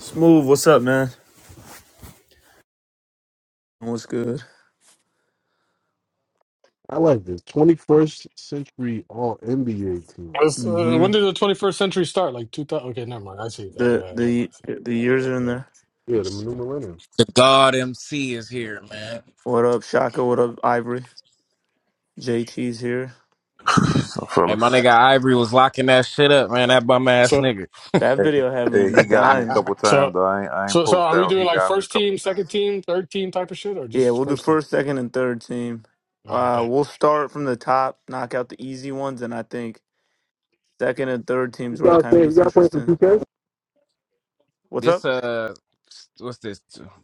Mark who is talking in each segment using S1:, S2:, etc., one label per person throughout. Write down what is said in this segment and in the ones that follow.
S1: Smooth, what's up, man? What's good?
S2: I like this 21st century All NBA
S3: It
S2: team.
S3: was, uh,
S1: Mm-hmm.
S3: when did the 21st century start? Like 2000. Okay, never mind. I see that.
S1: The
S3: Yeah, yeah,
S1: the
S3: I see.
S1: the years are in
S3: yeah.
S1: there.
S2: Yeah, the new millennium.
S4: The God MC is here, man.
S1: What up, Shaka? What up, Ivory? JT's here.
S5: So
S4: Hey,
S5: fellas,
S4: my nigga Ivory was locking that shit up, man. That bum ass
S3: So,
S4: nigga.
S1: That
S5: hey,
S1: video had me
S5: hey, he got me a
S1: dying.
S5: couple
S3: so,
S5: times. Though. I ain't, I ain't
S3: so, so,
S5: post
S3: are we
S5: out. He
S3: doing like
S5: got me a
S3: first
S5: couple
S3: team, second
S5: times.
S3: team, third team type of shit, or
S1: Yeah,
S3: just
S1: we'll do
S3: first team?
S1: first, second, and third team.
S3: All right,
S1: Uh,
S3: bet.
S1: we'll start from the top, knock out the easy ones, and I think second and third
S2: You
S1: teams where it
S2: gotta
S1: kind
S2: play,
S1: of
S2: you
S1: gets
S2: gotta play some
S1: interesting.
S2: 2K
S1: What's up?
S4: this uh, what's this?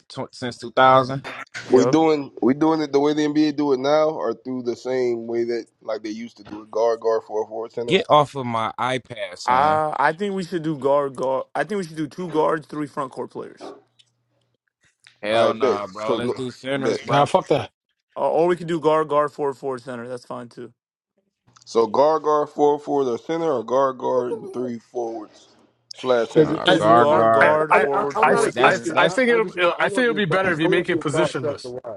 S4: tw- since two thousand.
S6: We
S1: Yup.
S6: doing we doing it the way the NBA do it now, or through the same way that like they used to do it, guard guard four forward center.
S4: Get off of my iPad, son.
S1: Uh, I think we should do guard guard. I think we should do two guards, three front court players,
S6: I
S4: Hell
S6: bet.
S4: nah, bro.
S6: So
S4: Let's
S6: no,
S4: do
S6: bet.
S4: sinners,
S3: Nah,
S4: bro.
S3: fuck that.
S1: or or we could do guard guard forward forward center. That's fine too.
S6: So guard guard four forward or center, or guard guard and three forwards slash
S2: because
S6: center.
S2: it,
S4: Nah,
S1: We'll
S3: I,
S2: it,
S1: do
S2: it-
S4: guard,
S2: I,
S1: guard,
S3: I,
S4: guard.
S1: guard,
S2: I,
S3: I,
S2: I,
S1: forward,
S2: I'm
S3: I,
S2: not
S1: forward,
S3: I
S4: That's
S2: against
S1: center.
S2: it.
S3: I
S2: I,
S4: that's
S3: think
S2: I just
S3: it'll.
S2: want, I
S3: I think
S2: want
S3: it'll
S2: your,
S3: be
S2: thought,
S3: better if
S2: I
S3: you make
S2: want
S3: it
S2: your thoughts after
S3: positionless.
S2: why.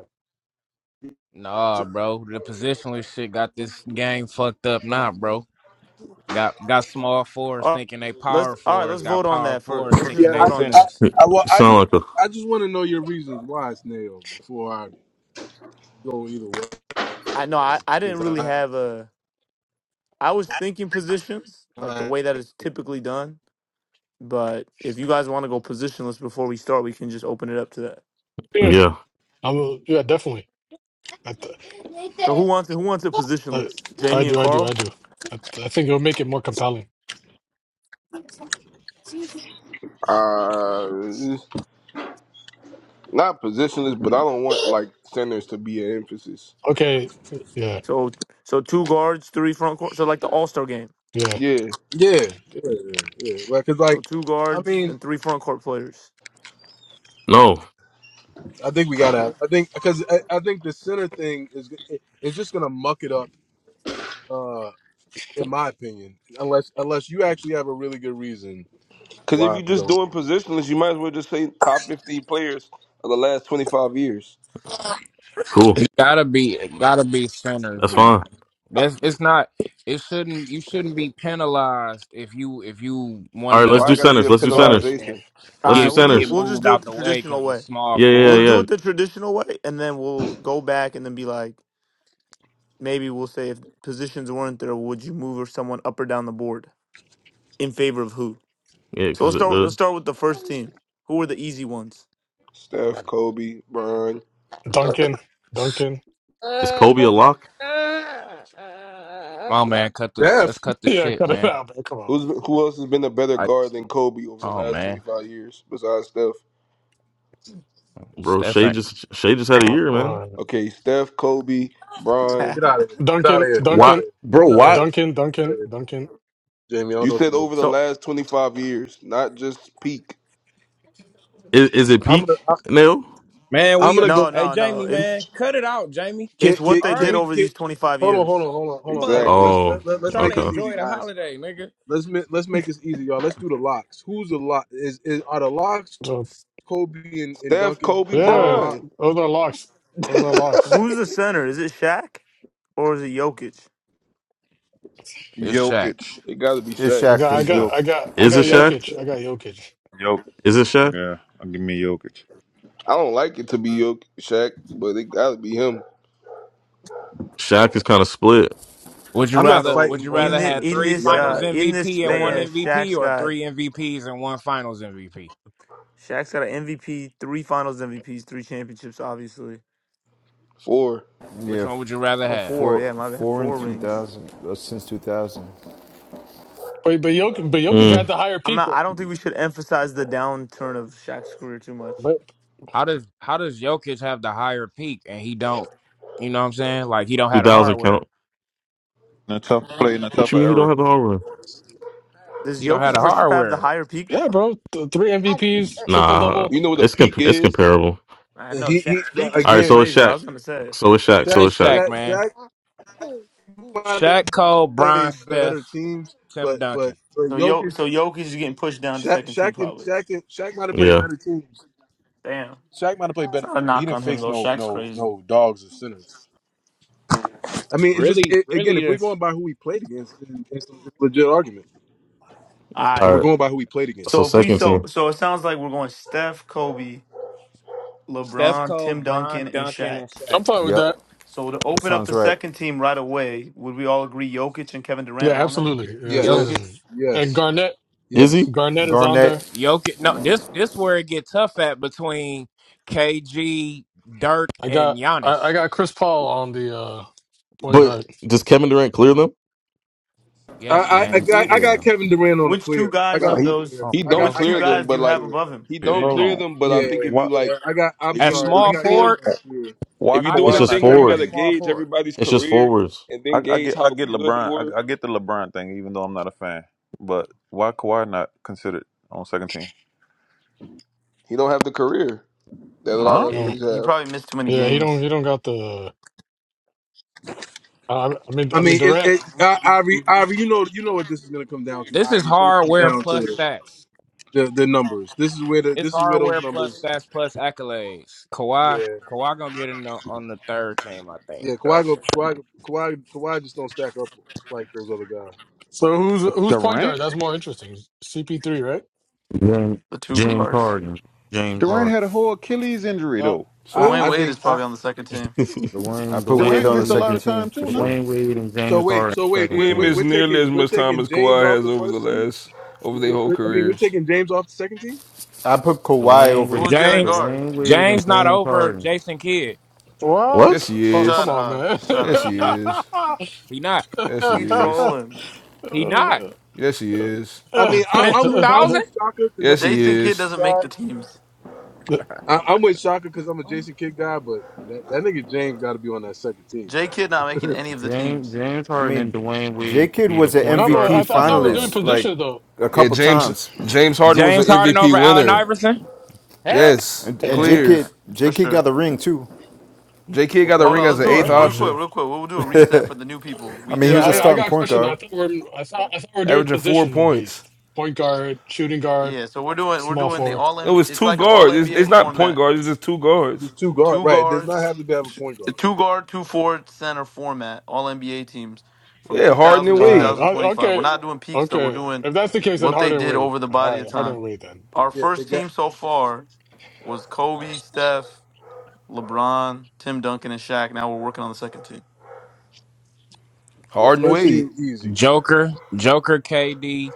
S4: nah, bro. The positionless shit got this game fucked up, nah, bro. Got got small fours
S1: All right,
S4: thinking they
S1: let's
S4: power
S1: all right. Let's
S4: fours. Got
S1: vote on
S4: power
S1: that for.
S4: fours
S1: Let's just
S4: thinking
S2: Yeah,
S4: they
S2: I,
S1: vote
S2: ju-
S1: on
S2: I,
S1: that.
S4: centers.
S7: You
S2: I, well, I just
S7: sound like a
S2: I just want to know your reasons why it's nailed before I go either way.
S1: I no, I I
S2: Because
S1: didn't really
S2: I,
S1: have a. I was thinking positions like the
S2: I
S1: way that it's typically done. But if you guys want to go positionless before we start, we can just open it up to that.
S3: Yeah,
S7: yeah.
S3: I will. Yeah, definitely. I, th-
S1: So who wants who wants a
S3: I,
S1: positionless?
S3: I
S1: Jamie and
S3: do. I do. I
S1: Carl.
S3: do. I, I think it'll make it more compelling.
S6: Uh, not positionless, but I don't want like centers to be an emphasis.
S3: Okay. Yeah.
S1: So so two guards, three front court. So like the All Star game.
S3: Yeah.
S6: Yeah,
S2: yeah, yeah, yeah, yeah. Like, cause
S1: So
S2: like,
S1: two
S2: I
S1: guards
S2: mean,
S1: and three front court players.
S7: No,
S2: I think we gotta. I think because I, I think the center thing is it, it's just gonna muck it up. uh, in my opinion, unless unless you actually have a really good reason
S6: because if
S2: why
S6: you're
S2: you
S6: just
S2: don't. do
S6: doing
S2: it.
S6: positionless, you might as well just say top 50 players of the last 25 years.
S7: cool.
S4: It gotta be, it gotta be centers,
S7: That's
S4: man.
S7: fine.
S4: That's it's not it shouldn't you shouldn't be penalized if you if you one
S7: All
S4: of
S7: right,
S4: the
S7: let's
S6: Why I
S7: do
S6: got
S4: better
S6: to be
S7: centers.
S6: a
S7: Let's do
S4: centers
S3: All
S7: centers.
S3: right,
S4: yeah,
S6: penalization?
S1: All
S7: Let's
S1: right,
S7: do
S4: get
S1: we'll do.
S4: get
S7: centers.
S1: We'll just
S4: moved
S1: do it
S4: out
S1: the
S4: the way
S1: traditional
S4: because a
S1: way.
S4: small
S7: Yeah, yeah,
S1: We'll
S4: forward.
S1: do
S7: yeah,
S1: it the traditional way, and then we'll go back and then be like, maybe we'll say if positions weren't there, would you move someone up or down the board in favor of who?
S7: yeah.
S1: So
S7: Because
S1: let's start.
S7: uh,
S1: Let's start with the first team. Who are the easy ones?
S6: Steph, Kobe, Bron,
S3: Duncan. Duncan.
S7: is Kobe a
S4: Come
S7: lock,
S4: on, man, cut the
S2: Def,
S4: let's cut the
S3: Yeah,
S4: shit,
S3: cut it
S4: man.
S3: out, man. Come on.
S6: Who's who else has been a better
S4: Like,
S6: guard than Kobe over the
S4: oh
S6: last twenty
S4: man,
S6: five years besides Steph?
S7: bro?
S4: Steph
S7: Shea
S4: ain't
S7: just Shea just had a
S3: Uh,
S7: year, man.
S3: uh,
S6: Okay, Steph, Kobe,
S2: get
S6: Bron.
S2: out of here! Get out
S3: Duncan,
S2: of here! Get out of
S7: Why,
S3: Duncan,
S2: here!
S7: bro?
S2: Get out of
S7: Why
S2: here!
S3: Duncan,
S2: Get out of
S3: Duncan,
S2: here,
S3: Duncan.
S2: Jamie. Jamie, I don't
S6: You
S2: know what to
S6: said
S2: do.
S6: over the
S1: so
S6: last twenty five years, not just peak.
S7: is is it
S2: I'm
S7: peak
S2: gonna I,
S7: now?
S4: man.
S2: I'm
S4: We
S2: gonna
S1: no,
S2: go.
S4: hey
S1: no, no.
S4: Jamie,
S1: It's
S4: man, cut it out, Jamie.
S2: Can
S1: it's
S2: can
S1: what they
S4: All
S2: can
S1: did
S4: right,
S2: we
S1: over
S2: get?
S1: these twenty five
S2: Hold on! Hold
S1: years.
S2: on! Hold on! Hold on! Hold
S4: fuck,
S2: on!
S6: Exactly.
S2: Let's
S7: Oh,
S2: let, let, let's
S4: trying
S2: make
S4: to
S2: this
S7: okay.
S2: easy,
S4: enjoy the
S2: guys.
S4: holiday, nigga.
S2: Let's ma- let's make this easy, y'all. Let's do the locks. Who's the lock? Is, is are the locks
S3: So
S2: Kobe and, and
S6: Steph,
S2: Duncan?
S6: Kobe,
S2: Is that a
S3: yeah,
S6: Bron.
S2: lock?
S3: those are locks. Those
S6: it
S3: are locks.
S1: Who's the center? Is it Shaq or is it Jokic?
S4: It's Shaq.
S5: Jokic
S6: gotta be
S8: It's
S6: Shaq.
S3: I
S8: Shaq
S3: got,
S8: for
S3: I
S5: is
S8: sure.
S3: got,
S5: Jokic.
S3: I got, I
S7: Is
S3: got
S6: It
S7: it
S6: gotta be
S7: Shaq?
S3: Jokic.
S6: Shaq.
S3: I got Jokic.
S5: Jokic.
S7: Is it Shaq?
S5: Yeah, I'll give me Jokic.
S6: I don't like it to be Yo- Shaq, but it gotta be him.
S7: Shaq is kind of split.
S4: Would you
S2: I'm not
S4: rather
S1: So
S4: would
S2: fighting
S4: you
S2: on
S1: in
S2: that
S4: rather
S1: the
S2: center
S4: have
S1: in
S2: shit.
S4: three
S1: this
S2: Y'all
S1: uh
S4: finals
S2: got it.
S1: in this
S4: MVP and
S2: Y'all
S4: one
S2: got
S1: span,
S2: it.
S4: MVP
S1: Shaq's
S4: or
S1: got
S4: three MVPs and one finals MVP?
S1: Shaq's got an MVP, three Finals MVPs, three championships, obviously.
S6: Four.
S8: Yeah,
S4: Which one would you rather
S1: Oh,
S4: have?
S1: four.
S8: four
S1: Yeah, my bad.
S8: four in
S1: Four
S8: two
S1: rings.
S8: thousand uh, since two thousand.
S3: But but Jokic, but Jokic
S7: Mm,
S3: had the higher
S1: I'm
S3: peak.
S1: not.
S3: though.
S1: I don't think we should emphasize the downturn of Shaq's career too much.
S3: But
S4: How does how does Jokic have the higher peak and he don't? You know what I'm saying? Like he don't
S7: Two
S4: have the
S7: thousand
S4: hardware.
S7: count.
S5: In a tough play in a
S7: What
S5: tougher
S7: you mean he don't
S5: era.
S7: have the home run?
S1: Does
S4: He don't have
S1: Jokic
S4: the
S1: for sure have the
S4: hardware.
S1: higher peak?
S3: yeah,
S1: Though?
S3: bro, th- three MVPs, triple
S7: Nah,
S3: double.
S6: You know what a
S7: it's
S6: peak
S7: comp- it's
S6: is?
S7: comparable.
S1: I
S2: And
S1: know
S2: He he
S1: Shaq's peak is
S7: All right,
S1: pretty
S2: again.
S7: so it's
S1: crazy. I
S7: Shaq.
S1: was gonna say.
S7: So it's Shaq.
S2: Shaq,
S7: So it's
S4: It's
S7: Shaq.
S4: Shaq,
S2: Shaq,
S4: man.
S2: Shaq might have
S4: Shaq Cole, Bron,
S2: played better
S4: Steph,
S2: teams,
S4: Tim
S2: but but
S4: Duncan.
S2: but
S1: So Yo,
S2: Jokic,
S1: so Jokic is getting pushed down to
S2: Shaq,
S1: second team
S2: Shaq and
S1: probably.
S2: Shaq and Shaq might have played
S7: Yeah.
S2: better teams.
S1: Damn,
S2: Shaq might have played
S1: it's
S2: better,
S1: not a
S2: teams, but he
S1: knock
S2: didn't
S1: on him
S2: face
S1: though.
S2: no
S1: Shaq's
S2: no
S1: crazy.
S2: no dogs or sinners. I mean, it's just
S4: Really,
S2: it, again,
S4: really
S2: if we're
S4: this
S2: going by who we played against, then it's a legit argument.
S1: All
S7: all
S2: If
S1: right.
S7: right.
S2: we're going by who we played
S7: So
S1: So
S2: against,
S1: if we
S7: second
S1: so
S7: team.
S1: so it sounds like we're going Steph, Kobe,
S4: Steph
S1: LeBron,
S4: Cole,
S1: Tim
S4: Bron,
S1: Duncan, and
S4: Duncan,
S1: Shaq.
S4: and
S3: I'm
S4: Shaq.
S3: fine with
S8: Yep,
S3: that.
S1: So to
S8: that
S1: open up
S8: sounds
S1: the
S8: right.
S1: second team right away, would we all agree Jokic and Kevin
S3: Yeah,
S1: Durant are on there?
S3: absolutely. Yeah, it's not
S2: yes,
S4: Jokic.
S6: Yes.
S3: even. And
S2: yes,
S3: Garnett,
S7: Is
S2: yes.
S7: he?
S3: Garnett is on there.
S8: Garnett.
S4: Jokic, no, this this where it get tough at between KG, Dirk,
S3: I
S4: and
S3: got,
S4: Giannis.
S3: I, I got Chris Paul on the uh, point
S7: But
S3: guard.
S7: does Kevin Durant clear them?
S4: Yes,
S2: I I I
S4: man.
S2: got, I
S1: Who?
S2: got
S8: Yeah,
S2: Kevin Durant on a
S1: Which two
S2: clear. I
S1: guys
S2: got
S6: Nah,
S1: of
S2: him on
S6: he
S2: a
S1: those?
S2: clear.
S4: Oh,
S6: he
S2: I
S6: don't
S2: got
S4: bro,
S1: Which
S2: I
S1: two
S6: clear
S2: got
S6: them,
S1: guys
S2: Kevin
S1: do
S6: but
S2: on
S1: you
S2: a
S1: have
S6: like
S2: clear.
S1: above him,
S6: he
S5: Hey,
S6: don't
S1: Jamie?
S5: hold
S6: clear
S5: on.
S6: them. But I
S4: you
S6: think
S2: Yeah,
S6: if
S5: Why?
S6: you
S2: yeah.
S6: like,
S2: I got. I'm
S6: if
S4: at
S6: you
S2: sorry.
S6: if
S2: I
S4: small
S6: you
S2: got
S6: doing
S2: Kevin
S4: forward?
S2: on a clear.
S5: Why
S6: If you're
S4: How you
S6: doing
S7: It's
S6: a
S5: Kawhi
S4: don't
S7: just
S5: not
S6: thing
S4: clear
S6: where you
S4: him
S5: second
S4: at
S7: forward.
S6: gotta
S5: team?
S4: small
S6: gauge
S4: forward?
S6: everybody's
S7: It's just
S6: career
S7: forwards.
S6: and
S5: I,
S6: then
S5: I
S6: gauge
S5: get I
S6: how
S5: get
S6: good they
S5: LeBron.
S6: were,
S5: I, I get the LeBron thing, even though I'm not a fan. But why Kawhi not considered on second team?
S6: he don't have the career that a
S1: He
S6: lot
S5: Huh?
S3: You
S6: of other
S3: know,
S1: probably he
S6: niggas have.
S1: probably missed too many
S3: yeah, he don't,
S1: games.
S3: he don't got the. I, I mean,
S2: I
S3: I mean
S2: mean, it,
S3: Durant.
S2: it, I, Ivory, Ivory, you know, you know what this is going to come down to,
S4: This is
S2: Ivory. It's going to come
S4: hardware
S2: down
S4: plus
S2: to
S4: stats.
S2: the, the numbers. This is where the
S4: It's
S2: this is where those
S4: hardware plus
S2: numbers.
S4: stats plus accolades. Kawhi,
S2: Yeah,
S4: Kawhi gonna get in the, on the third team, I think.
S2: yeah.
S4: So
S2: Kawhi, go,
S4: for sure.
S2: Kawhi, Kawhi, Kawhi just don't stack up like those other guys.
S3: So who's who's point guard?
S5: Durant.
S3: That's more interesting. CP3, right?
S9: James,
S1: The two
S9: James
S1: guards.
S9: Harden. James
S5: Durant
S9: Harden.
S5: had a whole Achilles injury
S3: Uh,
S5: though.
S1: Dwayne
S2: I, I
S6: So
S1: Wade
S2: think.
S1: is
S2: I,
S1: probably on the second team.
S8: I
S9: Dwayne
S8: put Wade
S9: Dwayne
S5: Durant
S8: on the
S5: missed
S9: Wade
S5: a
S9: and
S5: lot
S8: second
S5: of
S8: team
S5: time
S8: for
S5: too,
S9: Ja-
S5: no?
S8: sure.
S9: Dwayne Wade and
S2: so
S9: James
S2: wait,
S9: Harden
S2: so wait,
S6: he
S9: second
S2: we're,
S6: ain't
S2: we're,
S9: team.
S6: missed
S2: we're
S6: nearly
S2: taking
S6: as
S2: we're
S6: much time
S2: taking
S6: as
S2: James
S6: Kawhi
S2: off
S6: has
S2: the
S6: over the
S2: first team.
S6: last over
S2: we
S6: their
S2: we-
S6: whole
S2: we- I mean, we're
S6: careers.
S2: taking James off the second team.
S8: I put Kawhi
S9: Dwayne
S8: over.
S9: Wade
S1: Who's the other
S4: James,
S1: guard?
S9: Dwayne Wade and
S4: James not
S9: James
S4: over
S9: Harden.
S4: Jason Kidd.
S3: what?
S6: Yes
S7: what?
S6: he
S3: Oh come
S1: Shut
S6: is.
S3: on,
S1: up.
S3: man! no,
S1: Shut
S6: Yes
S1: up.
S3: but
S6: he
S4: No,
S6: is.
S4: he not.
S6: Yes he
S1: He
S6: is.
S1: trolling.
S4: He not
S6: Yes he is.
S2: I mean, I,
S4: since
S2: I'm
S4: two
S2: with I'm
S4: thousand.
S2: with Shaka because
S6: Yes
S2: I'm a
S6: he
S1: Jason
S2: Jason
S1: Kidd
S6: is.
S2: Kidd
S1: doesn't make
S2: guy.
S1: the teams.
S2: I, I'm with Shaka because I'm a Jason Kidd guy, but that, that nigga James got to be on that second team,
S1: J Kidd not making any of the
S9: James
S1: teams.
S9: James
S8: I
S9: Harden and
S8: mean,
S9: Dwayne Wade
S8: J
S9: should
S8: Kid
S9: be
S8: was
S9: the
S8: an
S9: point guard
S8: MVP
S3: I,
S9: and
S3: th- I
S9: shooting
S3: thought we are doing
S9: guard.
S8: finalist like
S3: position though.
S8: a
S6: Yeah,
S8: couple
S6: James
S8: times,
S6: James Harden was an
S4: James Harden
S6: MVP
S4: over Allen
S6: winner.
S4: Iverson.
S9: Hell
S6: Yes.
S8: and,
S9: yeah.
S8: and J
S1: Yeah,
S8: Kid
S6: Clears.
S1: for
S8: J Kid
S1: sure.
S8: got the ring too.
S6: J.K. got the
S1: Hold
S9: Okay,
S6: ring
S1: on,
S6: as
S1: let's
S6: an
S1: do it
S6: eighth
S9: congrats.
S1: real
S3: Yeah,
S1: quick,
S6: option,
S1: real quick. We'll do a reset for the new people.
S8: I
S1: We
S8: mean,
S1: did
S8: he
S1: Mhm.
S8: was a
S3: I,
S1: a
S3: I
S8: starting
S3: got a
S8: point
S3: question though.
S8: guard.
S3: I thought we're I thought I thought we are doing
S6: averaging four
S3: position
S6: points.
S3: based. Point guard, shooting guard,
S1: Yeah, so we're doing we're
S3: small
S1: doing the
S3: forward.
S1: all
S6: It
S1: NBA.
S6: was
S1: It's
S6: two
S1: like an all
S6: guards. It's, it's
S1: NBA
S6: not point
S1: format.
S6: guards. It's just two guards.
S2: There's two guard,
S1: Two
S2: right? It does not
S1: guards,
S2: have to be have a
S1: two,
S2: point guard.
S1: two guard, two forward, center format. All NBA teams from
S6: Yeah, Harden
S1: 2000
S6: and
S1: to
S3: All right.
S6: Wade.
S3: O-
S1: 2025. We're
S3: Okay.
S1: not doing peaks though. We're
S3: Okay.
S1: doing
S3: If that's the case, then
S1: what they
S3: Harden
S1: did
S3: Wade.
S1: over the
S3: All
S1: body of
S3: right,
S1: time.
S3: Harden Wade then. All
S1: Our
S3: right.
S2: Yeah,
S1: first
S2: it got
S1: team so far was Kobe, Steph, LeBron, Tim Duncan, and Shaq. Now we're working on the second team.
S2: yeah.
S6: Harden and
S2: First
S6: Wade.
S2: team easy.
S4: Joker, Joker, KD.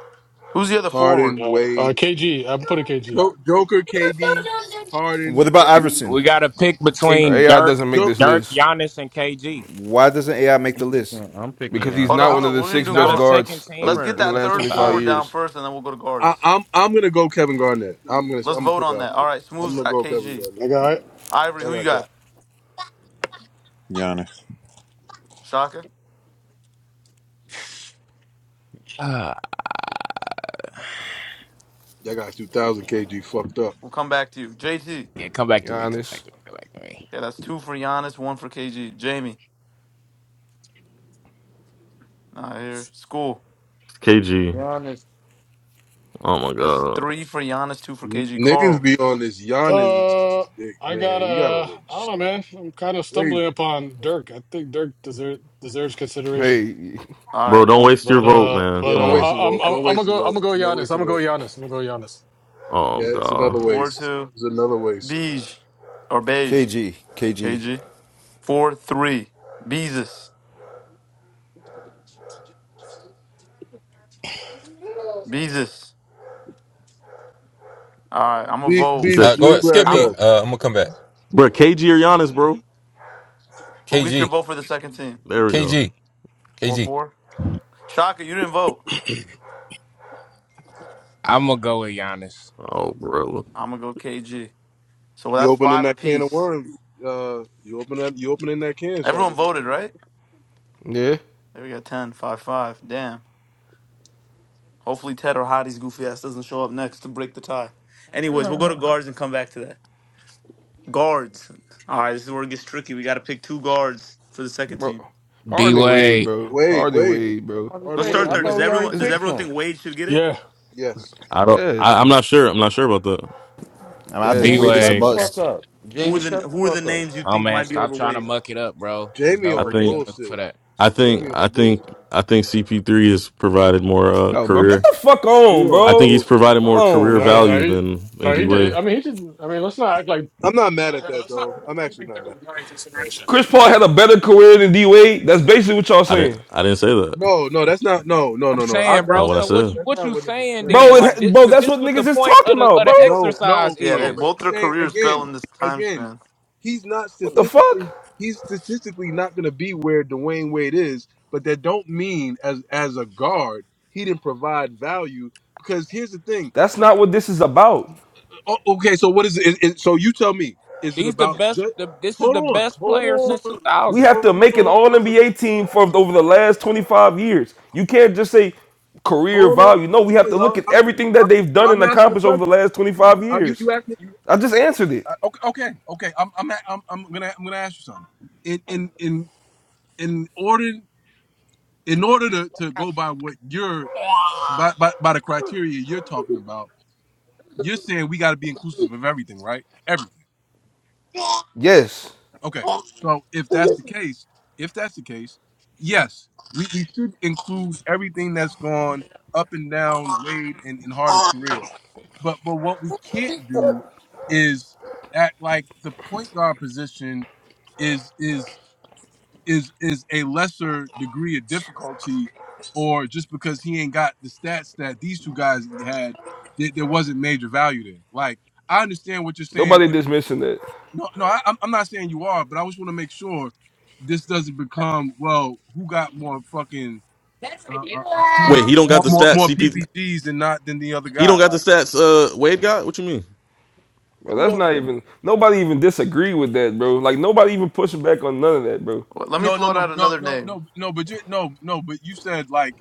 S1: Who's the other forward?
S2: Harden,
S3: Uh, uh,
S2: Wade,
S3: KG. I'm putting KG.
S2: jo- Joker, KD,
S8: What
S2: Harden,
S8: about
S2: Wade,
S8: Iverson?
S4: We got to pick
S6: All
S2: and
S6: right,
S4: between
S6: AI
S4: Dirk,
S6: doesn't make
S2: jo-
S6: this
S4: Dirk,
S6: list
S4: Giannis, and KG.
S8: Why doesn't AI make
S9: I'm
S8: the list?
S9: picking I'm picking
S6: because he's
S1: Hold
S9: Giannis.
S1: on,
S6: not
S2: I,
S1: hold
S6: one of
S1: on.
S6: the
S1: We're gonna
S6: six
S4: He's
S1: do
S4: not
S6: best
S4: a
S1: guard.
S4: second
S6: guards of
S1: Let's
S6: the,
S1: get
S4: teamer
S6: in the
S1: that
S4: since
S6: last
S1: third
S6: 25
S1: forward
S4: 2000.
S1: down
S6: years.
S1: first, and then we'll go to
S2: I,
S1: guards.
S2: I'm I'm gonna go Kevin Garnett. I'm gonna
S1: Let's
S2: I'm gonna
S1: vote
S2: put it
S1: on
S2: out
S1: that. All
S2: there.
S1: right,
S2: I'm
S1: Smooth's
S2: gonna
S1: got
S2: go Kevin
S1: KG.
S2: Garnett.
S1: Ivory,
S2: That
S1: who you
S2: got Kevin.
S1: got?
S5: Giannis.
S1: Shaka?
S4: Ah,
S2: That got 2,000 kg fucked up.
S1: We'll come back to you. JT.
S4: yeah, come back to me. Come
S6: Giannis.
S4: back to me. Come back to me.
S1: Yeah, that's two for Giannis, one for KG. Jamie. Not here. School.
S7: KG.
S9: Giannis
S7: Oh my
S1: That's
S7: god.
S1: three for Giannis, two for
S2: N-
S1: KG.
S2: niggas
S1: Carl.
S2: be on this Giannis
S3: Uh,
S2: dick,
S3: I got
S2: man. We gotta
S3: uh,
S2: run
S3: I don't know, man. I'm kind of
S2: crazy.
S3: stumbling upon Dirk. I think Dirk deserve, deserves consideration.
S6: Hey,
S1: All right,
S7: Bro, don't
S1: one,
S7: waste your
S3: But
S7: vote,
S3: uh,
S7: man.
S2: Yeah,
S3: but
S7: Come
S2: don't
S3: uh,
S7: on.
S2: waste a
S3: I, I'm
S2: vote.
S3: I'm
S2: Don't
S3: I'm gonna
S2: waste a
S3: go. I'm
S2: vote.
S3: gonna go
S2: Don't
S3: Giannis.
S2: waste a
S3: I'm gonna go
S2: vote.
S3: Giannis. I'm gonna go Giannis.
S7: Oh
S2: Yeah, it's
S7: god.
S2: another
S1: four,
S2: waste.
S1: two.
S2: It's another waste.
S1: Beige. Or beige.
S8: KG, KG.
S1: KG. Four, three. Beezus. Beezus. All right, I'm going to
S2: Be-
S7: He
S1: vote.
S7: said
S10: Uh, go
S2: Beasley, leave
S10: ahead. Skip
S2: back
S1: I'm
S10: me.
S1: a,
S2: up.
S10: Uh, I'm gonna come back.
S7: Bro, KG or Giannis, bro.
S1: Who gets your
S10: KG,
S1: vote for the second team?
S7: There we go.
S10: KG,
S1: Four,
S10: KG.
S1: four. Shaka, you didn't vote.
S4: I'm gonna go with Giannis.
S7: Oh bro.
S1: I'm going to go KG. So
S2: You
S1: that's
S2: opening
S1: five
S2: that can of
S1: apiece.
S2: worms? Uh, you open that. You opening that can,
S1: Everyone
S2: Shaka?
S1: voted, right?
S6: yeah.
S1: There we got 10, 5. five. Damn. Hopefully Ted or Hottie's goofy ass doesn't show up next to break the tie. Anyways, we'll go to guards and come back to that. Guards. All right, this is where it gets tricky. We got to pick two guards for the second
S6: Bro,
S1: team.
S4: D
S6: Harden and Wade,
S4: Wade,
S6: bro.
S2: Wait,
S6: Harden and
S2: wait,
S6: Wade, bro.
S9: I was gonna
S2: pardon?
S1: Let's
S9: say,
S1: start
S2: wait.
S9: I
S6: It's
S1: there.
S6: no.
S1: Does
S9: thought we already
S1: everyone
S6: It's
S1: does
S6: n-
S9: picked
S1: everyone
S9: him.
S1: think Wade should get it?
S3: Yeah.
S2: Yes,
S7: I don't I,
S6: yes.
S7: I'm not sure. I'm not sure about that.
S8: mean, I think
S4: D
S9: Jamie,
S6: Yes.
S8: Wade is a
S9: shut the
S4: Wade, man.
S9: fuck
S8: must.
S9: up.
S1: Who are
S9: Jamie,
S1: the
S9: shut
S1: who are
S9: the fuck
S1: the
S9: up.
S1: names you
S4: Oh
S1: think
S4: man,
S1: might be
S4: stop
S1: over
S4: trying to
S1: Wade?
S4: muck it up, bro. There's
S2: Jamie
S4: no
S7: I
S2: on
S7: think
S4: reason for
S2: bullshit.
S4: that.
S7: I think
S2: Jamie
S7: I
S2: on bullshit.
S7: think I think CP three has provided more uh
S6: Oh, bro, get
S7: career
S6: the fuck on,
S2: You
S7: I
S2: on
S6: bro.
S7: think he's
S2: bullshit.
S7: provided
S6: Come
S7: more
S6: on,
S7: career
S3: All right.
S6: man.
S3: Now
S7: value
S3: he,
S7: than than
S3: no, he
S7: D
S3: did.
S7: Wade.
S3: I mean, he didn't. I mean, let's not act like.
S2: I'm not mad at
S3: Yeah,
S2: that
S3: let's not.
S2: though.
S3: He's
S2: I'm actually not mad.
S3: Not in
S2: Hey
S3: consideration.
S2: man.
S6: Chris Paul had a
S4: I'm
S6: better career than D Wade. That's basically what y'all
S7: I didn't
S6: saying.
S7: I didn't say that.
S2: No, no, that's not. No, no, no, no. I,
S4: saying,
S2: that,
S7: Not
S4: bro.
S7: what I
S4: So
S2: that's
S4: what
S7: said.
S4: you
S2: that's
S4: what
S2: not
S4: you
S2: what niggas
S4: saying
S2: saying.
S6: Bro,
S4: then? Like
S6: it,
S4: this,
S6: bro,
S4: because
S6: that's what
S4: this what the
S6: niggas is
S4: point
S6: talking
S4: of the
S6: about,
S4: of
S6: bro.
S4: the
S2: No,
S4: exercise
S2: no,
S1: Yeah,
S2: no.
S1: they,
S2: But
S4: is.
S1: both
S2: he's
S1: their
S2: saying
S1: careers fell
S2: again,
S1: in this time
S2: again,
S1: span.
S2: he's not
S6: What the fuck?
S2: statistically. He's statistically not going to be where Dwayne Wade is. But that don't mean as as a guard, he didn't provide value. Because here's the thing.
S6: That's not what this is about.
S2: Oh, okay, so what is it? Is, is- so you tell me. Is it
S4: These the
S2: about
S4: best.
S2: just?
S4: The, this is
S2: Hold
S4: the
S2: on,
S4: best
S2: hold
S4: player
S2: on,
S4: since
S6: We
S4: 2000.
S6: have
S2: hold
S6: to make an
S2: on,
S6: all NBA team for over the last 25 years. You can't just say career
S2: hold on, hold
S6: value. No, we have
S2: on,
S6: to look
S2: y'all.
S6: at
S2: I'm
S6: everything that
S2: I'm,
S6: they've done and
S2: I'm asking a
S6: accomplished over the
S2: question.
S6: last 25
S2: Uh, you
S6: years.
S2: you asked me. You,
S6: I just answered it.
S2: uh, okay, okay, okay. I'm I'm I'm I'm gonna I'm gonna ask you something. In in in in order in order to, to go by what you're by, by by the criteria you're talking about, you're saying we got to be inclusive of everything, right? Everything.
S6: Yes.
S2: Okay. So if that's the case, if that's the case, yes, we, we should include everything that's gone up and down Wade and, and Harden's career. But but what we can't do is act like the point guard position is is. is is a lesser degree of difficulty, or just because he ain't got the stats that these two guys had, there, there wasn't major value there. Like I understand what you're saying.
S6: Nobody
S2: If-
S6: dismissing that.
S2: No, no, I, I'm I'm not saying you are, but I just want to make sure this doesn't become well, who got more fucking uh, uh, uh,
S7: Wait,
S2: points,
S7: he don't got
S2: more,
S7: the
S2: more
S7: stats.
S2: more
S7: CP,
S2: PPGs than not than the other
S7: he
S2: guy.
S7: don't got the
S2: Like
S7: stats. Uh, Wade got. What you mean?
S6: Bro,
S2: who
S6: that's not
S2: the
S6: even nobody even disagree with that, bro. Like nobody even pushing back on none of that, bro.
S1: Well, Let me
S2: no no
S1: float out
S2: no no
S1: another
S2: no
S1: name.
S2: no no, but you no no, but you said like.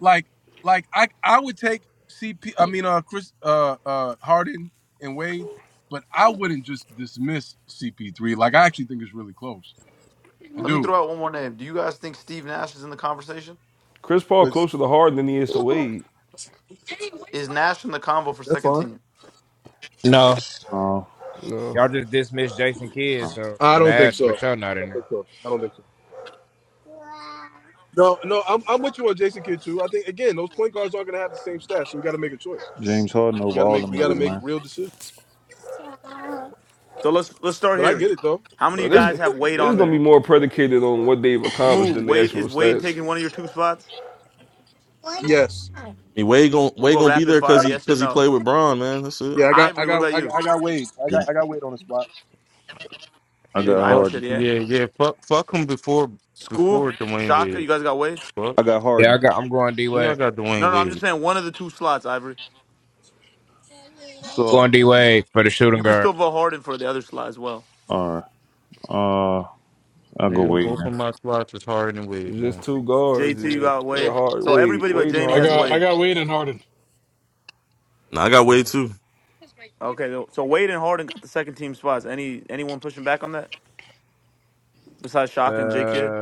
S2: like like I I would take CP I mean uh Chris uh uh Harden and Wade, but I wouldn't just dismiss CP3. Like I actually think it's really close. I
S1: Let me throw
S2: do.
S1: out one more name. Do you guys think Steve Nash is in the conversation?
S6: Chris Paul
S2: That's,
S6: closer to Harden than he is to Wade.
S1: Is Nash in the combo for
S2: that's
S1: second
S2: fine.
S1: team?
S4: No,
S5: Oh.
S6: No.
S4: y'all just dismissed Jason Kidd, so
S2: I don't think
S4: Nash for
S2: so.
S4: sure not
S2: I
S4: in
S2: don't think
S4: there.
S2: so. I don't think so. No, no, I'm I'm with you on Jason Kidd too. I think again, those point guards aren't gonna have the same stats, so we gotta make a choice.
S5: James Harden
S2: We
S5: over
S2: gotta
S5: all
S2: make
S5: them
S2: we gotta
S5: niggas,
S2: make
S5: man.
S2: real decisions.
S1: So let's let's start
S2: But I
S1: here.
S2: get it though.
S1: How many of
S6: Bro,
S1: you
S7: Mm.
S6: this
S7: I
S1: guys have Wade
S6: this
S1: on
S6: gonna be
S1: there?
S6: more predicated on what they've accomplished
S1: Smooth.
S6: than the
S1: Wade
S6: actual
S1: is Wade
S6: stats.
S1: taking one of your two spots?
S2: Yes.
S7: mean, Wade gon'
S1: We'll
S7: Wade
S1: go
S7: gonna be
S1: rapid
S7: there because
S1: fire.
S7: he
S1: Yes or
S7: because he played
S1: no?
S7: with Braun, man. That's it.
S2: Yeah, I got I
S1: Ivory. What about
S2: got I
S1: you?
S2: got, I got Wade. I got
S5: Yeah.
S2: I got Wade on the spot.
S5: I
S9: Yeah,
S1: Think
S5: got
S1: Ivory
S9: fuck
S1: said
S5: Harden.
S1: yeah.
S9: yeah, yeah, fuck fuck him before
S1: School.
S9: before Dwayne
S1: Shaka. You
S9: Wade.
S1: guys got Wade?
S9: Fuck.
S5: I got
S4: Yeah, I
S5: Harden.
S4: got. I'm going D
S9: Yeah, I
S4: Wade.
S9: got Dwayne
S1: No, no. I'm just
S9: Wade.
S1: saying one of the two slots. Ivory.
S5: So,
S4: Going D Wade for the shooting
S1: You could
S4: guard.
S1: still vote Harden for the other slot as well.
S5: alright. Uh, I'll go
S9: Nigga,
S5: wait,
S9: both of my spots is Harden and Wade,
S6: It's just
S9: man.
S6: two guards.
S1: JT. You
S6: Yeah,
S1: got
S6: yeah
S1: Wade.
S6: hard.
S1: So
S6: Wade,
S1: everybody but
S6: Wade and
S1: Jamie
S3: I
S1: has
S6: Harden, bro.
S3: got I
S1: Wade.
S3: got Wade and Harden.
S7: Nah, I got Wade
S3: Yeah.
S7: too.
S1: Okay. though. So Wade and Harden got the second team spots. Any anyone pushing back on that besides
S4: Uh,
S1: Shaka and J Kid?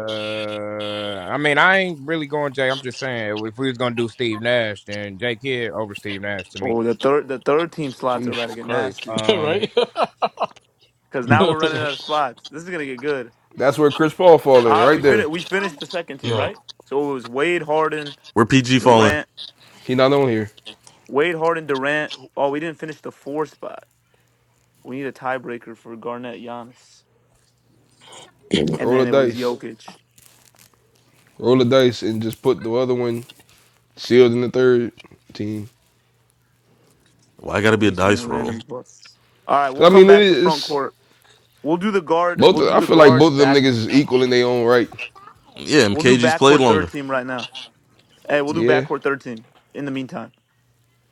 S4: I mean, I ain't really going Jay. I'm just saying, if we was gonna do Steve Nash, then Jay Kidd over Steve Nash to me.
S1: Oh, the third the third team slots are about to
S6: Jesus
S1: get
S6: Christ.
S1: nasty
S4: Um,
S3: right.
S1: because now we're running out of spots. This is gonna get good.
S6: That's where Chris Paul fall
S1: All
S6: in
S1: right,
S6: right
S1: we finished.
S6: there.
S1: We finished the second team,
S3: yeah.
S1: right? So it was Wade, Harden,
S7: Where PG falling?
S1: Durant.
S6: He not on here.
S1: Wade, Harden, Durant. Oh, we didn't finish the four spot. We need a tiebreaker for Garnett, Giannis, and
S6: Roll the
S1: then it was
S6: dice.
S1: Jokic.
S6: Roll the dice and just put the other one sealed in the third team.
S7: Why I gotta
S1: We
S7: be a
S1: need
S7: dice
S1: someone random.
S7: roll?
S1: to book. All right,
S6: Cause
S1: we'll
S6: I
S1: come
S6: mean it
S1: back to front
S6: is
S1: court. We'll do the guard. We'll
S6: both. Of,
S1: do
S6: I
S1: the
S6: feel like
S1: guards
S6: both of them
S1: back.
S6: niggas is equal in their own right.
S7: Yeah,
S1: We'll do
S7: MKG's played
S1: backcourt third
S7: longer.
S1: team right now. Hey, we'll do
S6: Yeah,
S1: backcourt third team in the meantime.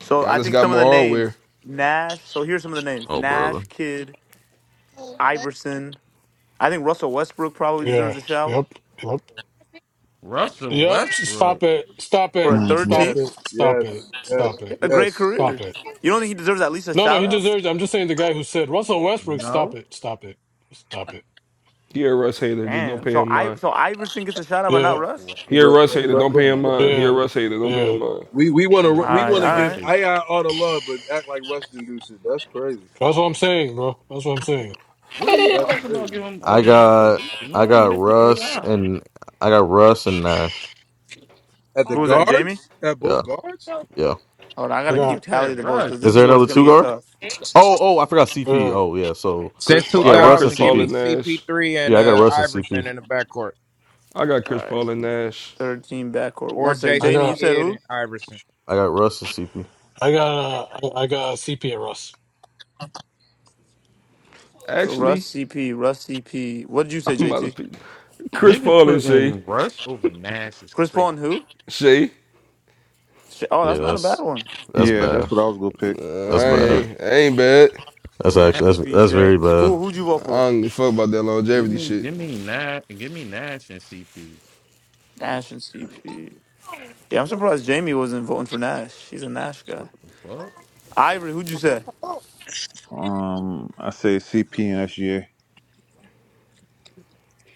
S1: So I
S6: Giannis
S1: think
S6: got
S1: some of
S6: more
S1: the
S6: hardware.
S1: names Nash. So here's some of the names:
S7: Oh,
S1: Nash,
S7: brother.
S1: Kidd, Iverson. I think Russell Westbrook probably
S3: Yeah.
S1: deserves a shout.
S3: Yep. Yep.
S9: Russell
S3: Yep. Stop
S9: Westbrook.
S3: it. Stop
S1: for
S3: it.
S1: a
S5: man.
S1: third
S5: hmm
S3: Stop
S1: team.
S2: Yes.
S3: it. Stop it.
S2: Yes. Yes.
S3: Stop
S1: He had
S3: it.
S1: A great
S2: Yes.
S3: Stop
S1: career.
S3: it.
S1: You don't think he deserves at least a
S3: No, no,
S1: shout
S3: he
S1: out?
S3: deserves it. I'm just saying the guy who said Russell Westbrook, stop
S9: No.
S3: it, stop it, stop it.
S6: He a Russ hater. Just don't
S1: Damn.
S6: pay
S1: So
S6: him
S1: I
S6: mine.
S1: so Iverson gets a shout out, but not
S3: Yeah,
S1: Russ.
S9: Russell-
S6: He a
S2: But,
S6: Russ
S9: When
S2: but,
S6: hater.
S9: did I
S2: but,
S6: Don't pay
S9: become
S2: but.
S6: him
S9: a Russ
S6: mine. He a
S3: yeah,
S9: hater?
S6: Russ hater. Don't pay him
S3: yeah.
S6: mine.
S2: We we want
S9: I was
S1: All
S2: to we
S1: right,
S9: never
S2: want
S9: a
S2: to
S9: Russ
S1: all
S2: give
S1: right.
S9: hater.
S2: AI all the love, but act like Russ didn't do shit. That's crazy.
S3: That's what I'm saying, bro. That's what I'm saying.
S9: What are you
S2: That's
S9: talking about?
S2: crazy.
S9: Giving him all
S7: I
S9: the love.
S7: got I
S9: Nobody
S7: got
S9: mentioned
S7: Russ
S9: AI.
S7: and I got Russ and Nash.
S2: At the
S1: Who was that, Jamie?
S2: guards, at both
S7: Yeah,
S2: guards.
S7: yeah.
S1: Hold on, I
S3: I
S1: gotta keep
S3: got,
S9: Niggas
S1: tally of
S9: said
S1: the votes because
S9: Russ.
S7: Is
S1: this
S7: there
S1: is where it's
S7: another
S1: gonna
S7: two
S1: get
S7: guard?
S1: tough.
S7: Oh, oh, I forgot CP.
S3: uh,
S7: Oh, yeah. So
S4: since
S6: Chris Paul.
S7: yeah,
S6: I got
S7: Russ
S6: Chris
S7: and
S4: 2000, give
S6: Paul
S4: me
S7: CP.
S6: and Nash.
S4: CP3 and
S7: Yeah, I got
S4: uh
S7: Russ and
S4: Iverson
S7: CP.
S4: in the backcourt,
S6: I got
S1: All
S6: Chris
S1: right,
S6: Paul and Nash.
S1: third team backcourt. One
S4: or
S1: second,
S3: I
S4: Jason
S1: Jamie. You
S3: got,
S1: said
S4: Kidd
S1: who?
S4: and Iverson.
S7: I got Russ and CP.
S3: I got, uh, I I got CP at Russ.
S1: So Russ
S6: Actually,
S1: CP, Russ CP. What did you say,
S6: I'm about
S1: JT?
S6: to pick Chris
S9: Niggas
S6: Paul and Shea.
S9: putting Russ over Nash is
S1: Chris
S9: crazy.
S1: Paul and who?
S6: Shea.
S1: Sha- Oh,
S7: Yeah,
S1: that's not a bad
S7: that's
S1: one.
S7: that's
S5: Yeah,
S7: bad.
S5: that's what I was gonna pick.
S6: Uh, I
S7: That's
S5: Same
S7: bad.
S5: here.
S6: ain't, I ain't bad.
S7: That's
S9: Nash,
S7: actually that's
S1: CP
S7: that's
S1: Shay.
S7: very bad.
S1: School. Who'd you vote
S6: I
S1: for?
S6: don't give a fuck about that
S9: give
S6: longevity
S9: me,
S6: shit.
S9: give me Nash, give me Nash and CP.
S1: Nash and CP. Yeah, I'm surprised Jamie wasn't voting for Nash. She's a Nash guy.
S9: What the fuck?
S1: Ivory. Who'd you say?
S5: Um, I say CP and SGA.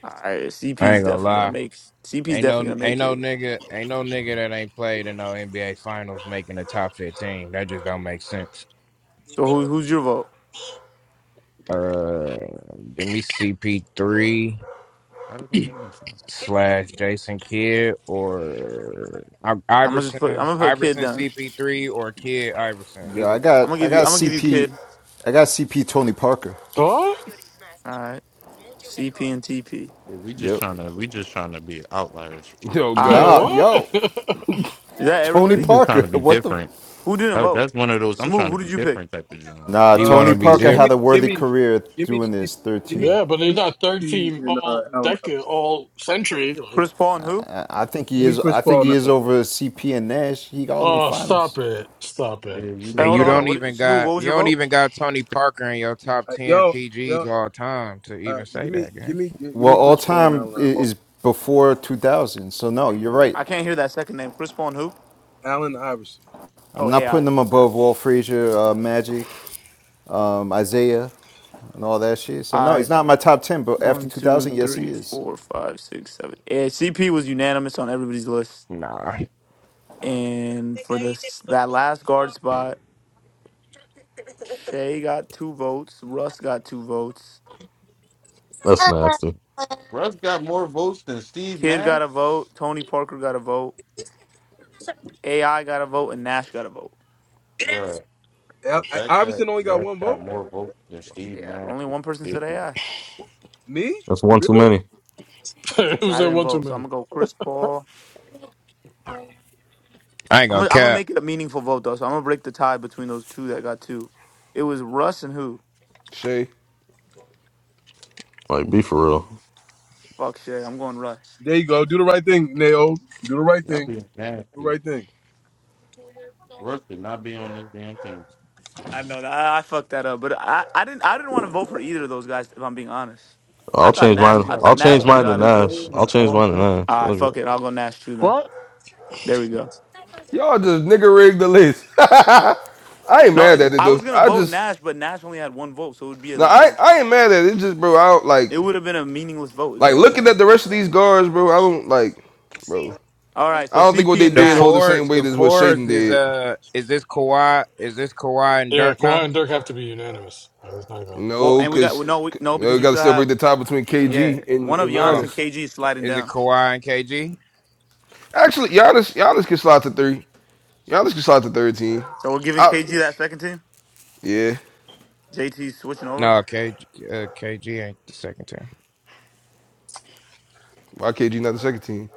S1: All right,
S4: I
S1: CP's
S4: ain't gonna
S1: definitely gonna
S4: lie.
S1: make. CP's
S4: Ain't no
S1: definitely gonna
S4: ain't
S1: make
S4: no
S1: it.
S4: nigga ain't no nigga that ain't played in no NBA finals making the top fifteen. That just don't make sense.
S1: So who who's your vote?
S4: Uh give me CP three
S9: How does that make no sense?
S4: slash Jason Kidd or I-
S1: I'm gonna just put. I'm
S4: Iverson.
S1: gonna put Kid
S4: Iverson
S1: down.
S4: CP three or Kidd Iverson.
S8: Yeah, I
S4: Either
S1: I'm
S8: got
S1: gonna
S8: I
S1: give you.
S8: got
S1: I'm gonna give you
S8: CP
S1: Kid.
S8: I got CP Tony Parker.
S3: What?
S1: All right, CP and TP.
S9: Yeah, We just
S8: Yep.
S9: trying to, we just trying to be outliers and shit.
S6: Oh
S1: All right,
S8: Nah,
S6: God,
S3: what?
S8: yo,
S1: is that
S8: Tony
S9: We
S1: everybody?
S9: just trying
S8: Parker.
S9: to be
S8: What the
S9: different.
S1: Who didn't
S9: That-
S1: vote?
S9: that's one of those I'm
S1: Smooth.
S9: trying
S1: Who
S9: to
S1: did
S9: be
S1: you pick?
S9: different type of John.
S8: Nah,
S4: he
S8: Tony
S2: Uh,
S4: wanna be
S2: gi-
S8: Parker
S2: give
S4: different.
S8: had
S2: me
S8: a
S2: give
S8: worthy
S2: me
S8: career
S2: give me
S8: doing
S2: CP,
S8: this
S2: give me
S8: 13.
S3: yeah, but
S2: give
S3: he's
S2: me
S3: not third
S2: P
S3: team
S2: and uh
S3: all
S2: Allen
S3: decade,
S2: Iverson.
S3: all century. Like,
S1: Chris Paul and who?
S8: I I think
S2: Give
S8: he
S2: me
S8: is
S2: Chris
S8: I think
S2: Paul
S8: he
S2: and
S8: is
S2: Allen.
S8: over CP and Nash. He got in the
S3: oh, stop
S8: finals.
S3: it, stop
S9: Yeah,
S3: it.
S9: you
S1: Hey,
S4: And
S1: hold
S9: looking
S4: you
S1: on, hold
S9: at
S3: Uh,
S1: on.
S4: don't
S9: it.
S1: What?
S4: even
S1: Smooth.
S4: got
S1: What was
S4: you
S1: your
S4: don't
S1: vote?
S4: even got Tony Parker in your top
S2: Uh,
S4: ten
S2: yo
S4: PGs
S2: yo,
S4: all time to
S2: uh,
S4: even say
S2: give me
S4: that,
S2: give
S4: gang.
S2: me give,
S8: Well,
S2: me
S8: all
S2: Chris Paul and
S8: time
S2: Allen
S8: i-
S2: Iverson.
S8: is before 2000. So no, you're right.
S1: I can't hear that second name. Chris Paul and who?
S2: Allen Iverson.
S8: I'm
S1: Oh,
S8: not putting
S1: AI.
S8: him
S1: Okay.
S8: above Walt Frazier, uh, Magic, um, Isaiah, and all that shit. So
S1: All
S8: no,
S1: right.
S8: he's not in my top 10, but after
S1: One, two,
S8: 2000, yes he
S1: three,
S8: is.
S1: four, five, six, seven. Yeah, CP was unanimous on everybody's list,
S4: Nah.
S1: and for this that last guard spot. Shay got two votes. Russ got two votes.
S7: That's nasty.
S9: Russ got more votes than Steve
S1: Kid
S9: Nash,
S1: got a vote. Tony Parker got a vote. AI got a vote, and Nash got a vote.
S9: bruh. The
S2: Al- I-
S9: fact that
S2: Iverson only got
S9: Russ
S2: one
S9: got
S2: vote.
S9: more votes than Steve
S1: Yeah,
S9: Nash
S1: only
S9: is
S1: one person said
S9: ridiculous.
S1: AI. I
S2: Me?
S7: That's one too
S2: Really?
S7: many.
S3: it was
S1: I
S3: that
S1: didn't
S3: one too
S1: vote, so I'm
S3: many.
S1: gonna go Chris Paul.
S4: I ain't
S1: I'm
S4: gonna
S1: gonna, I'm gonna
S4: cap.
S1: make it a meaningful vote though, so I'm gonna break the tie between those two that got two. It was Russ and who?
S6: Shea.
S7: Like be for real.
S1: Fuck Shay. I'm going Russ.
S2: There you go. Do the right thing, Nayo. Do the right
S9: Y'all
S2: thing.
S9: being
S2: Do the
S9: nasty.
S2: right thing.
S9: Russ did not be on this damn team.
S1: I know that I, I fucked that up, but I, I didn't I didn't want to vote for either of those guys. If I'm being honest, I
S7: I'll
S1: thought
S7: change
S9: Uh,
S1: Nash
S9: we
S7: mine.
S1: I
S9: got
S1: thought
S9: we
S7: I'll
S1: Nash
S7: change
S9: got
S1: should have
S7: mine to
S1: got
S9: losing
S1: it.
S7: Nash.
S9: players on
S7: I'll change
S9: all
S7: mine to
S9: centers.
S7: Nash.
S1: All right,
S7: Fuck it.
S1: fuck it. I'll go Nash too then.
S3: What?
S1: There we go.
S6: Y'all just nigga rigged the list. I ain't
S1: No,
S6: mad
S1: it's,
S6: at it
S1: I
S6: though.
S1: was gonna
S6: I
S1: vote
S6: just
S1: Nash, but Nash only had one vote, so it would be
S6: no,
S1: like
S6: I
S1: a,
S6: I ain't mad at it. It's just bro, I don't like
S1: it would have been a meaningless vote, is
S6: like
S1: what I'm
S6: looking
S1: saying.
S6: at the rest of these guards, bro. I don't like, bro.
S1: All right, so
S6: I don't think what
S1: CP
S6: they
S1: and
S4: The
S6: did
S1: Nash.
S6: hold the same
S4: fourth,
S6: weight
S4: the
S6: as what Shaden
S4: fourth is
S6: did.
S4: uh, is this Kawhi? Is this Kawhi and
S3: Yeah,
S4: Dirk
S3: Kawhi
S4: now?
S3: and Dirk have to be unanimous. Like, it's not even.
S1: Well,
S6: No,
S1: and we got
S6: because
S1: well, no, we, no,
S6: we
S1: because we
S6: got to
S1: still
S6: separate
S1: have
S6: the tie between
S1: yeah,
S6: KG and,
S1: one of
S6: and
S4: Oh,
S1: Giannis and
S6: Giannis.
S1: KG is sliding
S4: is it
S1: down.
S4: Kawhi and KG?
S6: Actually, Giannis Giannis can slide to three. Giannis can slide to third team.
S1: So we're giving
S6: I,
S1: KG that second team.
S6: yeah,
S1: JT switching over.
S4: No, KG, uh, KG ain't the second team
S6: why KG not the second team?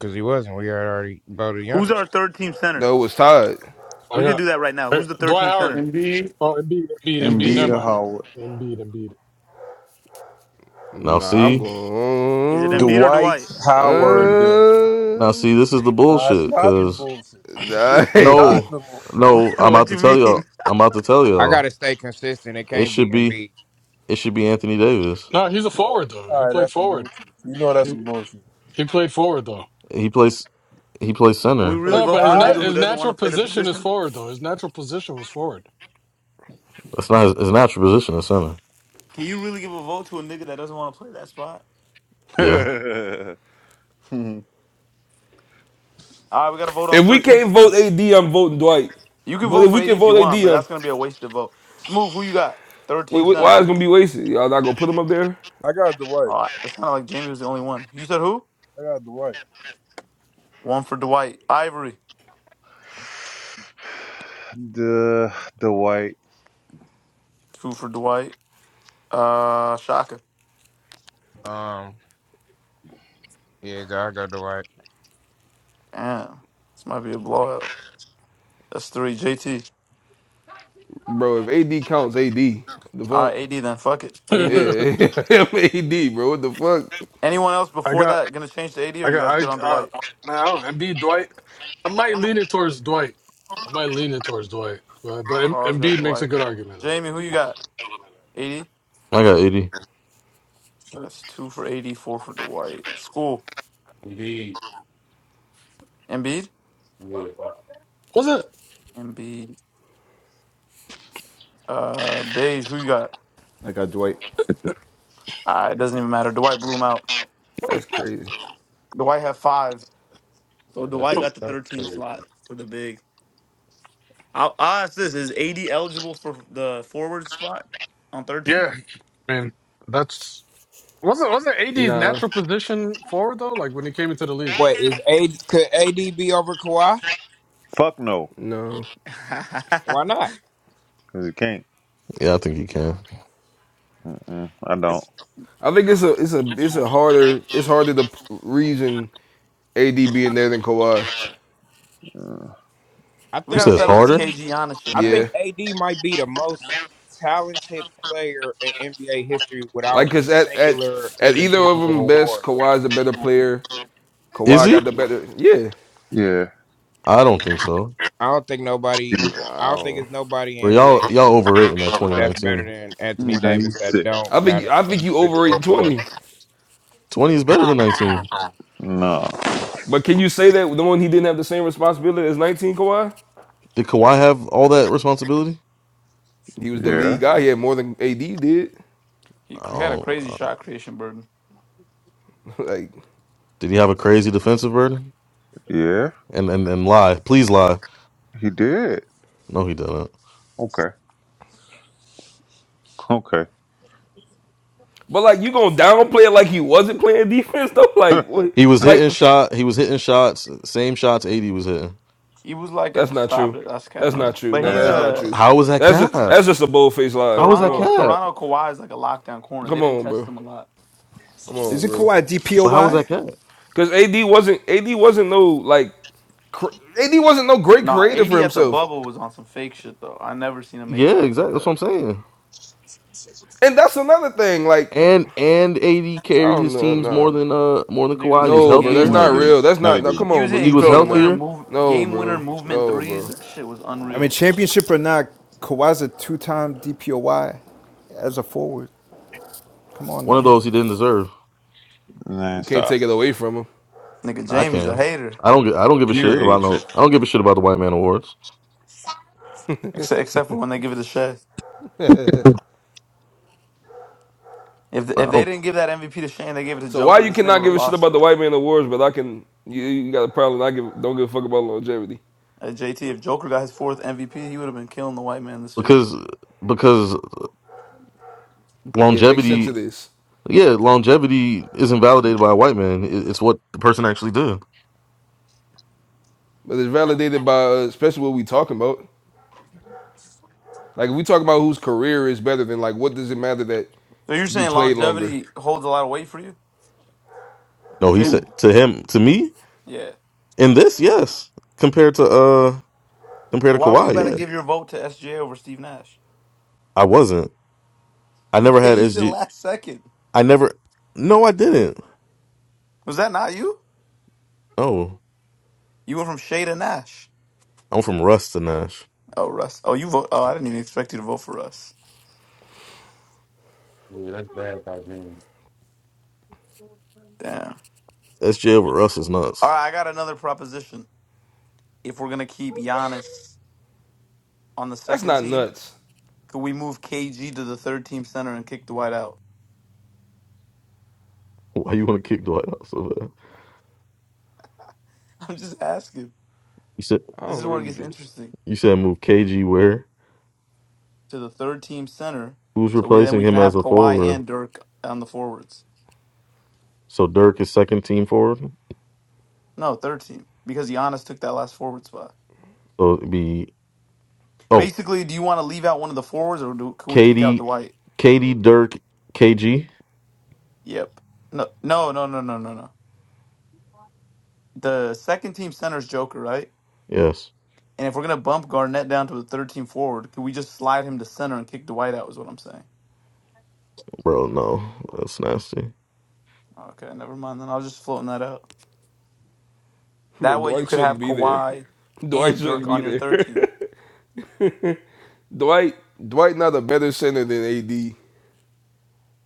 S4: because he wasn't. We had already voted
S1: Who's
S4: Giannis.
S1: our third team center?
S6: No, it was tied.
S3: I
S1: We could do
S3: got
S1: that right now.
S3: Hey,
S1: Who's the third
S3: Dwight
S1: team
S3: Howard.
S1: center?
S9: Embiid,
S3: Oh, Embiid, Embiid, Embiid.
S5: Embiid
S3: Never
S9: Embiid,
S5: or
S3: mind.
S5: Howard.
S3: Embiid, Embiid.
S7: Now
S6: Nah, I'm
S7: see,
S1: Is it
S6: going.
S1: Embiid or
S2: Dwight
S1: Dwight?
S9: Embiid,
S2: Howard.
S7: now
S6: Uh,
S7: see, this is the
S2: Nah, it's
S7: bullshit.
S2: not the
S7: Cause
S2: bullshit.
S6: nah,
S2: It's
S6: hey.
S3: No,
S2: not
S7: no,
S2: the bullshit.
S7: no, I'm about
S1: what
S7: to
S1: you
S7: tell
S1: mean?
S7: y'all.
S1: Can
S7: I'm about to tell
S4: I
S7: y'all.
S4: gotta stay consistent. It
S7: It
S4: can't be
S7: should be.
S4: Embiid.
S7: It should be Anthony Davis.
S3: no, he's a forward though. He
S2: All right,
S3: played
S2: that's some
S3: forward.
S2: bullshit. You know that's some
S3: He
S2: bullshit.
S3: he played forward though.
S7: He plays. He plays
S1: we
S7: center.
S2: For the
S1: really
S3: No,
S1: vote
S3: but his
S1: for a nigga
S2: five,
S3: nat
S1: who
S3: his
S1: doesn't want
S3: natural
S1: to play the
S3: position is
S1: position?
S3: forward though. His natural position was forward.
S7: That's not his, his natural position. Is center.
S1: Can you really give a vote to a nigga that doesn't want to play that spot?
S7: Yeah,
S1: All right, we got to vote on
S6: If we
S1: third team
S6: can't
S1: center.
S6: vote AD, I'm voting Dwight.
S1: You can
S6: But
S1: vote
S6: if
S1: for
S6: we
S1: 80
S6: can
S1: if you
S6: vote AD,
S1: want, but
S6: am
S1: that's gonna be a wasted vote. Smooth, who you got? Third
S6: wait,
S1: team
S6: wait, why
S1: center.
S6: is it gonna be wasted? Y'all not gonna put him up there,
S2: I got Dwight.
S1: Oh, it's kind of like Jamie was the only one. You said who?
S2: I got Dwight.
S1: One for Dwight. Ivory.
S5: the the white.
S1: Two for Dwight. Uh, Shaka.
S4: Um, yeah, I go Dwight.
S1: Damn, this might be a blowout. That's three. JT.
S6: bro? If AD counts, AD. The
S1: All right,
S6: fuck?
S1: AD then. Fuck it.
S3: I
S1: AD.
S6: Yeah, him AD, bro. What the fuck?
S1: Anyone else before
S3: got
S1: that gonna change to AD? Or
S3: I
S1: you guys
S3: got
S1: good
S3: I
S1: on
S3: uh
S1: Dwight?
S3: now Embiid Dwight. I might lean it towards Dwight. I might lean it towards Dwight. But but Em-
S1: Carl's got
S3: Embiid makes a
S1: Dwight.
S3: good argument
S1: Jamie,
S3: though.
S1: who you got? AD.
S7: I got eighty.
S1: That's two for AD. four for Dwight. School.
S9: Embiid.
S1: Embiid.
S9: Yeah,
S3: Was
S1: Embiid. Uh, Beige. Who you got?
S8: I got Dwight.
S1: Uh, it doesn't even matter. Dwight blew him out.
S6: That's
S3: it?
S6: crazy.
S1: Dwight had five, so
S9: yeah, that's
S1: Dwight got the
S9: that's
S1: 13
S9: crazy.
S1: slot for the big. I'll, I'll ask this: Is AD eligible for the forward spot on 13?
S3: Yeah, I mean that's wasn't wasn't AD's
S6: Nah,
S3: natural position forward though? Like when he came into the league.
S4: Wait, is a could AD be over Kawhi?
S5: Fuck no,
S6: no.
S4: Why not?
S5: cause it can't.
S7: Yeah, I think he can.
S5: Mm-mm, I don't.
S1: It's-
S6: I think it's a it's a it's a harder it's harder the reason AD being there than Kawhi.
S4: I
S1: we
S7: You
S1: gotta
S4: think
S7: says
S1: settle
S4: AD.
S1: this
S7: harder.
S1: KG Giannis shit,
S4: I
S1: man.
S6: Yeah,
S4: think AD might be the most
S5: Uh,
S4: talented player in NBA history
S6: like
S4: without a
S6: cause at at
S4: singular
S6: at either of them
S4: individual
S6: best,
S4: award.
S6: Kawhi's the better player.
S7: Is
S6: Kawhi got
S7: he?
S6: the better. Yeah,
S5: Yeah.
S7: I don't think so.
S4: I don't think nobody.
S6: I
S4: I don't think
S6: don't.
S4: it's nobody
S7: Bro,
S4: in
S7: y'all
S4: NBA
S7: y'all
S4: history
S7: overrating that
S4: that's better
S7: 2019.
S4: than Anthony
S5: Nah,
S4: Davis
S5: he's
S4: that
S5: sick.
S4: don't
S6: I
S4: got
S6: think
S4: an
S6: I think you
S4: individual
S6: overrate
S4: award.
S6: twenty.
S7: 20 is better than 19.
S5: No.
S6: But can you say that the one he didn't have the same responsibility as nineteen Kawhi?
S7: Did Kawhi have all that responsibility?
S6: He was the
S5: Yeah.
S6: lead guy. He had more than AD did.
S1: He cr- had a
S7: Oh,
S1: crazy shot creation burden.
S6: like.
S7: did he have a crazy defensive burden?
S5: Yeah.
S7: And and and lie, please lie.
S5: He did.
S7: No, he didn't.
S5: Okay. Okay.
S6: But like you gonna downplay it like he wasn't playing defense though?
S5: yeah.
S6: Like what
S7: He was
S6: like
S7: hitting shot. He was hitting shots. Same shots. AD was hitting.
S1: He was like, a,
S6: that's not
S1: "Stop
S6: true.
S1: it, that's cap."
S6: That's not true.
S1: But
S6: No, no,
S1: he's
S6: that's not
S1: a
S6: true.
S7: How was that
S6: That's
S7: cat?
S6: just that's
S7: How
S6: just a bold faced lie.
S7: was
S6: Come
S7: that
S1: Toronto.
S6: on.
S7: cat?
S1: Toronto Kawhi is like a lockdown corner. They
S6: Come
S1: didn't
S6: on,
S1: test
S6: bro.
S1: him a lot.
S6: Come on,
S8: Isn't
S6: bro.
S8: Kawhi a
S7: But how was
S8: DPOY?
S7: that cat?
S6: Cause AD wasn't AD wasn't no like cr- AD wasn't no great
S1: Nah,
S6: creator
S1: AD
S6: for
S1: at the
S6: himself.
S1: bubble was on some fake shit though. I never seen him make
S7: Yeah,
S1: shots like
S7: exactly. That's what
S1: that.
S7: I'm saying.
S6: And that's another thing. Like
S7: And and AD
S6: I
S7: carried
S6: don't
S7: his
S6: know,
S7: teams more
S6: nah,
S7: than uh more than
S1: Nigga
S7: Kawhi.
S1: was
S7: He was
S1: hitting
S6: no, bro.
S1: game
S6: That's
S7: healthier.
S5: No,
S6: not
S5: he
S1: winner
S5: didn't.
S6: real. That's
S5: No,
S6: not.
S5: he
S6: No, come
S5: didn't.
S1: He was
S6: on, bro.
S7: He
S1: hitting
S6: You
S7: was
S1: game
S6: trolling now?
S1: winner
S7: healthier.
S1: move,
S6: No,
S1: game winner
S6: bro.
S1: movement
S6: No,
S1: threes.
S6: bro.
S1: That shit was
S8: I mean,
S1: unreal.
S8: championship or not, Kawhi's a two-time DPOY as a forward. Come on
S7: One of
S8: now.
S7: those he didn't deserve.
S5: Nah,
S6: We can't
S5: stop.
S6: take it away from him.
S1: Nigga,
S7: Nah, I
S1: Jamie's a
S7: can.
S1: hater.
S7: I don't. gi- I don't give a
S5: Pure
S7: shit about
S5: hatred.
S7: no. I don't give a shit about the White Man Awards.
S1: Except except for when they give it to Shay. If
S7: Nah,
S1: if
S7: I
S1: they
S7: don't
S1: didn't give that MVP to Shane, they gave it to
S6: So why
S1: Joker.
S6: you
S1: This nigga
S6: cannot
S1: would have
S6: give a shit
S1: lost
S6: about
S1: it.
S6: the white man awards, but I can you, you got a problem? I give don't give a fuck about longevity.
S1: Uh, JT, if Joker got his fourth MVP, he would have been killing the white man this year.
S7: because because
S6: Yeah, it makes sense
S7: longevity.
S6: of this,
S7: Yeah, longevity isn't validated by a white man. It- It's what the person actually did.
S6: but it's validated by uh, especially what we talking about. Like if we talk about whose career is better than like what does it matter that
S1: So you're
S6: you
S1: saying
S6: play longer?
S1: longevity holds a lot of weight for you,
S7: No, he
S1: Jamie?
S6: Who?
S7: said to him to me
S1: Yeah.
S7: in this. Yes, compared to uh compared
S1: So
S7: to
S1: why were you
S7: Kawhi.
S1: about to
S7: Yeah,
S1: give your vote to SGA over Steve Nash?
S7: I wasn't. I
S1: You
S7: never had
S1: changed it
S7: SG.
S1: last second.
S7: I never. No, I didn't.
S1: Was that not you?
S7: Oh,
S1: You went from Shay to Nash.
S7: I'm from Russ to Nash.
S1: Oh, Russ. Oh, you vote. Oh, I didn't even expect you to vote for Russ.
S9: Yeah, that's bad by James.
S1: Damn.
S7: SG over Russ is
S1: All
S7: nuts.
S1: right, I got another proposition. If we're gonna keep Giannis on the
S6: That's
S1: second
S6: not
S1: team,
S6: nuts.
S1: could we move KG to the third team center and kick Dwight out?
S7: Why you want to kick Dwight out so bad?
S1: I'm just asking.
S7: You said
S6: I
S1: This
S6: don't
S1: is where it
S6: really
S1: gets
S6: think.
S1: interesting.
S7: you said move KG where?
S1: To the third team center,
S7: Who's
S1: so we then
S7: replacing
S1: we can
S7: him as
S1: have
S7: a
S1: Kawhi
S7: forward?
S1: and Dirk on the forwards.
S7: So Dirk is second team forward.
S1: No, third team because Giannis took that last forward spot.
S7: So it'd be oh
S1: Basically, do you want to leave out one of the forwards, or do, can we kick out
S7: Katie,
S1: Dwight?
S7: Katie Dirk, KG.
S1: Yep. No, no, no, no, no, no, no. The second team center's Joker, right?
S7: Yes,
S1: And if we're gonna bump Garnett down to a third team forward, could we just slide him to center and kick Dwight out? Is what I'm saying.
S7: bro. No, that's nasty.
S1: Okay, never mind. Then I was just floating that out.
S6: Bro,
S1: That way you
S6: Dwight
S1: could
S6: shouldn't
S1: have
S6: be there.
S1: Kawhi
S6: Dwight
S1: and
S6: shouldn't
S1: Dirk
S6: be
S1: on your third team.
S6: there. Dwight Dwight not a better center than AD.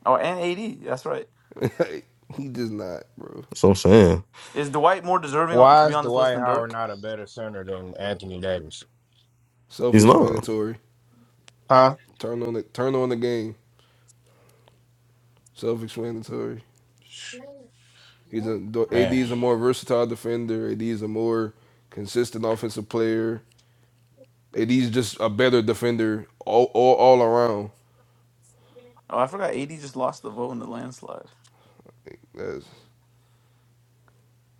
S1: Oh, and AD. That's right.
S6: he just not, bro.
S7: That's what I'm saying.
S1: Is Dwight more deserving to
S4: Why
S1: be
S4: is
S1: on this list
S4: Dwight
S1: than
S4: Howard
S1: Dirk?
S4: not a better center than Anthony Davis?
S7: He's not.
S6: Self-explanatory.
S4: Huh?
S6: Turn on the Turn on the game. Self-explanatory. He's a AD
S4: Man,
S6: is a more versatile defender. AD is a more consistent offensive player. AD is just a better defender all all, all around.
S1: Oh, I forgot. AD just lost the vote in the landslide.
S6: That's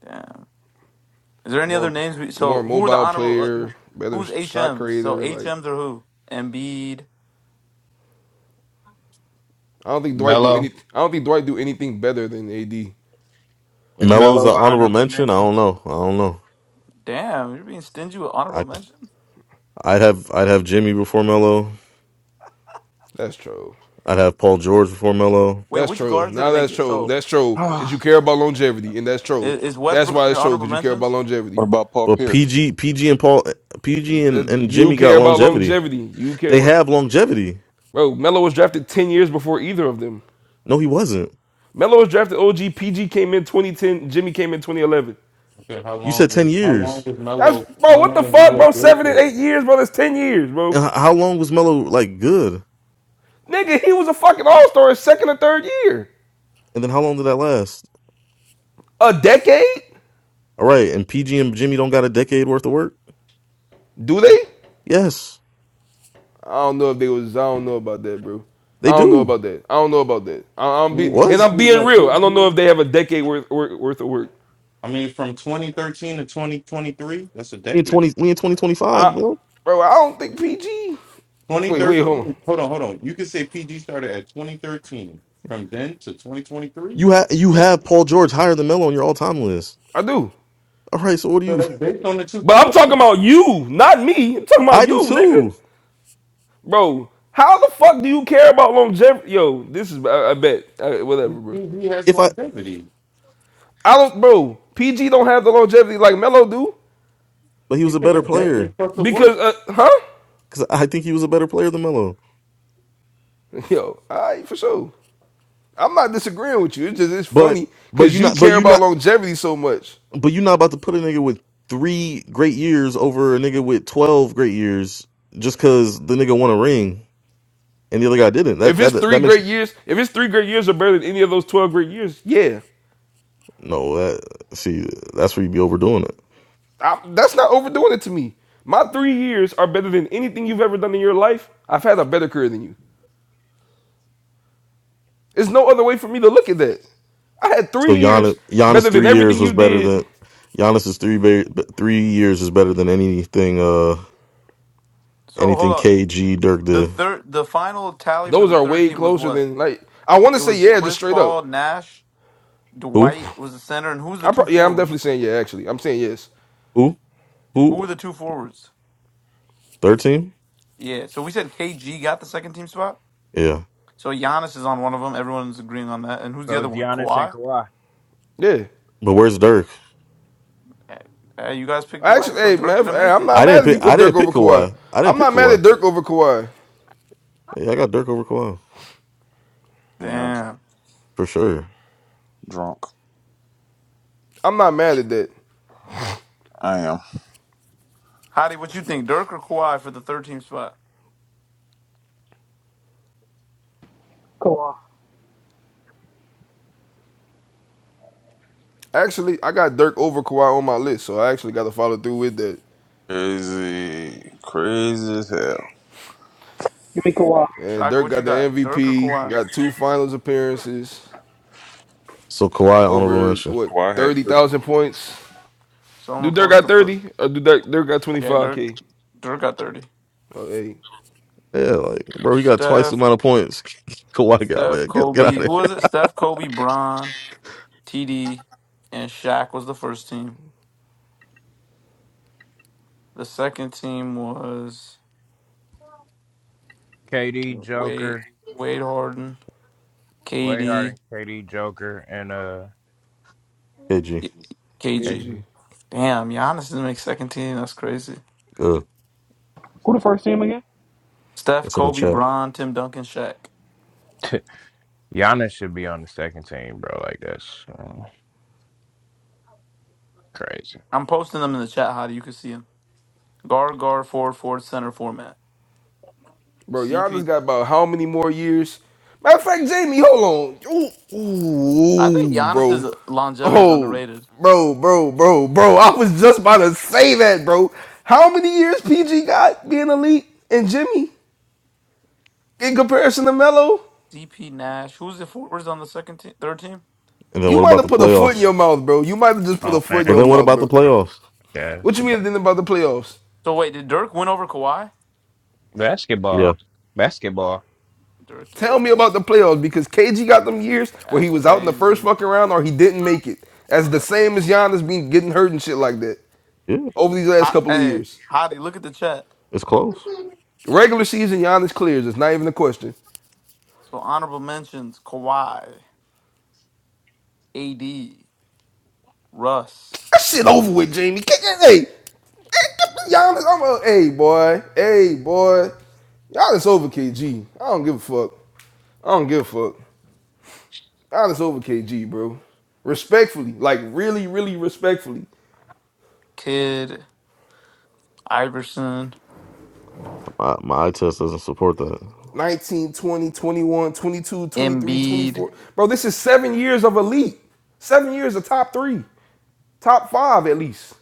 S1: Damn. Is there any other
S6: more
S1: names? We, so
S6: more
S1: who are the
S6: mobile
S1: honorable? uh, who-
S6: player, better
S1: Who's
S6: shot
S1: HMs? So
S6: creator. Like
S1: HMs are who? Embiid.
S6: I don't think Dwight do
S4: Melo
S6: any. I don't think Dwight do anything better than AD.
S4: is
S7: Melo's an
S4: Melo an
S7: honorable
S4: honorable
S7: mention. I
S4: mention?
S7: don't know. I don't know.
S1: Damn, you're being stingy with honorable
S7: I
S1: mentions.
S7: I'd have I'd have Jimmy before Melo.
S6: That's troll.
S7: I'd have Paul George before Melo.
S1: Wait,
S6: That's
S1: which
S6: troll.
S1: guards did it
S6: Now
S1: make
S6: that's
S1: it?
S6: troll.
S1: So.
S6: That's troll
S4: Oh,
S6: because you care about longevity, and that's troll.
S1: Is, is
S6: That's
S1: Westbrook on
S6: why
S1: your
S6: it's troll
S1: honorable
S6: because you care about
S1: mentions?
S6: longevity.
S5: What about Paul
S7: But
S5: Pierce?
S7: PG PG and Paul PG
S6: Uh,
S7: and, and
S6: You
S7: Jimmy got
S6: care about
S7: longevity.
S6: longevity. You care
S7: They
S6: about.
S7: have longevity.
S6: Bro, Melo was drafted 10 years before either of them.
S7: No, he wasn't.
S6: Melo was drafted OG. PG came in 2010. Jimmy came in 2011.
S9: Okay, how
S7: You
S9: long
S7: said ten
S9: was how long
S7: years.
S9: was
S6: That's,
S9: Melo?
S6: bro,
S9: How
S6: what
S9: long
S6: the
S9: was
S6: fuck,
S9: Melo
S6: bro?
S9: good
S6: Seven and
S9: for?
S6: eight years, bro. That's 10 years, bro.
S7: And h- how long was Melo like good?
S6: Nigga, he was a fucking all star his second or third year.
S7: And then how long did that last?
S6: A decade?
S7: All right, and PG and Jimmy don't got a decade worth of work?
S6: Do they?
S7: Yes,
S6: I don't know if they was, I don't know about that, bro.
S7: they
S6: I don't know
S7: do.
S6: about that. I don't know about that. I, I'm be, and
S9: mean,
S7: What?
S6: I'm
S9: PG,
S6: being
S9: what,
S6: real. I don't know
S9: PG?
S6: if they have a decade worth, worth, worth of work.
S9: I mean, from 2013 to 2023, that's a
S7: We in
S9: decade.
S7: twenty we in twenty twenty five,
S6: I,
S7: bro.
S6: bro, I don't think PG. Wait, wait, hold on.
S9: 2013, hold on, hold on. You could say PG started at 2013. From then to 2023?
S7: You have you have Paul George higher than Melo on your all time list.
S6: I do.
S7: All right, so what do
S9: So
S7: you
S9: that's based on the
S6: But I'm talking
S9: 2000.
S6: about you, not me. I'm talking
S7: I
S6: about you,
S7: do
S6: nigga.
S7: too.
S6: Bro, how the fuck do you care about longevity? Yo, this is, I, I bet. I, whatever, bro.
S9: PG has
S7: If I
S9: longevity.
S6: I don't, bro, PG don't have the longevity like Melo do.
S7: but he
S9: You
S7: was a
S9: said a
S7: better player.
S9: decade plus of
S6: Because,
S9: work.
S6: uh, huh?
S7: Cause I think he was a better player than Melo.
S6: Yo, all right, for sure. I'm not disagreeing with you. It's just, it's
S7: But
S6: funny
S7: but
S6: because
S7: you
S6: you
S7: not but
S6: care
S7: you
S6: about
S7: not
S6: longevity so much.
S7: but you not about to put a nigga with three great years over a nigga with twelve great years just cause the nigga won a ring and the other guy didn't. That
S6: If it's
S7: that
S6: three
S7: that makes
S6: great years, if it's three great years are better than any of those 12 great years, yeah.
S7: No, that see, that's where you be overdoing it.
S6: I, that's not overdoing it to me. My three years are better than anything you've ever done in your life. I've had a better career than you. There's no other way for me to look at that. I had
S7: So
S6: three
S7: Giannis,
S6: years better
S7: Giannis
S6: than
S7: three
S6: everything
S7: years
S6: you
S7: was better
S6: did.
S7: than Giannis's three ba- three years is better than anything. Uh,
S1: So hold
S7: anything
S1: on.
S7: KG Dirk
S1: The
S7: did.
S1: third, the final tally for
S6: Those
S1: the
S6: are
S1: third
S6: way
S1: team was
S6: closer
S1: what?
S6: than like I want to
S1: It
S6: say
S1: was
S6: yeah, just
S1: Chris
S6: straight up.
S1: Paul, Nash,
S7: Who?
S1: Dwight was the center, and who was the
S6: I
S1: two
S6: pro- yeah, I'm definitely
S1: forwards?
S6: saying yeah. Actually, I'm saying yes.
S7: Who?
S1: Who
S7: Who?
S1: were the two forwards?
S7: Thirteen?
S1: Yeah. So we said KG got the second team spot.
S7: Yeah.
S1: So Giannis is on one of them. Everyone's agreeing on that. And who's the
S4: so
S1: other
S4: is
S1: one?
S4: Giannis and
S1: Kawhi.
S4: Kawhi,
S6: Yeah.
S7: But where's Dirk?
S1: Eh, eh, you guys picked
S6: I
S1: Dwight,
S6: Actually,
S1: so
S6: hey
S1: Dirk
S6: man,
S1: didn't
S6: hey,
S1: make
S6: I'm
S1: it.
S6: not
S7: I didn't
S6: mad if
S7: pick.
S6: you put
S7: I
S6: Dirk
S7: didn't
S6: over
S7: pick
S6: Kawhi.
S7: Kawhi. I didn't
S6: I'm
S7: pick
S6: not mad at
S7: Kawhi.
S6: Dirk over Kawhi.
S7: Yeah, I got Dirk over Kawhi
S5: Yeah, dr-
S1: Damn.
S7: for sure.
S5: drunk.
S6: I'm not mad at that.
S5: I am
S1: Hottie, what you think, Dirk or Kawhi for the third team spot?
S11: Kawhi.
S6: Actually, I got Dirk over Kawhi on my list, so I actually got to follow through with that.
S5: crazy. Crazy as hell.
S11: Give me Kawhi.
S6: And
S1: Shaka,
S6: Dirk
S1: what you
S6: got the
S1: got, Dirk or
S6: MVP,
S1: Kawhi?
S6: got two finals appearances,
S7: So Kawhi honorable
S6: over
S7: mention.
S6: what,
S5: Why I had three.
S6: 30,000 points?
S1: So I'm
S6: Do
S1: gonna
S6: Dirk
S1: post
S6: got
S1: the first.
S6: 30? Or do Dirk, Dirk got
S1: Yeah, Dirk.
S6: 25K?
S1: Dirk got thirty.
S6: Oh, hey,
S7: Yeah, like
S1: So
S7: bro, he got twice the
S1: Steph,
S7: amount of points Kawhi got.
S1: Steph,
S7: Man, get, get out
S1: Kobe.
S7: of
S1: Who was it? Steph, Kobe, Bron, TD, and Shaq was the first team. The second team was
S4: KD,
S1: Wade,
S4: Joker,
S1: Wade Harden,
S4: Way Hard
S1: KD,
S4: and KD, Joker, and uh,
S7: here. KG.
S1: KG.
S6: KG.
S4: KD.
S1: Damn, Giannis didn't make second team. That's crazy.
S7: Good.
S11: Who the first team again?
S1: Steph,
S7: It's in the
S1: Kobe,
S7: chat.
S1: Bron, Tim Duncan, Shaq.
S4: Giannis should be on the second team, bro. Like that's um, crazy.
S1: I'm posting them in the chat, Hottie. You can see them. Guard, guard, forward, forward, center format.
S6: Bro, Giannis
S1: CP.
S6: got about how many more years? Matter of fact, Jamie, hold on. Ooh, ooh,
S1: I think
S6: ooh, bro.
S1: Giannis's longevity is
S6: Oh,
S1: underrated.
S6: bro, bro, bro, bro. I was just about to say that, bro. How many years PG got being elite and Jimmy in comparison to Melo?
S1: CP Nash. Who's the forwards on the second team, third team?
S7: And then
S6: You
S7: what
S6: might
S7: about
S6: have
S7: the
S6: put a foot in
S7: playoffs?
S6: your mouth, bro. You might have just put
S4: Oh
S6: a foot in
S7: But
S4: man,
S6: your
S7: then what
S6: mouth,
S7: about the
S6: bro.
S7: playoffs?
S4: yeah, it's-
S6: What you mean it didn't about the playoffs?
S1: So wait, did Dirk win over Kawhi?
S7: Yeah,
S4: basketball, basketball.
S1: Dirk
S6: Tell me about
S1: Giannis.
S6: the playoffs because KG got them years where he
S1: That's
S6: was out in the first
S1: crazy.
S6: fucking round or he didn't make it. That's
S1: And
S6: the
S1: the,
S6: same as Giannis being getting hurt and shit like that
S7: yeah,
S6: over these last
S1: Ho-
S6: couple of
S1: hey,
S6: years.
S1: Hottie, look at the chat.
S7: it's close.
S6: Regular season, Giannis clears. It's not even a question.
S1: So honorable mentions: Kawhi, AD, Russ,
S6: That shit over
S9: I
S6: with, Jamie. Hey, hey, Giannis, I'm a hey boy, hey boy. Giannis over KG. I don't give a fuck. I don't give a fuck. Honest over KG, bro. Respectfully, like really, really respectfully.
S1: Kidd, Iverson,
S7: My my eye test doesn't support that.
S6: nineteen, twenty, twenty-one, twenty-two, twenty-three,
S1: Embiid.
S6: twenty-four, Bro, this is seven years of elite. Seven years of top three. Top five at least.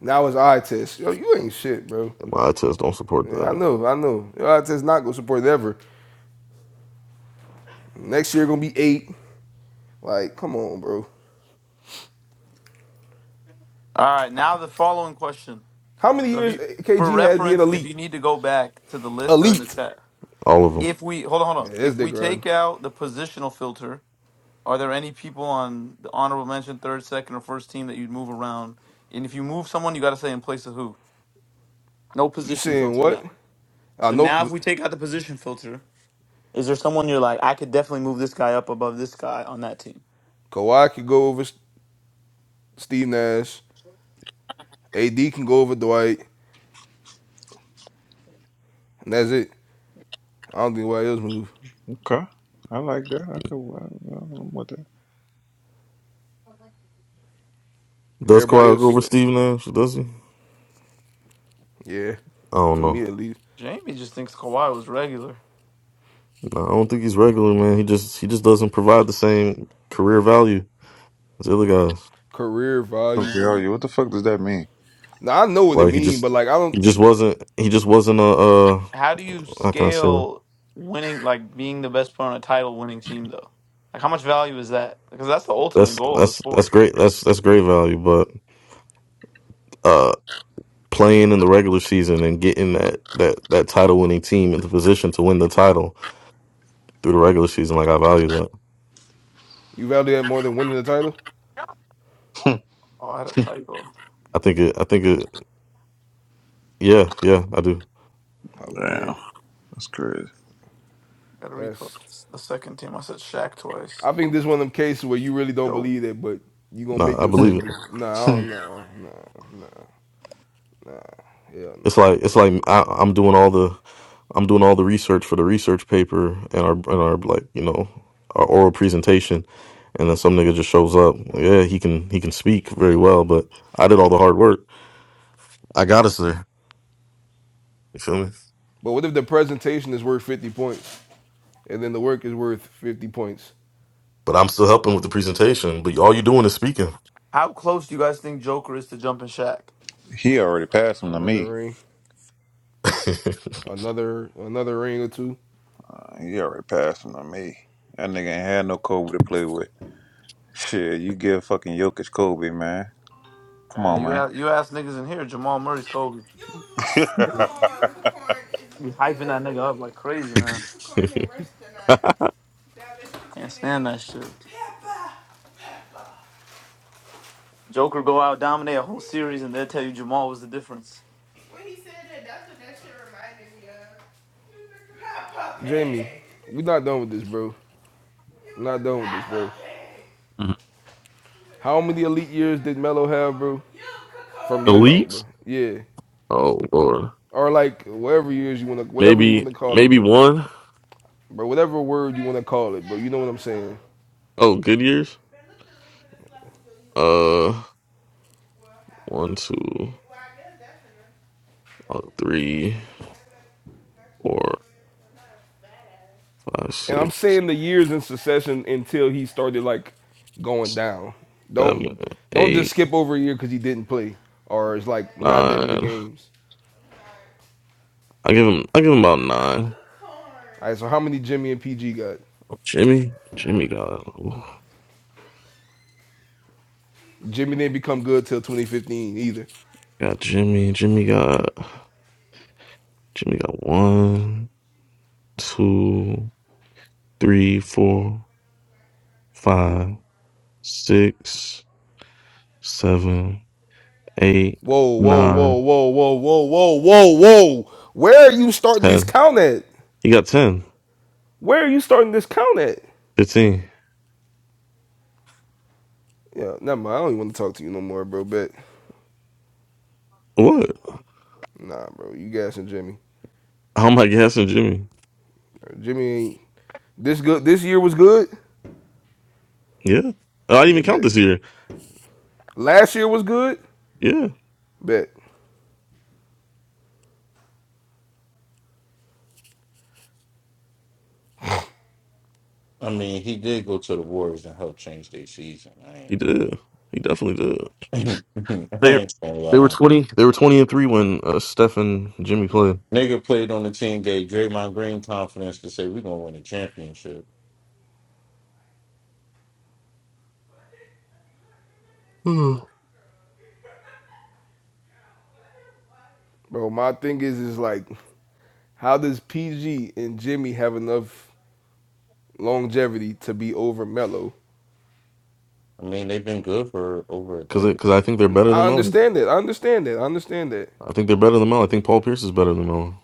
S6: Now it's eye test. Yo, you ain't shit, bro.
S7: My eye test don't support
S6: Yeah, I
S7: that.
S6: know, I know. Your eye test not gonna support it ever. Next year gonna be eight. Like, come on, bro.
S1: All right, now the following question.
S6: How many
S1: So if
S6: years
S1: you, for
S6: KG had being
S1: reference, if
S6: elite?
S1: you need to go back to the list, they're in the
S6: Elite.
S1: chat.
S7: All of them.
S1: If we hold on, hold
S6: Yeah,
S1: on.
S6: this
S1: If we
S6: nigga, right.
S1: take out the positional filter Are there any people on the honorable mention, third, second, or first team that you'd move around? And if you move someone, you got to say in place of who. No
S6: you
S1: position
S6: saying
S1: filter
S6: what?
S1: now.
S6: I
S1: So now, if
S6: know.
S1: we take out the position filter, is there someone you're like, I could definitely move this guy up above this guy on that team?
S6: Kawhi can go over Steve Nash. AD can go over Dwight, and that's it. I don't think anybody else move.
S5: Okay. I like that. I could well, I'm with that.
S7: Does
S6: Everybody
S7: Kawhi go
S6: else,
S7: over Steve Nash? Does he? I
S6: yeah, to
S7: don't
S6: me
S7: know.
S6: at least,
S1: Jamie just thinks Kawhi was regular.
S7: No, I don't think he's regular, man. He just he just doesn't provide the same career value as the other guys.
S6: career value.
S5: Okay, are you? What the fuck does that mean?
S6: Now I know what it
S7: Like he
S6: mean,
S7: just
S6: but like I
S7: he just
S6: don't.
S7: wasn't he just wasn't a uh
S1: How do you
S7: how can I say it?
S1: scale winning, like being the best player on a title winning team, though? Like, how much value is that? Because that's the ultimate
S7: that's
S1: goal of the
S7: that's that's
S1: sport.
S7: great that's that's great value, but uh playing in the regular season and getting that that that title winning team in the position to win the title through the regular season. Like I value that.
S6: You value that more than winning the title?
S1: Oh, I had a typo.
S7: I think it. I think it. Yeah, yeah, I do.
S6: I
S5: Damn,
S6: bet.
S5: that's crazy.
S1: Got to repost
S6: That's.
S1: the second team. I said Shaq twice.
S6: I think this is one of them cases where you really don't
S1: Dope.
S6: believe that, but you gonna
S7: No,
S6: make
S7: I believe
S6: yourself
S7: it.
S6: do. Nah, I don't. Nah, nah, nah, nah. Hell
S7: It's
S6: nah,
S7: like it's
S6: bro.
S7: like I, I'm doing all the I'm doing all the research for the research paper and our and our like you know our oral presentation, and then some nigga just shows up. Yeah, he can he can speak very well, but I did all the hard work. I got us there. You feel me?
S6: But what if the presentation is worth fifty points, and then the work is worth fifty points?
S7: But I'm still helping with the presentation. But all you're doing is speaking.
S1: How close do you guys think Joker is to jumping Shaq?
S5: He already passed him to
S6: Another
S5: me.
S6: ring. Another another ring or two.
S5: Uh, he already passed him to me. That nigga ain't had no Kobe to play with. Shit, you give fucking Jokic Kobe, man. Come
S1: Uh,
S5: on,
S1: you a-
S5: man.
S1: you ask niggas in here, Jamal Murray's Kobe. You hyping that nigga up like crazy, man. Can't stand that shit. Joker go out, dominate a whole series, and they'll tell you Jamal was the difference.
S6: Jamie, we not done with this, bro. We're not done with this, bro.
S7: Mhm.
S6: How many elite years did Melo have, bro? From your mouth,
S7: Elites?
S6: bro. Yeah.
S7: Oh lord.
S6: Or like whatever years you wanna whatever you
S7: Maybe
S6: wanna call it,
S7: maybe
S6: bro.
S7: one.
S6: Bro, whatever word you wanna call it, bro. You know what I'm saying?
S7: Oh, good years? Uh, one, two, uh, three, four, five,
S6: And I'm
S7: six,
S6: saying the years in succession until he started like going down.
S7: seven,
S6: Don't don't just
S7: eight,
S6: skip over a year because he didn't play. Or it's like not that many
S7: nine.
S6: games.
S7: I give him. I give him about nine.
S6: All right, so how many Jimmy and PG got?
S7: Oh, Jimmy. Jimmy got. ooh,
S6: Jimmy didn't become good till 2015 either.
S7: Got Jimmy. Jimmy got. Jimmy got one, two, three, four, five, six, seven, eight,
S6: Whoa, whoa, whoa,
S7: nine,
S6: whoa, whoa, whoa, whoa, whoa, whoa. Where are you starting this
S7: ten.
S6: count at?
S7: He got ten.
S6: Where are you starting this count at?
S7: Fifteen.
S6: Yeah, never mind. I don't even want to talk to you no more, bro. Bet.
S7: What?
S6: nah, bro, you gassing Jimmy.
S7: How am I guessing Jimmy?
S6: Jimmy ain't this good. This year was good.
S7: Yeah. I didn't
S6: Yeah,
S7: even count
S6: bet.
S7: this year.
S6: Last year was good.
S7: Yeah,
S6: Bet,
S9: mean, he did go to the Warriors and help change their season. I
S7: he
S9: ain't
S7: did. He definitely did.
S9: gonna, I
S7: They
S9: ain't gonna
S7: they were
S9: lie.
S7: twenty. They were twenty and three when uh, Steph and Jimmy played.
S9: Nigga played on the team, gave Draymond Green confidence to say, we're gonna win a championship.
S7: Because
S6: bro. My thing is, is like, how does PG and Jimmy have enough longevity to be over Mello?
S9: I mean, they've been good for over a decade.
S7: because I think they're better
S6: I
S7: than Melo.
S6: understand that. I understand that. I understand that.
S7: I think they're better than Melo. I think Paul Pierce is better than Melo.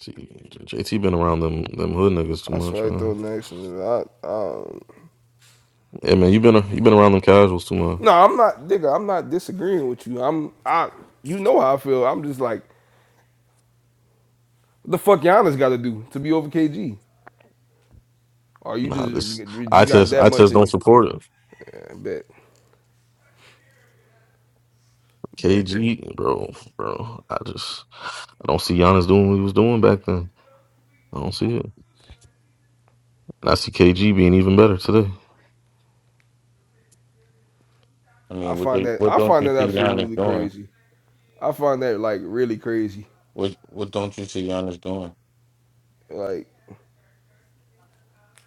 S7: See, J- JT been around them them hood niggas too
S6: I
S7: much,
S6: swipe though.
S7: man.
S6: next, and I, I
S7: Yeah, man, you been you been around them casuals too
S6: no,
S7: much.
S6: I'm not, nigga. I'm not disagreeing with you. I'm, I, you know how I feel. I'm just like, what the fuck Giannis got to do to be over KG? Or you
S7: Nah,
S6: just,
S7: this
S6: you
S7: I
S6: just got
S7: test
S6: that
S7: I
S6: much
S7: test
S6: in
S7: don't
S6: you?
S7: support it.
S6: I bet, bet.
S7: KG, bro, bro. I just I don't see Giannis doing what he was doing back then. I don't see it. And I see KG being even better today.
S9: I
S6: I
S9: mean, what
S6: find
S9: they
S6: that,
S9: what
S6: I
S9: don't
S6: find
S9: you
S6: that
S9: see Giannis
S6: absolutely
S9: doing?
S6: crazy. I find that like really crazy.
S9: What what don't you see Giannis doing?
S6: Like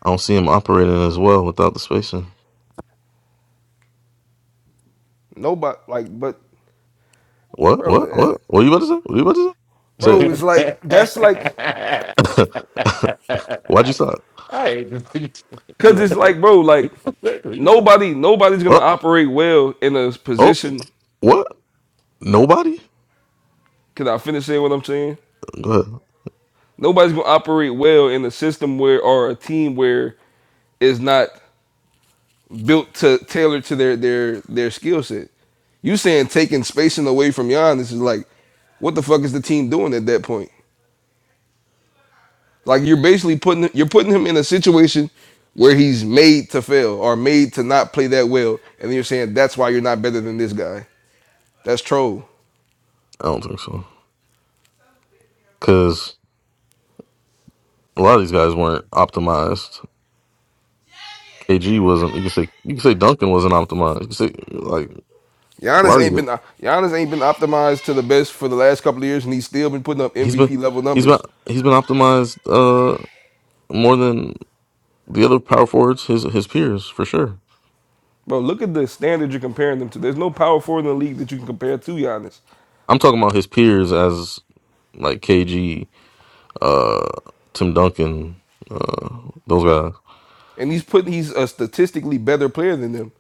S7: I don't see him operating as well without the spacing.
S6: nobody, like, but
S7: What?
S6: bro,
S7: What?
S6: that,
S7: What? What are you about to say? What are you about to say?
S6: bro, it's like that's like
S9: I,
S7: Say it. Why'd you stop?
S9: I hate to see
S6: Cause it's like, bro, like
S9: you.
S6: nobody, nobody's gonna
S7: Oh,
S6: operate well in a
S7: oh,
S6: position.
S7: what? Nobody?
S6: Can I finish saying what I'm saying?
S7: Go ahead.
S6: Nobody's gonna operate well in a system where or a team where it's not built to tailor to their their their skill set. You saying taking spacing away from Giannis is like, what the fuck is the team doing at that point? Like you're basically putting you're putting him in a situation where he's made to fail or made to not play that well, and then you're saying that's why you're not better than this guy. That's troll.
S7: I don't think so. Because a lot of these guys weren't optimized. KG wasn't. You can say you can say Duncan wasn't optimized. You can say like a
S6: Giannis
S7: lot of
S6: ain't
S7: you-
S6: been Giannis ain't been optimized to the best for the last couple of years, and he's still been putting up
S7: He's been
S6: MVP level
S7: he's been
S6: numbers.
S7: he's been optimized uh more than the other power forwards his his peers for sure.
S6: Bro, look at the standard you're comparing them to. There's no power forward in the league that you can compare to Giannis,
S7: I'm talking about his peers as like KG uh, Tim Duncan, uh, those guys.
S6: and he's putting he's a statistically better player than them.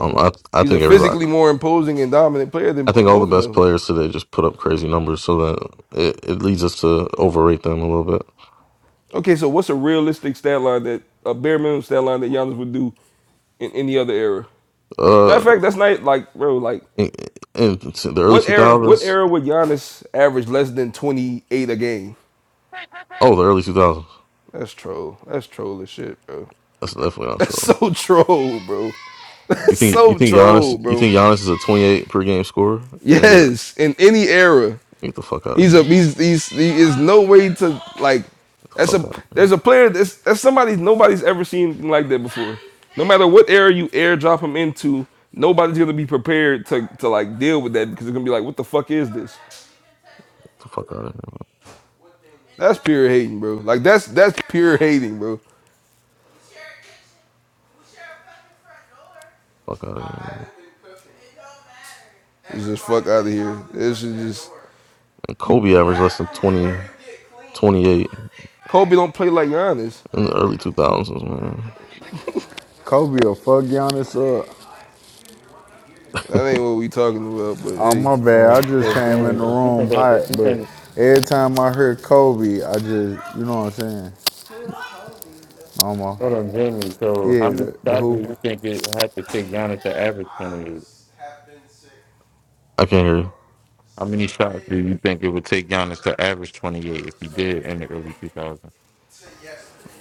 S7: Um, I I
S6: He's a
S7: think everybody.
S6: physically more imposing and dominant player than
S7: I think all the
S6: both of
S7: best
S6: those.
S7: players today just put up crazy numbers, so that it, it leads us to overrate them a little bit.
S6: Okay, so what's a realistic stat line that a bare minimum stat line that Giannis would do in any other era? Matter of
S7: Uh,
S6: fact, that's not like bro, like
S7: in, in the early
S6: what
S7: two
S6: era? What
S7: thousands.
S6: era would Giannis average less than 28 a game?
S7: Oh, the early two thousands.
S6: That's troll. That's troll as shit, bro.
S7: That's definitely not
S6: That's
S7: true.
S6: so troll, bro.
S7: You
S6: That's
S7: think you
S6: so
S7: think
S6: troll,
S7: Giannis? You
S6: bro.
S7: think Giannis is a twenty eight per game scorer? And the
S6: Yes, in any era,
S7: get the fuck out of
S6: he's
S7: here.
S6: a he's he's he is no way to like.
S7: Get the
S6: That's a
S7: fuck out of here.
S6: there's a
S7: Get
S6: player that's that's somebody nobody's ever seen like that before. No matter what era you airdrop him into, nobody's gonna be prepared to to like deal with that because they're gonna be like, what the fuck is this?
S7: the fuck out of here.
S6: That's pure hating, bro. Like that's that's pure hating, bro.
S7: Fuck out of here.
S6: It's just fuck out of here. This is just
S7: And
S6: you. The
S7: Kobe averaged less than 20 28
S6: Kobe don't play like Giannis.
S7: in the early two thousands, man.
S12: Kobe will fuck Giannis up.
S6: That ain't what we talking about. But
S12: Oh
S6: hey,
S12: my bad, I
S9: um,
S12: just
S9: so
S12: came
S9: Jamie,
S12: in the
S9: if you think
S12: room
S9: that
S12: hot,
S9: if you
S12: but
S9: think
S12: every time I hear Kobe, I just you know what I'm saying. Almost.
S9: hold on Jamie, so
S12: Yeah,
S9: how many
S12: the, the
S9: shots do
S12: hooper.
S9: you think it had to take Giannis to average twenty eight?
S7: I can't hear you.
S9: How many shots do you think it would take Giannis to average twenty eight if he did in the early two thousands?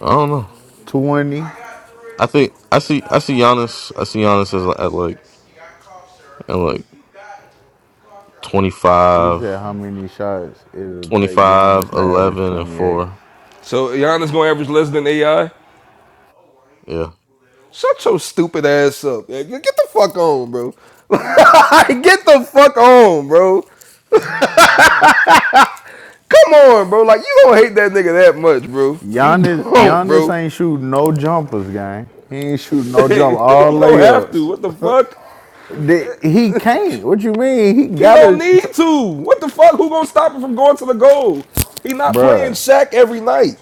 S7: I don't know.
S12: Twenty.
S7: I think I see I see Giannis. I see Giannis as at like at like twenty
S12: He
S7: five,
S12: said how many shots it'll
S7: twenty
S12: take
S7: five,
S12: Giannis to average
S7: 11, and
S12: twenty eight.
S7: four.
S6: so Giannis gonna average less than AI.
S7: Yeah,
S6: Shut your stupid ass up. Get the fuck on, bro. I get the fuck on, bro. Come on, bro. Like you don't hate that nigga that much, bro. You
S12: Giannis
S6: don't,
S12: Giannis
S6: bro.
S12: ain't shooting no jumpers, gang. He ain't shooting no
S6: you
S12: jump all
S6: don't have to.
S12: layups.
S6: What the fuck?
S12: The- he can't. What you mean? He
S6: He don't
S12: gotta t-
S6: need to. What the fuck? Who gonna stop him from going to the goal? He not playing
S12: Bruh,
S6: Shaq every night.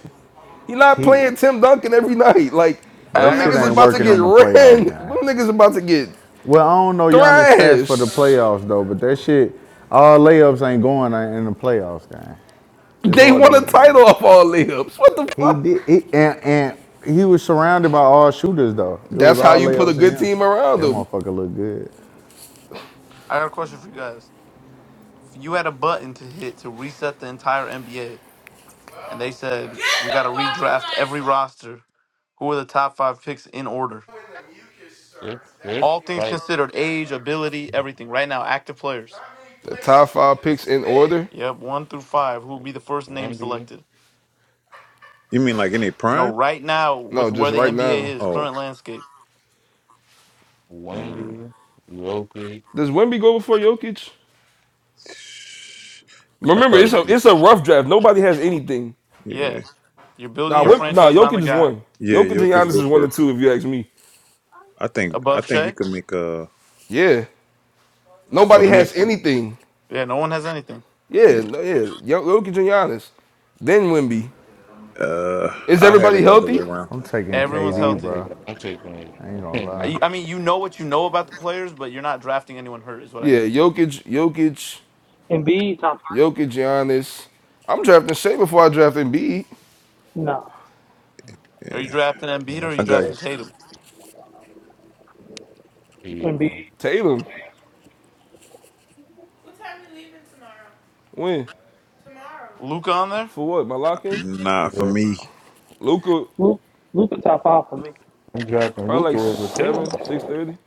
S6: He not
S12: he
S6: playing Tim Duncan every night. Like
S1: I
S12: that
S1: I
S6: them
S1: got a
S12: shit
S6: niggas is
S12: ain't
S1: question
S6: about
S1: for
S6: to
S12: working
S6: get
S12: in
S1: y'all.
S12: the
S6: ran.
S12: playoffs, gang.
S6: Them niggas about to get
S12: Well, I don't know Giannis stats for the
S6: thrashed.
S12: playoffs though, but that shit, all layups ain't going in the playoffs, guy. It's
S6: They
S12: hard to
S6: won a
S12: win the
S6: title
S12: time.
S6: off all layups. What the
S12: He
S6: fuck?
S12: did, he, and, and he was surrounded by all shooters though. It was
S6: That's how
S12: all
S6: you put a
S12: layups in
S6: good
S12: him.
S6: team around
S12: That
S6: them.
S12: motherfucker look good.
S1: I got a question for you guys. If you had a button to hit to reset the entire NBA, and they said we got to redraft every roster. Who are the top five picks in order?
S9: If if
S1: All things
S9: like
S1: considered, age, ability, everything. Right now, active players.
S6: The top five picks in order?
S1: Yep, one through five. Who will be the first name
S9: Wendy
S1: selected?
S5: you mean like any
S1: No,
S5: prime?
S1: right now with
S6: No,
S1: where
S6: just
S1: the
S6: right
S1: NBA
S6: now.
S1: is,
S5: Oh,
S1: current landscape.
S5: um,
S9: Wendy, Loki.
S6: Does Wemby go before Jokic?
S5: I
S6: Remember, it's a
S5: probably
S6: it's a rough draft. Nobody has anything.
S1: Yeah,
S5: yeah,
S1: you're building
S6: Nah,
S1: your
S5: Pro-
S6: Wim, nah,
S1: franchise around the
S6: Jokic is
S1: guy
S6: one.
S5: yeah.
S6: Jokic and
S5: Jokic
S6: Giannis
S5: go
S6: is one and
S5: first.
S6: two, if you ask me.
S5: I think I
S1: above
S5: think you
S1: Shea.
S5: can make uh
S6: Yeah.
S5: for
S6: Nobody
S1: Okay.
S5: me.
S6: has anything.
S1: Yeah, no one has anything.
S5: yeah,
S6: Yeah, no, yeah. Jokic and Giannis. Then Wimby.
S5: Uh,
S6: Is
S5: I have
S6: everybody
S5: it the other way
S6: healthy?
S5: around.
S12: I'm
S9: Oh
S12: taking
S9: my
S1: Everyone's
S9: God,
S12: KD,
S9: I'm
S1: healthy.
S12: bro.
S9: taking, I'm taking it.
S12: I ain't
S9: I'm
S12: gonna
S9: taking
S12: lie.
S1: I
S9: it.
S1: I mean, you know what you know about the players, but you're not drafting anyone hurt. Is what I
S6: Yeah,
S1: mean.
S6: Jokic, Jokic,
S11: Embiid top
S6: Jokic, Giannis. I'm drafting Shea before I draft Embiid.
S11: three? Nah.
S1: Are you drafting
S9: You
S1: Embiid or
S9: know,
S1: are
S9: it's
S5: I
S1: you
S9: a
S5: got
S1: drafting
S9: fact.
S1: Tatum?
S9: He, uh,
S11: Embiid.
S6: Tatum. When?
S1: Luca on there.
S6: For what? My lock in?
S5: Nah, for
S9: yeah,
S5: me,
S6: Luca,
S11: Luke Luka top five for me.
S9: I'm dropping
S6: probably
S9: Luca
S6: like
S9: over Tatum.
S6: seven, six thirty.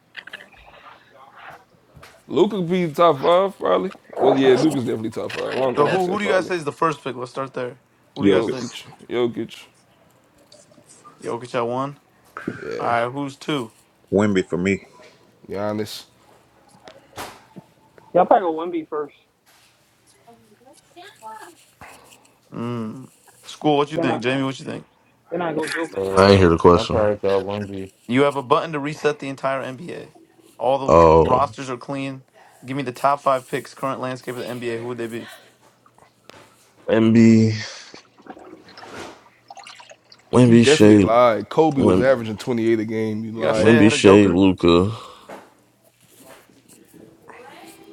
S6: Luca be top five, probably. Well, yeah, Luca's definitely top five. I don't know
S1: So
S6: why I
S1: who who
S6: said
S1: do you guys
S6: probably.
S1: say is the first pick? Let's start there. Who do you guys think?
S5: Jokic,
S6: Jokic, Jokic.
S1: Jokic at one. All
S6: Yeah.
S1: right, who's two?
S5: Wimby for me.
S6: Giannis,
S11: Y'all probably go Embiid first.
S1: Mm. School. What you
S11: Then I
S1: think, Jamie? What you think?
S11: then I go Joker
S7: I ain't
S9: Uh,
S7: hear the
S9: I
S7: question.
S9: probably thought Wendy.
S1: You have a button to reset the entire NBA. All the
S7: Oh,
S1: rosters are clean. Give me the top five picks, current landscape of the NBA. Who would they be?
S7: Wemby,
S6: you
S7: Wemby,
S6: definitely
S7: Shea,
S6: lied. Kobe was
S7: Wem,
S6: averaging 28 a game. You
S1: You got
S6: lie.
S1: Shea
S7: Wemby,
S1: ahead of
S7: Shea,
S1: Joker?
S7: Luca.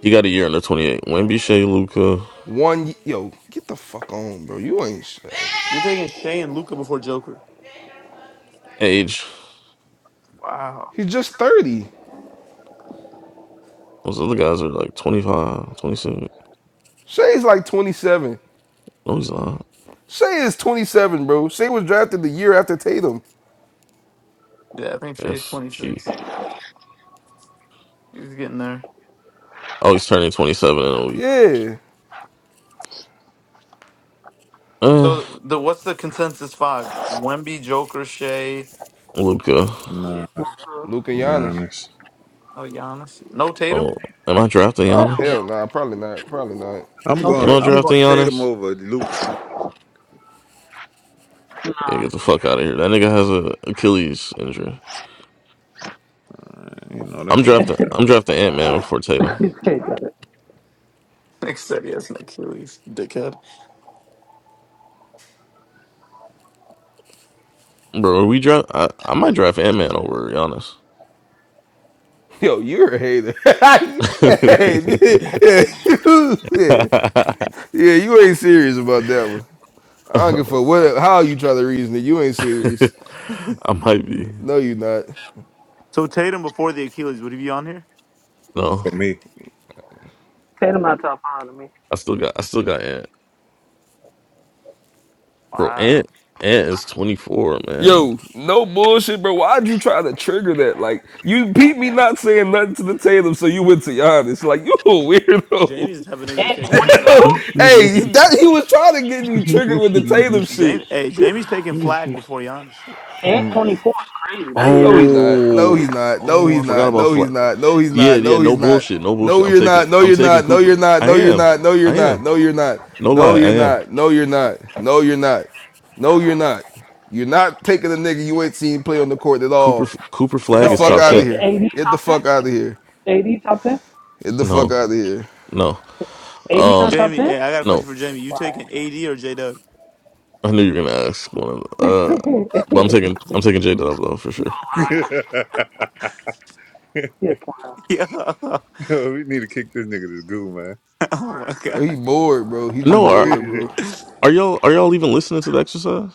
S7: He got a year under twenty eight. Wemby, Shea, Luca.
S6: One, yo, get the fuck on, bro. You ain't shit.
S1: You're taking Shea and Luca before Joker.
S7: Age.
S1: Wow.
S6: He's just 30.
S7: Those other guys are like 25, 27.
S6: Shay's like 27.
S7: No, he's not.
S6: Shay is 27, bro. Shay was drafted the year after Tatum.
S1: Yeah, I think Shea's
S7: SG.
S1: 26. He's getting there.
S7: Oh, he's turning twenty seven in a week.
S6: Yeah.
S7: Uh,
S1: So the what's the consensus five? Wemby, Joker, Shea,
S7: Luca.
S5: Nah, to
S11: second. Luka.
S6: Luke and
S5: be
S6: Giannis.
S5: honest.
S1: oh Giannis. No Tatum?
S7: Oh, am I drafting
S6: Prob-
S11: Hell no.
S7: Giannis?
S6: hell, nah, probably not. Probably not.
S5: I'm
S11: No
S7: Am
S5: going.
S7: I
S11: Tatum.
S5: I'm
S7: drafting
S5: going to Tatum
S7: Giannis?
S5: over Luca. Uh,
S7: Yeah,
S11: Nah.
S7: get the fuck out of here. That nigga has a Achilles injury.
S5: you know that
S7: I'm
S5: shit
S7: drafting.
S5: just happened
S7: I'm drafting Ant Man before Tatum.
S11: You said that.
S1: Nick said he has an Achilles, dickhead.
S7: Bro, are we draft. I, I might draft Ant Man over Giannis.
S6: Yo, you're a hater. hey, yeah, yeah. Yeah, you ain't serious about that one. I don't give a fuck what how you try to reason it. You ain't serious.
S7: I might be.
S6: No, you not.
S1: So Tatum before the Achilles, would he be on here?
S7: No,
S5: for me.
S11: Tatum not top five to me.
S7: I still got. I still got Ant. Bro,
S1: Wow.
S7: Ant. Ant is 24, man.
S6: Yo, no bullshit, bro. Why'd you try to trigger that? Like, you peep me not saying nothing to the Tatum, so you went to Giannis. Like, you a weirdo.
S1: Jamie's the type of nigga to
S11: At twenty
S1: say
S6: Yo,
S1: Cooper Fly.
S11: four?
S6: hey, that he was trying to get you triggered with the Tatum shit.
S1: Jamie, hey, Jamie's taking flag before Giannis.
S11: At twenty four is crazy. That yeah,
S6: No, he's
S11: that's
S6: not. No, he's
S7: Oh,
S6: not. No,
S7: oh, I
S6: he's
S7: forgot
S6: not.
S7: about
S6: No,
S7: Fla
S6: he's not. No, he's
S7: Yeah,
S6: not.
S7: yeah,
S6: No,
S7: no
S6: he's not.
S7: bullshit, no
S6: No,
S7: bullshit. I'm
S6: you're
S7: taking,
S6: not. No,
S7: I'm
S6: you're
S7: taking
S6: not. No, you're
S7: Cooper.
S6: not.
S7: I
S6: No, you're
S7: am,
S6: not. No, you're
S7: I
S6: not.
S7: am.
S6: No, you're not.
S7: No
S6: No,
S7: lie, I
S6: you're
S7: am.
S6: not. No, you're not. No, you're not. No, you're not. You're not taking a nigga you ain't seen play on the court at
S7: Cooper,
S6: all.
S7: Cooper
S6: Get the
S7: Flag
S11: yo,
S7: is
S6: fuck
S11: A
S7: top
S6: out of
S11: A
S7: ten.
S6: here.
S11: A D
S6: Get the
S11: top
S6: fuck out
S11: ten?
S6: of here.
S11: A D top ten?
S6: Get the fuck
S7: No,
S6: out of here.
S7: no,
S11: A D not
S7: um,
S11: top
S1: Jamie,
S11: ten?
S1: hey, I got a question
S7: no.
S1: for Jamie. You taking
S11: Wow.
S1: AD or J Dub?
S7: I knew you were gonna ask one of. Uh, but I'm taking, I'm taking J Dub though for sure.
S11: yeah, wow.
S1: Yeah. Oh
S5: we need to kick this nigga to the goo,
S1: my
S6: Oh,
S1: god.
S6: he bored, bro. He just
S7: No, are
S6: bored, bro.
S7: are y'all are y'all even listening to the exercise?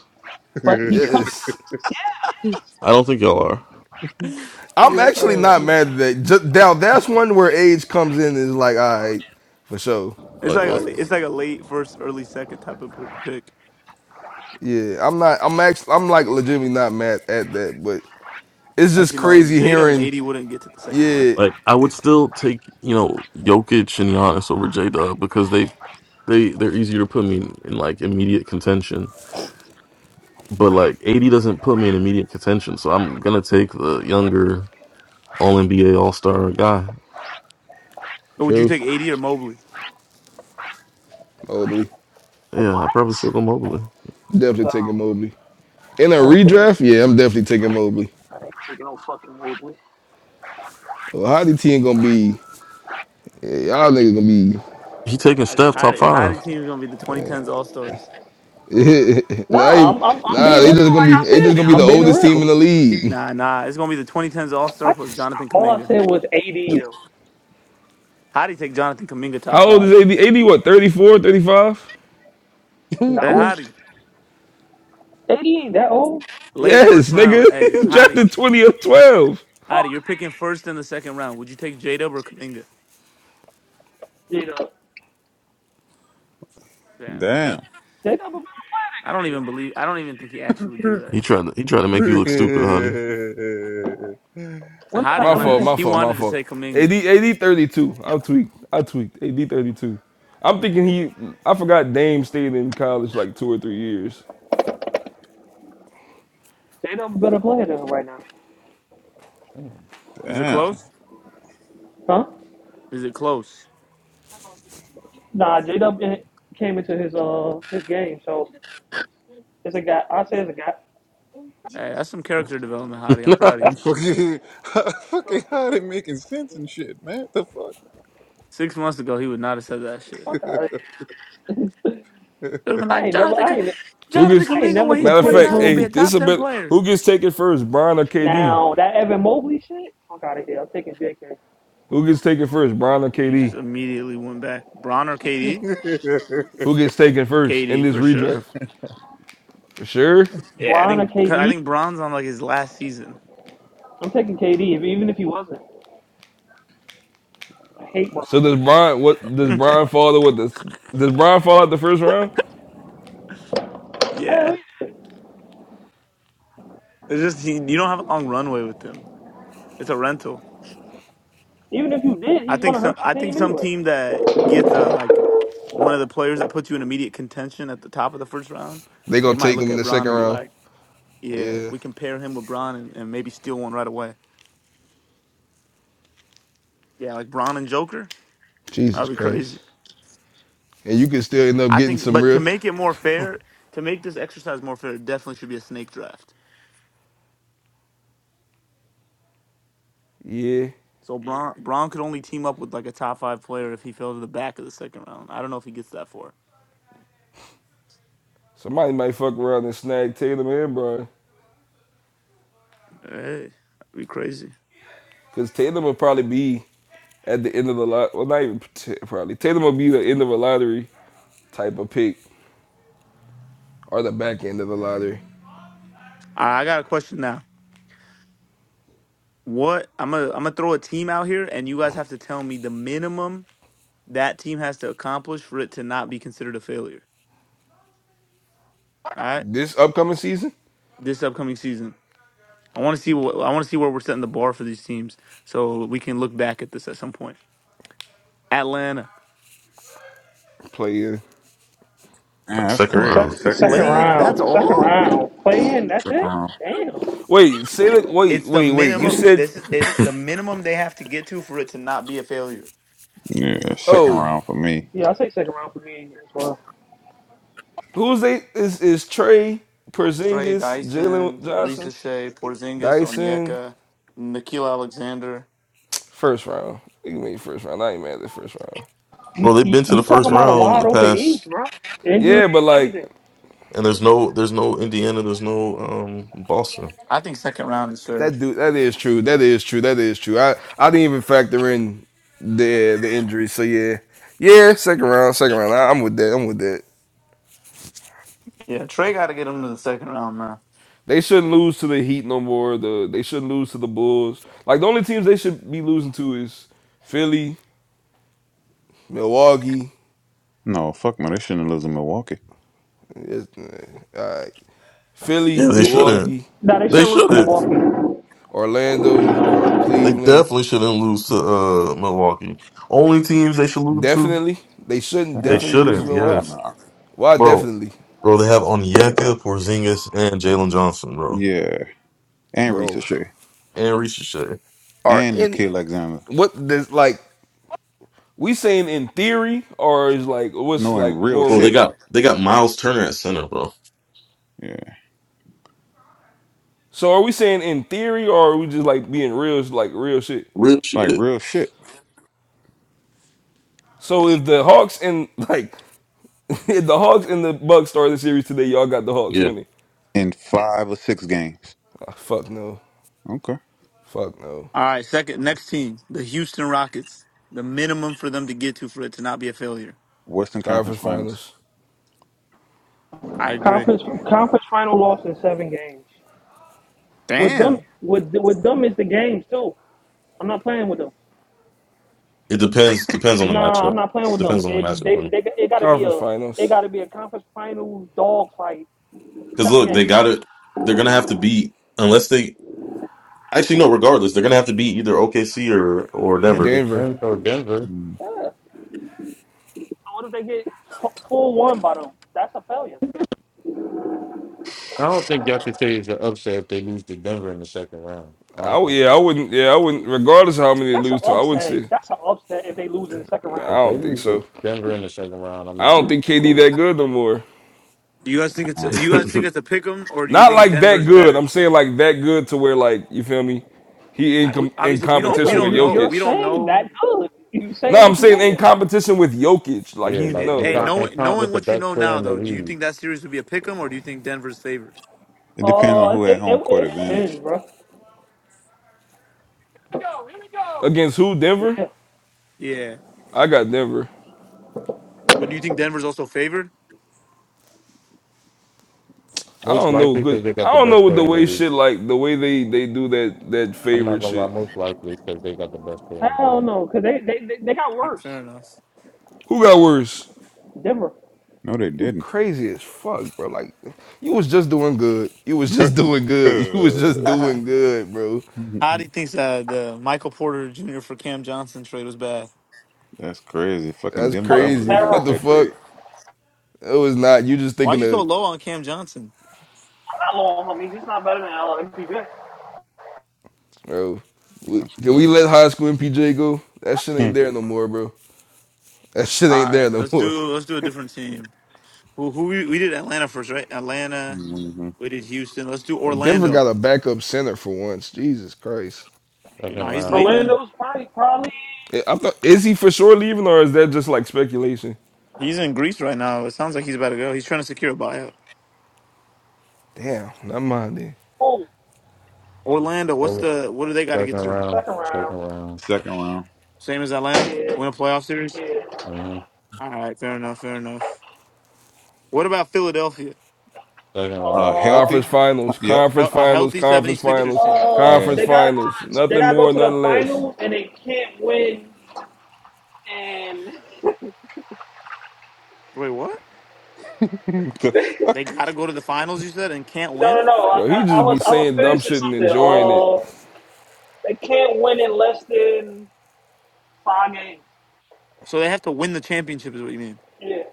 S11: But he's coming
S6: Yes.
S11: to
S7: I don't think y'all are.
S6: I'm
S1: Yeah.
S6: actually not mad at that. Just, now, that's one where age comes in and is like, all right, for sure.
S1: It's
S7: Like
S1: like a
S7: what?
S1: la-
S6: Like,
S1: it's like a late first, early second type of p- pick.
S6: Yeah, I'm not. I'm actually. I'm like legitimately not mad at that, but it's just
S1: Actually, no.
S6: crazy
S1: J Dub and
S6: hearing.
S1: AD wouldn't get to the second round.
S6: Yeah,
S7: Like I would still take you know Jokic and Giannis over J Dub because they they they're easier to put me in, in like immediate contention But like AD doesn't put me in immediate contention, so I'm gonna take the younger All NBA All Star guy.
S1: But would you
S6: true.
S1: take AD or Mobley?
S6: Mobley,
S11: the
S7: Yeah,
S11: what?
S7: I probably still go Mobley.
S6: definitely
S11: Oh.
S6: taking Mobley in a
S11: I ain't, taking,
S6: redraft. Yeah, I'm definitely taking Mobley.
S11: I ain't taking no fucking Wrigley.
S6: Well, Ohio ain't gonna be yeah, y'all niggas gonna be.
S7: He taking
S1: I-
S7: Steph top
S1: How how the
S7: five.
S1: team's gonna be the 2010s All Stars?
S6: nah,
S11: Nah,
S6: they-
S11: I'm, I'm, I'm
S6: nah,
S11: being real.
S6: they
S11: Like
S6: just gonna be.
S11: I said,
S6: They just gonna be
S11: now,
S6: the
S11: I'm being
S6: oldest team in
S11: real.
S6: the league.
S1: Nah, nah, it's gonna be the 2010s All
S11: I
S1: Star plus
S11: just
S1: Jonathan
S11: all I
S1: Kaminga.
S11: said was AD though.
S1: Hottie take Jonathan Kaminga top
S6: How old
S1: five.
S6: is AD? AD, what, 34, 35.
S5: man.
S1: Hey,
S11: No,
S1: Hottie,
S11: AD ain't that old.
S1: late
S6: Yes,
S1: first round.
S6: Nigga,
S1: Hey,
S6: he's
S1: Hottie,
S6: drafted 20 or 12.
S11: How old
S1: Hottie, you're picking first in the second round. Would you take J Dub or Kaminga?
S11: is 80? J Dub.
S1: Damn,
S5: Damn.
S11: J Dub a better
S1: I don't
S11: player than Kaminga.
S1: even believe. I don't even think he actually would do that.
S7: He tried to he tried to make you look stupid, honey.
S11: When did I
S1: Hottie
S6: My
S11: ever
S6: fault,
S1: wanted to.
S11: say
S6: my
S1: He
S6: fault, my
S1: wanted to
S6: fault.
S1: say
S6: AD,
S1: Kaminga.
S6: AD 32. i tweaked. I tweaked. AD 32. I'm thinking he, I forgot Dame stayed in college like two or three years.
S11: J Dub a better player than him right now?
S9: Damn.
S1: Is it
S5: Damn.
S1: close?
S11: Huh?
S1: Is it close?
S11: Nah, J Dub came into his uh his game, so it's a guy. I say it's a guy.
S1: Hey, that's some character development, Hottie. I'm proud of you.
S5: Fucking, fucking how they making sense and shit, man. The
S1: Six months ago, he would not have said that shit.
S11: Fuck out of here.
S5: fuck?
S1: Should have been
S11: I
S1: like
S11: ain't never.
S1: Jonathan,
S11: I
S1: Ca-
S11: ain't.
S6: Who
S1: Jonathan
S6: gets,
S11: I ain't
S1: Kaminga
S11: never
S1: when he's
S6: matter of
S11: compare
S6: fact,
S1: 29 gonna be
S6: hey,
S1: a
S11: him.
S6: this
S1: top
S6: a
S1: 10
S6: bit,
S1: player.
S6: who gets taken first, Bron or KD?
S11: Now that Evan Mobley shit, fuck out of here. I'm taking JK.
S6: Who gets taken first, Bron or
S1: You just
S6: KD?
S1: immediately went back. Bron or KD?
S6: Who gets taken first in
S1: KD
S6: this
S1: for sure.
S6: redraft? For sure.
S1: Yeah, I
S11: Bron or
S1: think because I
S11: KD?
S1: think Bron's on like his last season.
S11: I'm taking KD. even if he wasn't, I
S5: Uh,
S11: hate Bron.
S6: So does
S5: Shit.
S6: Bron, what, does
S5: Niggas
S6: Bron
S5: playing.
S6: fall to what, does does Bron fall out the first round?
S1: Yeah,
S11: Hell yeah.
S1: it's just he, you don't have a long runway with him. It's a rental.
S11: Even if you did,
S1: I
S11: he's
S1: think
S11: gonna
S1: some
S11: hurt
S1: I
S11: your
S1: think
S11: team
S1: some
S11: anyway.
S1: team that gets uh, like one of the players that puts you in immediate contention at the top of the first round,
S6: They
S1: they
S6: gonna
S1: might
S6: take
S1: look
S6: him in
S1: at
S6: the
S1: Bron
S6: second
S1: and be
S6: round.
S1: like, "Yeah,
S6: Yeah.
S1: we can pair him with Bron and, and maybe steal one right away." Yeah, like Bron and Joker. That
S6: Jesus
S1: would be crazy.
S6: Christ. And you can still end up
S1: I
S6: getting
S1: think,
S6: some
S1: but to
S6: real.
S1: make it more fair, to make this exercise more fair, it definitely should be a snake draft.
S6: Yeah.
S1: So Braun, Braun could only team up with like a top five player if he fell to the back of the second round. I don't know if he gets that far.
S6: Somebody might fuck around and snag Tatum and Brian.
S1: Hey, that'd be crazy.
S6: Because Tatum will probably be at the end of the lot. Well, not even t- probably. Tatum will be the end of a lottery type of pick or the back end of the lottery.
S1: I I got a question now. What I'm gonna I'm gonna throw a team out here, and you guys have to tell me the minimum that team has to accomplish for it to not be considered a failure. All right,
S6: This upcoming season?
S1: this upcoming season, I want to see what I want to see where we're setting the bar for these teams, so we can look back at this at some point. Atlanta.
S6: Play in.
S5: Man, that's
S7: Second
S5: crazy.
S7: round,
S11: Second,
S5: Second,
S11: second
S5: yeah,
S1: Playing, that's
S11: round, second
S1: all?
S11: round, play in. That's
S5: second
S11: it.
S5: round.
S11: Damn.
S6: Wait, say that. Wait,
S1: It's the
S6: wait, wait. You
S1: minimum.
S6: said.
S1: This is it. The minimum they have to get to for it to not be a failure.
S5: Yeah, second
S6: Oh.
S5: round for me.
S11: Yeah, I say second round for me as well.
S6: Who's they? Is, is Trey,
S1: Trey
S6: Porzingis,
S1: Dyson,
S6: Jalen Johnson,
S1: Reese Shea, Porzingis,
S6: Dyson?
S1: Onyeka, Nikhil Alexander.
S6: First round. You can make first round. I ain't mad at the first round.
S11: You,
S7: bro. They've
S11: you,
S7: been to
S5: That's
S7: the
S11: you
S7: first
S11: talking
S5: crazy.
S11: about a
S7: round in
S11: wide
S7: the
S11: open East,
S7: past,
S11: bro? Injuries,
S6: Yeah, but like
S11: everything.
S7: and there's no there's no Indiana, there's no um Boston.
S1: I think second round is fair.
S6: That dude. that is true. That is true. That is true. I I didn't even factor in the the injury. So yeah, yeah. Second round. Second round. I, I'm with that. I'm with that.
S1: Yeah, Trey got to get him to the second round, man.
S6: They shouldn't lose to the Heat no more. The they shouldn't lose to the Bulls. Like the only teams they should be losing to is Philly, Milwaukee,
S5: no fuck man. They shouldn't have in Milwaukee.
S6: it's, uh, all right. Philly,
S7: Yeah, they
S11: Yeah. They should,
S7: shouldn't.
S6: Milwaukee,
S11: nah, they should
S7: They
S11: lose to
S7: shouldn't.
S11: Milwaukee.
S6: Orlando, Car-
S7: They
S6: Cleveland.
S7: definitely shouldn't lose to uh Milwaukee. Only teams they should lose to.
S6: Definitely, they shouldn't
S7: They
S5: Yeah,
S6: definitely lose to
S7: shouldn't.
S5: no, hell
S6: Milwaukee.
S7: Yes,
S5: no.
S6: Why
S7: bro.
S6: definitely,
S7: Bro, they have Onyeka, Porzingis, and Jalen Johnson, bro.
S5: Yeah, and
S7: Like,
S6: bro?
S5: Risa Shea
S7: And Reese shit.
S6: Are
S5: and
S6: any
S5: Nikhil Alexander
S6: what does like we saying in theory or is like what's
S5: knowing
S6: like
S5: real
S6: more
S7: Bro,
S6: re-
S7: they
S5: shit.
S7: got they got Miles Turner at center, bro.
S5: Yeah,
S6: so are we saying in theory or are we just like being real like real shit
S7: Real
S5: like
S7: shit.
S5: real shit
S6: so if the hawks and like if the hawks and the bucks start the series today y'all got the hawks
S7: Yeah.
S6: winning
S5: in five or six games.
S6: Ah, fuck no
S5: Okay,
S6: fuck no
S1: All right, second next team, the Houston Rockets. The minimum for them to get to for it to not be a failure.
S5: Western Conference
S6: conference
S5: Finals.
S6: finals
S1: I agree.
S11: Conference conference final loss in seven games. With them,
S1: Damn.
S11: with with them is the games too. I'm not playing with them.
S7: It depends depends on the
S11: Nah,
S7: matchup.
S11: I'm not playing with them.
S7: Depends on the
S11: It
S7: matchup
S11: they,
S7: for
S11: they it gotta be
S6: conference
S11: a it
S6: finals
S11: gotta be a conference finals dog fight.
S7: Because
S11: Seven
S7: look,
S11: games.
S7: they got it. They're gonna have to beat unless they actually no, regardless, they're gonna have to beat either OKC or or Denver.
S5: Denver.
S6: denver
S9: Denver, or Denver.
S5: Mm.
S11: Yeah. So what if they get f- full one by them? That's a failure.
S9: I don't think y'all could say it's an upset if they lose to Denver in the second round. I don't
S6: oh
S9: think
S6: yeah i wouldn't yeah i wouldn't regardless of how many they
S11: That's an
S6: lose to i wouldn't
S11: upset.
S6: say
S11: That's an upset if they lose in the second
S6: nah, i
S11: round.
S9: if they
S6: don't think
S9: lose
S6: so
S9: to Denver in the second round, I'm
S6: i
S9: not.
S6: don't think kd that good no more
S1: Do you guys think it's
S5: Uh,
S1: a, do you guys think it's a pick 'em or do you
S6: Not
S1: think
S6: like that
S1: Denver's
S6: good.
S1: better?
S6: I'm saying like that good to where like you feel me. He in
S1: I, we-
S6: com- in
S1: obviously, we don't we
S6: competition
S11: Nigga,
S6: with
S1: don't
S11: you
S1: know
S11: you're
S1: we
S6: Jokic.
S1: don't
S11: saying
S1: know
S11: that good. You
S6: No,
S11: saying
S6: I'm
S11: what you
S6: saying in
S11: saying.
S6: competition with Jokic. Like
S9: Yeah,
S6: he
S1: Yeah,
S9: like
S6: no
S9: and
S1: hey,
S6: like
S9: count, and
S1: knowing
S9: count with
S1: knowing
S9: the
S1: what you
S9: best
S1: know
S9: player
S1: now,
S9: in the
S1: though, do
S9: league.
S1: you
S9: Here
S1: think that series would be a pick 'em, or do you think Denver's favored?
S5: It depends on
S11: Uh,
S5: who had
S11: it,
S5: home
S11: it,
S5: court
S11: it
S5: advantage.
S11: depends, bro.
S9: we go. Here we go.
S6: against who? Denver.
S11: Yeah.
S1: Yeah,
S6: I got Denver.
S1: but do you think Denver's also favored?
S6: I
S9: Most
S6: don't know
S9: likely
S6: good.
S9: because they got
S6: I
S9: the
S6: don't know
S9: best
S6: what
S9: player
S6: the
S9: in the
S6: way
S9: league.
S6: shit like the way they they do that that
S9: I'm not
S6: favorite
S9: gonna lie,
S6: shit.
S9: most likely because they got the best player in the
S11: Hell
S9: league.
S11: no, cause they, they they they got
S1: Fair
S11: worse.
S1: fair enough.
S6: Who got worse?
S11: Denver,
S5: No, they
S6: You
S5: didn't.
S6: crazy as fuck, bro. Like you was just doing good. You was just doing good. You was just doing good, bro.
S1: How do you think uh, the Michael Porter Jr. for Cam Johnson trade was bad.
S5: That's crazy. Fucking
S6: That's
S5: Denver
S11: fucking
S6: crazy.
S5: upgraded
S6: What
S5: with
S6: the
S11: terrible.
S5: that trade.
S6: fuck? It was not. You just
S1: Why are
S6: thinking
S1: you so
S6: of.
S1: low on Cam Johnson?
S11: Not long. I mean, he's not better than LMPJ.
S6: bro. We, can we
S5: Hmm.
S6: let high school MPJ go? That shit ain't there no more, bro. That shit
S1: All
S6: ain't
S1: right,
S6: there no
S1: let's
S6: more.
S1: do let's do a different team. Who who we, we did Atlanta first, right? Atlanta.
S5: Mhm.
S1: We did Houston. Let's do
S6: Bro, Denver
S1: Orlando.
S6: got a backup center for once. Jesus Christ.
S1: You know
S9: Second
S1: he's
S9: round,
S1: leaving.
S11: Orlando's probably probably
S6: I- I'm not, is he for sure leaving or is that just like speculation?
S1: He's in Greece right now. It sounds like he's about to go. He's trying to secure a buyout.
S6: Damn, not mine then.
S11: oh
S1: Orlando. What's
S9: over,
S1: the what do they got to get
S9: second
S1: to?
S9: round,
S11: second round.
S9: second round,
S5: Second round.
S1: Same as Atlanta?
S11: Yeah,
S1: Win a playoff series?
S11: yeah.
S9: hmm
S1: All right, fair enough, fair enough. What about Philadelphia?
S9: second
S5: Uh,
S9: round.
S11: Uh,
S5: healthy.
S6: Conference finals,
S5: Yep.
S6: conference
S1: Hel- A
S6: finals,
S1: healthy
S6: conference
S11: the,
S1: 76ers
S6: finals,
S1: team.
S11: uh,
S5: Yeah.
S6: conference
S11: they gotta
S6: finals.
S11: go. To, they
S6: Nothing
S11: gotta go
S6: more,
S11: to the
S6: nothing less.
S11: finals, and they can't win.
S1: Wait, what?
S5: the
S1: They
S5: fuck.
S1: got to go to the finals, you said, and can't
S11: No,
S1: win?
S11: no, no. I,
S6: Bro, he
S11: I, I
S6: just be
S11: was I was
S6: saying dumb
S11: finishing
S6: shit and
S11: something.
S6: enjoying it.
S11: Uh, they can't win in less than five games.
S1: So they have to win the championship, is what you mean?
S11: Yeah,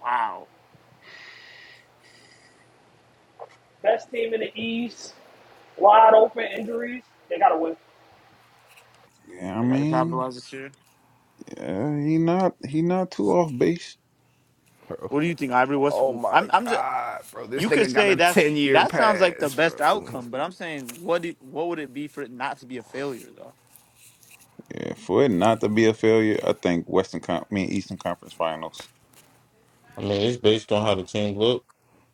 S1: Wow.
S11: best team in the East. Wide open injuries. They gotta win.
S5: Yeah, I
S1: They got to
S5: mean,
S1: capitalize this year.
S5: yeah, he not he not too off base.
S1: What do you think, Ivory? What's
S6: Oh
S1: I'm
S6: my
S1: I'm just
S6: god, bro. This
S1: you could
S6: nigga got
S1: say
S6: a
S1: that's
S6: 10 year
S1: that sounds like the
S6: pass,
S1: best
S6: bro.
S1: outcome, but I'm saying what do, what would it be for it not to be a failure though?
S5: Yeah, for it not to be a failure, I think Western Con- I mean Eastern Conference Finals.
S9: I mean, it's based on how the team look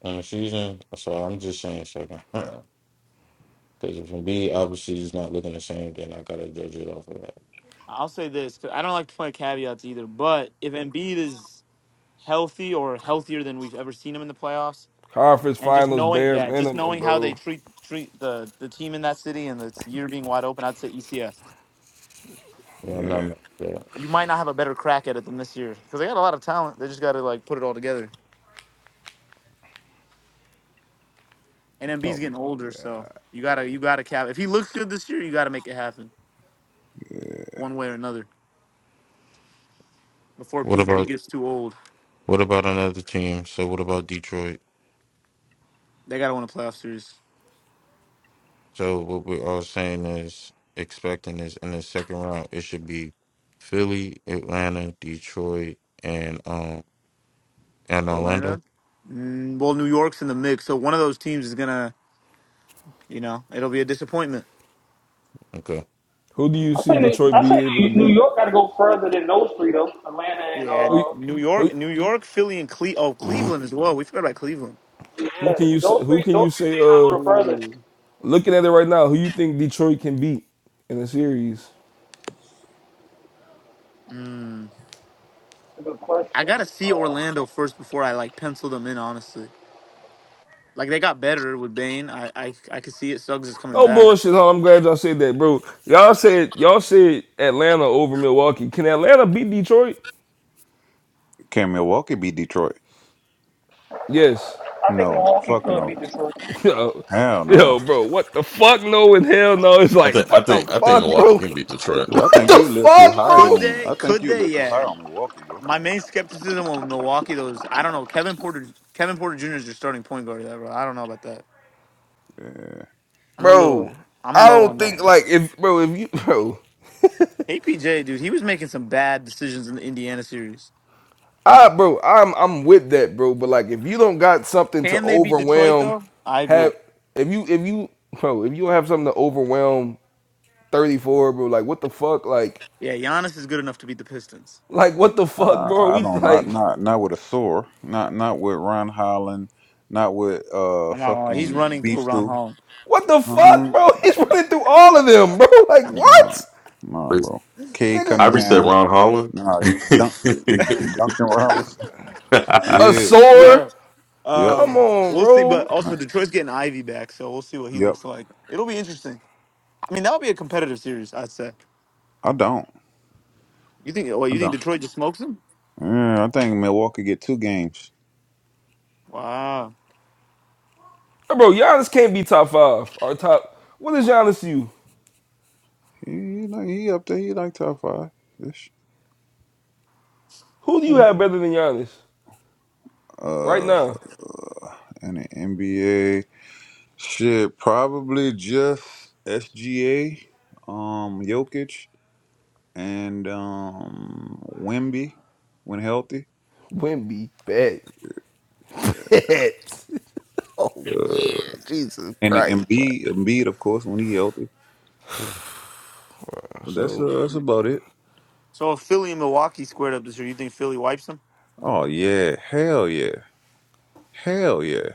S9: in the season, so I'm just saying second round. Because if Embiid obviously is not looking the same, then I gotta judge it off of that.
S1: I'll say this 'cause I don't like to play caveats either, but if Embiid is healthy or healthier than we've ever seen him in the playoffs,
S6: Conference
S1: and just
S6: finals
S1: knowing,
S6: bare
S1: yeah, just
S6: minimum,
S1: knowing how they
S6: bro.
S1: treat treat the the team in that city and this year being wide open, I'd say ECF.
S9: Yeah, I'm not.
S5: Yeah.
S9: mad at that.
S1: You might not have a better crack at it than this year because they got a lot of talent. They just got to like put it all together. And
S6: Oh
S1: Embiid's getting
S6: my.
S1: older, so you gotta you gotta cap. If he looks good this year, you gotta make it happen one way or another before
S9: What
S1: PG
S9: about
S1: gets too old.
S9: what about another team? So what about Detroit?
S1: They gotta win a playoff series.
S9: So what we're all saying is expecting is in the second round it should be Philly, Atlanta, Detroit, and um and Orlando.
S1: Orlando, mm, well, New York's in the mix, so one of those teams is gonna, you know, it'll be a disappointment.
S9: Okay.
S6: Who do you
S11: I
S6: see
S11: say
S6: Detroit
S11: I
S6: be
S11: say
S6: able to
S11: New
S6: beat?
S11: York gotta go further than those three though. Atlanta and
S1: Yeah, and
S6: Who
S11: uh.
S1: New York,
S6: who
S1: New York, Philly, and Cle- oh Cleveland as well. We forgot about Cleveland.
S6: who can
S11: Yeah,
S6: you s-
S11: those
S6: who
S11: three,
S6: can
S11: those
S6: you
S11: three
S6: say
S11: teams are
S6: uh
S11: go the furthest.
S1: Ooh.
S6: looking at it right now, who you think Detroit can beat in the series?
S1: Mm.
S11: That's a Good
S1: I
S11: question.
S1: gotta see
S11: Uh,
S1: Orlando first before I like pencil them in. Honestly, like they got better with Bane. I I I could see it. Suggs is coming
S6: No
S1: back.
S6: bullshit, huh? I'm glad y'all said that, bro. Y'all said y'all said Atlanta over Milwaukee. Can Atlanta beat Detroit?
S5: Can Milwaukee beat Detroit?
S6: Yes.
S11: I think
S5: No.
S11: Milwaukee
S5: Fuck
S11: could
S5: no.
S11: beat Detroit.
S6: Yo,
S5: Hell no. Nah.
S6: yo, bro, what the fuck? No in hell no. It's
S7: I
S6: like,
S7: think I
S6: what the
S7: think I think
S6: fuck,
S7: Milwaukee
S6: bro?
S7: can beat Detroit.
S5: I
S6: What
S5: think
S6: the
S5: you a little too
S6: fuck,
S5: high
S1: Could
S6: bro?
S5: on.
S1: they?
S5: I think
S1: Could
S5: you a
S1: they?
S5: little too high
S1: Yeah.
S5: on Milwaukee, bro.
S1: My main skepticism on Milwaukee though is I don't know. Kevin Porter Kevin Porter Jr. is your starting point guard. Ever. I don't know about that.
S5: Yeah.
S1: I'm a
S6: bro.
S1: little. I'm
S6: I
S1: low
S6: don't
S1: on
S6: think
S1: that.
S6: like if bro if you bro
S1: APJ dude, he was making some bad decisions in the Indiana series.
S6: I bro I'm I'm with that bro but like if you don't got something to
S1: Can they beat Detroit
S6: overwhelm
S1: though? I agree.
S6: have if you if you bro if you don't have something to overwhelm 34 bro like what the fuck like
S1: Yeah, Giannis is good enough to beat the Pistons.
S6: like what the fuck
S5: Uh,
S6: bro
S5: I
S6: we
S5: don't know.
S6: like
S5: Not not with a sore. Not not with Ron Holland. Not with uh
S1: I'm not gonna lie. He's
S5: fucking
S1: running through
S5: Beef
S1: Ron
S5: Stew.
S1: Hall.
S6: what the fuck
S5: Uh-huh.
S6: bro he's running through all of them bro like
S5: Nah,
S6: what
S5: nah, bro. Kay
S7: I
S6: nigga
S7: reset
S5: Cunningham.
S7: Ron Holland.
S5: Nah,
S7: no,
S5: Dunk,
S7: if,
S5: Duncan
S6: he's-
S5: Robinson.
S6: a
S5: Yeah.
S6: sore
S1: Yo,
S5: Yep.
S6: come
S1: Um,
S6: on
S1: we'll see. But
S6: bro
S1: also, Detroit's getting Ivy back, so we'll see what he
S5: Yep.
S1: looks like. It'll be interesting. I mean, that'll be a competitive series, I'd say.
S5: I don't.
S1: You think? What
S5: I
S1: you think?
S5: don't.
S1: Detroit just smokes him?
S5: Yeah, I think Milwaukee get two games.
S1: Wow.
S6: bro Giannis can't be top five or top what is Giannis to you
S5: He he, like- he up there. He like top five ish.
S6: Who do you have better than Giannis right
S5: Uh,
S6: now?
S5: and the NBA shit probably just SGA. Um, Jokic. and um Wimby when healthy,
S6: Wimby, bet. Bet. oh, man. Jesus
S5: and then
S6: Christ. But.
S5: Embiid, Embiid of course when he healthy. But that's
S6: So,
S5: uh, that's about it.
S1: So if Philly and Milwaukee squared up this year, you think Philly wipes them?
S5: Oh yeah, hell yeah, hell yeah,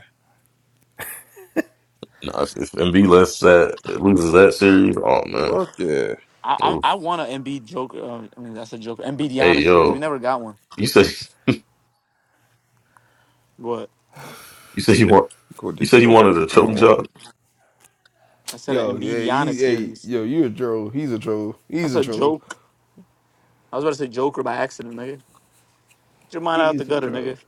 S7: if MB left that loses that series, oh man.
S5: fuck yeah,
S1: I
S7: oof.
S1: I, I want an Embiid Joker. Um, I mean, that's a joke. Embiid
S7: Hey
S1: Giannis series. We
S7: yo,
S1: never got one.
S7: you said
S1: But
S7: you said you want
S5: go
S7: you said you
S5: destroy
S7: wanted a
S5: fucking
S7: choke job.
S5: Milwaukee.
S1: I said
S6: yo,
S1: an Embiid
S6: yeah,
S1: Giannis
S6: he, hey,
S1: series.
S6: yo, you a troll. He's a troll. He's
S1: That's
S6: a
S1: a
S6: troll.
S1: joke. I was about to say Joker by accident, nigga. Get your mind out the
S6: He's a
S1: gutter, nigga.
S6: troll.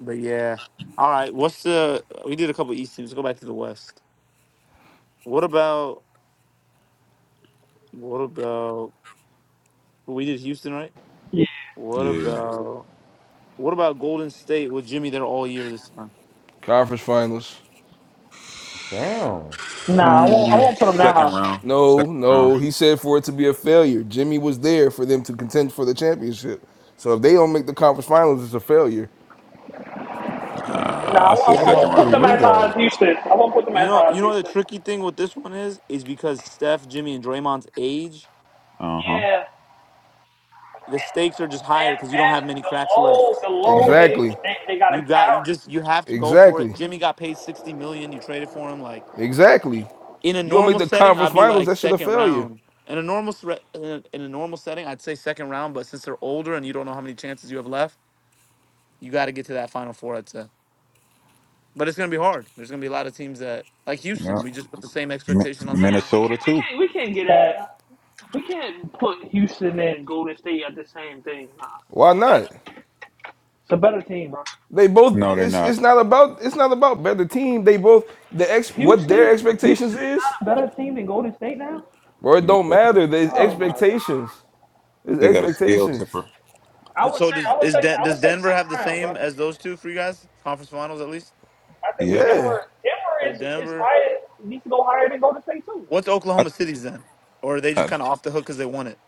S1: But yeah. All right. What's the? We did a couple East teams. Go back to the West. What about? What about we did Houston right?
S11: Yeah,
S1: What
S5: Yeah,
S1: about what about Golden State with Jimmy there all year this time?
S6: Conference finals.
S9: Damn.
S11: Nah, I won't. I
S5: Hmm,
S11: won't put them that
S5: second
S11: high.
S5: round,
S6: No,
S5: second round.
S6: no. He said for it to be a failure. Jimmy was there for them to contend for the championship. So if they don't make the conference finals, it's a failure.
S5: Uh,
S11: Nah,
S5: I
S11: I won't,
S5: say
S9: What
S1: I
S11: I
S5: second
S9: about
S11: won't
S9: for
S11: put
S5: round,
S11: them
S5: bro.
S9: you
S11: as high as
S9: though?
S11: Houston. I won't put them
S1: you
S11: as
S1: know
S11: high
S1: you
S11: as
S1: know what the
S11: Houston.
S1: tricky thing with this one is is because Steph, Jimmy, and Draymond's age,
S5: Uh huh.
S11: Yeah,
S1: the stakes are just higher
S11: and
S1: because you don't
S11: and
S1: have many
S11: the
S1: cracks
S11: load,
S1: left.
S11: the
S5: Yeah.
S11: load they
S6: Exactly.
S11: they, they got to
S1: You got you
S11: carry.
S1: just you have to go for it.
S6: Exactly.
S1: Jimmy got paid sixty million. You traded for him like
S6: Exactly.
S1: in a
S6: You don't
S1: normal
S6: make the
S1: setting,
S6: conference
S1: I'd be
S6: finals,
S1: like
S6: that shit a
S1: second
S6: failure.
S1: round. In a normal sre- in a, in a normal setting, I'd say second round. But since they're older and you don't know how many chances you have left, you got to get to that final four. I'd say. but it's going to be hard. There's going to be a lot of teams that, like Houston,
S5: yeah.
S1: we just put the same
S5: Mi-
S1: expectation on them.
S5: Minnesota too.
S11: Yeah, we can't we can't we can't get at we can't put Houston and Golden State at the same thing. Nah,
S6: Why not?
S11: it's a better team, bro.
S6: They
S5: No,
S6: both.
S5: they're
S6: It's
S5: not.
S6: it's not about it's not about better team. They both the ex what
S11: Houston
S6: their
S11: Houston is
S6: expectations is,
S11: not a better team than Golden State now.
S6: bro. It
S5: Yeah,
S6: don't matter. There's
S11: Oh my god.
S6: expectations. There's
S5: they got a scale
S6: expectations.
S5: tipper.
S11: I would
S1: So
S11: say,
S1: does
S11: I would
S1: is
S11: say,
S1: Den-
S11: I would
S1: does
S11: say
S1: Denver have the
S11: second round, bro.
S1: same as those two for you guys? Conference Finals at least.
S11: I think
S5: Yep.
S6: Yeah,
S11: Denver,
S1: So
S11: Denver is is
S1: Denver.
S11: higher, needs to go higher than Golden State too.
S1: What's
S5: I
S1: Oklahoma City's then? Or are they just
S5: I
S1: kind of off the hook because they won it?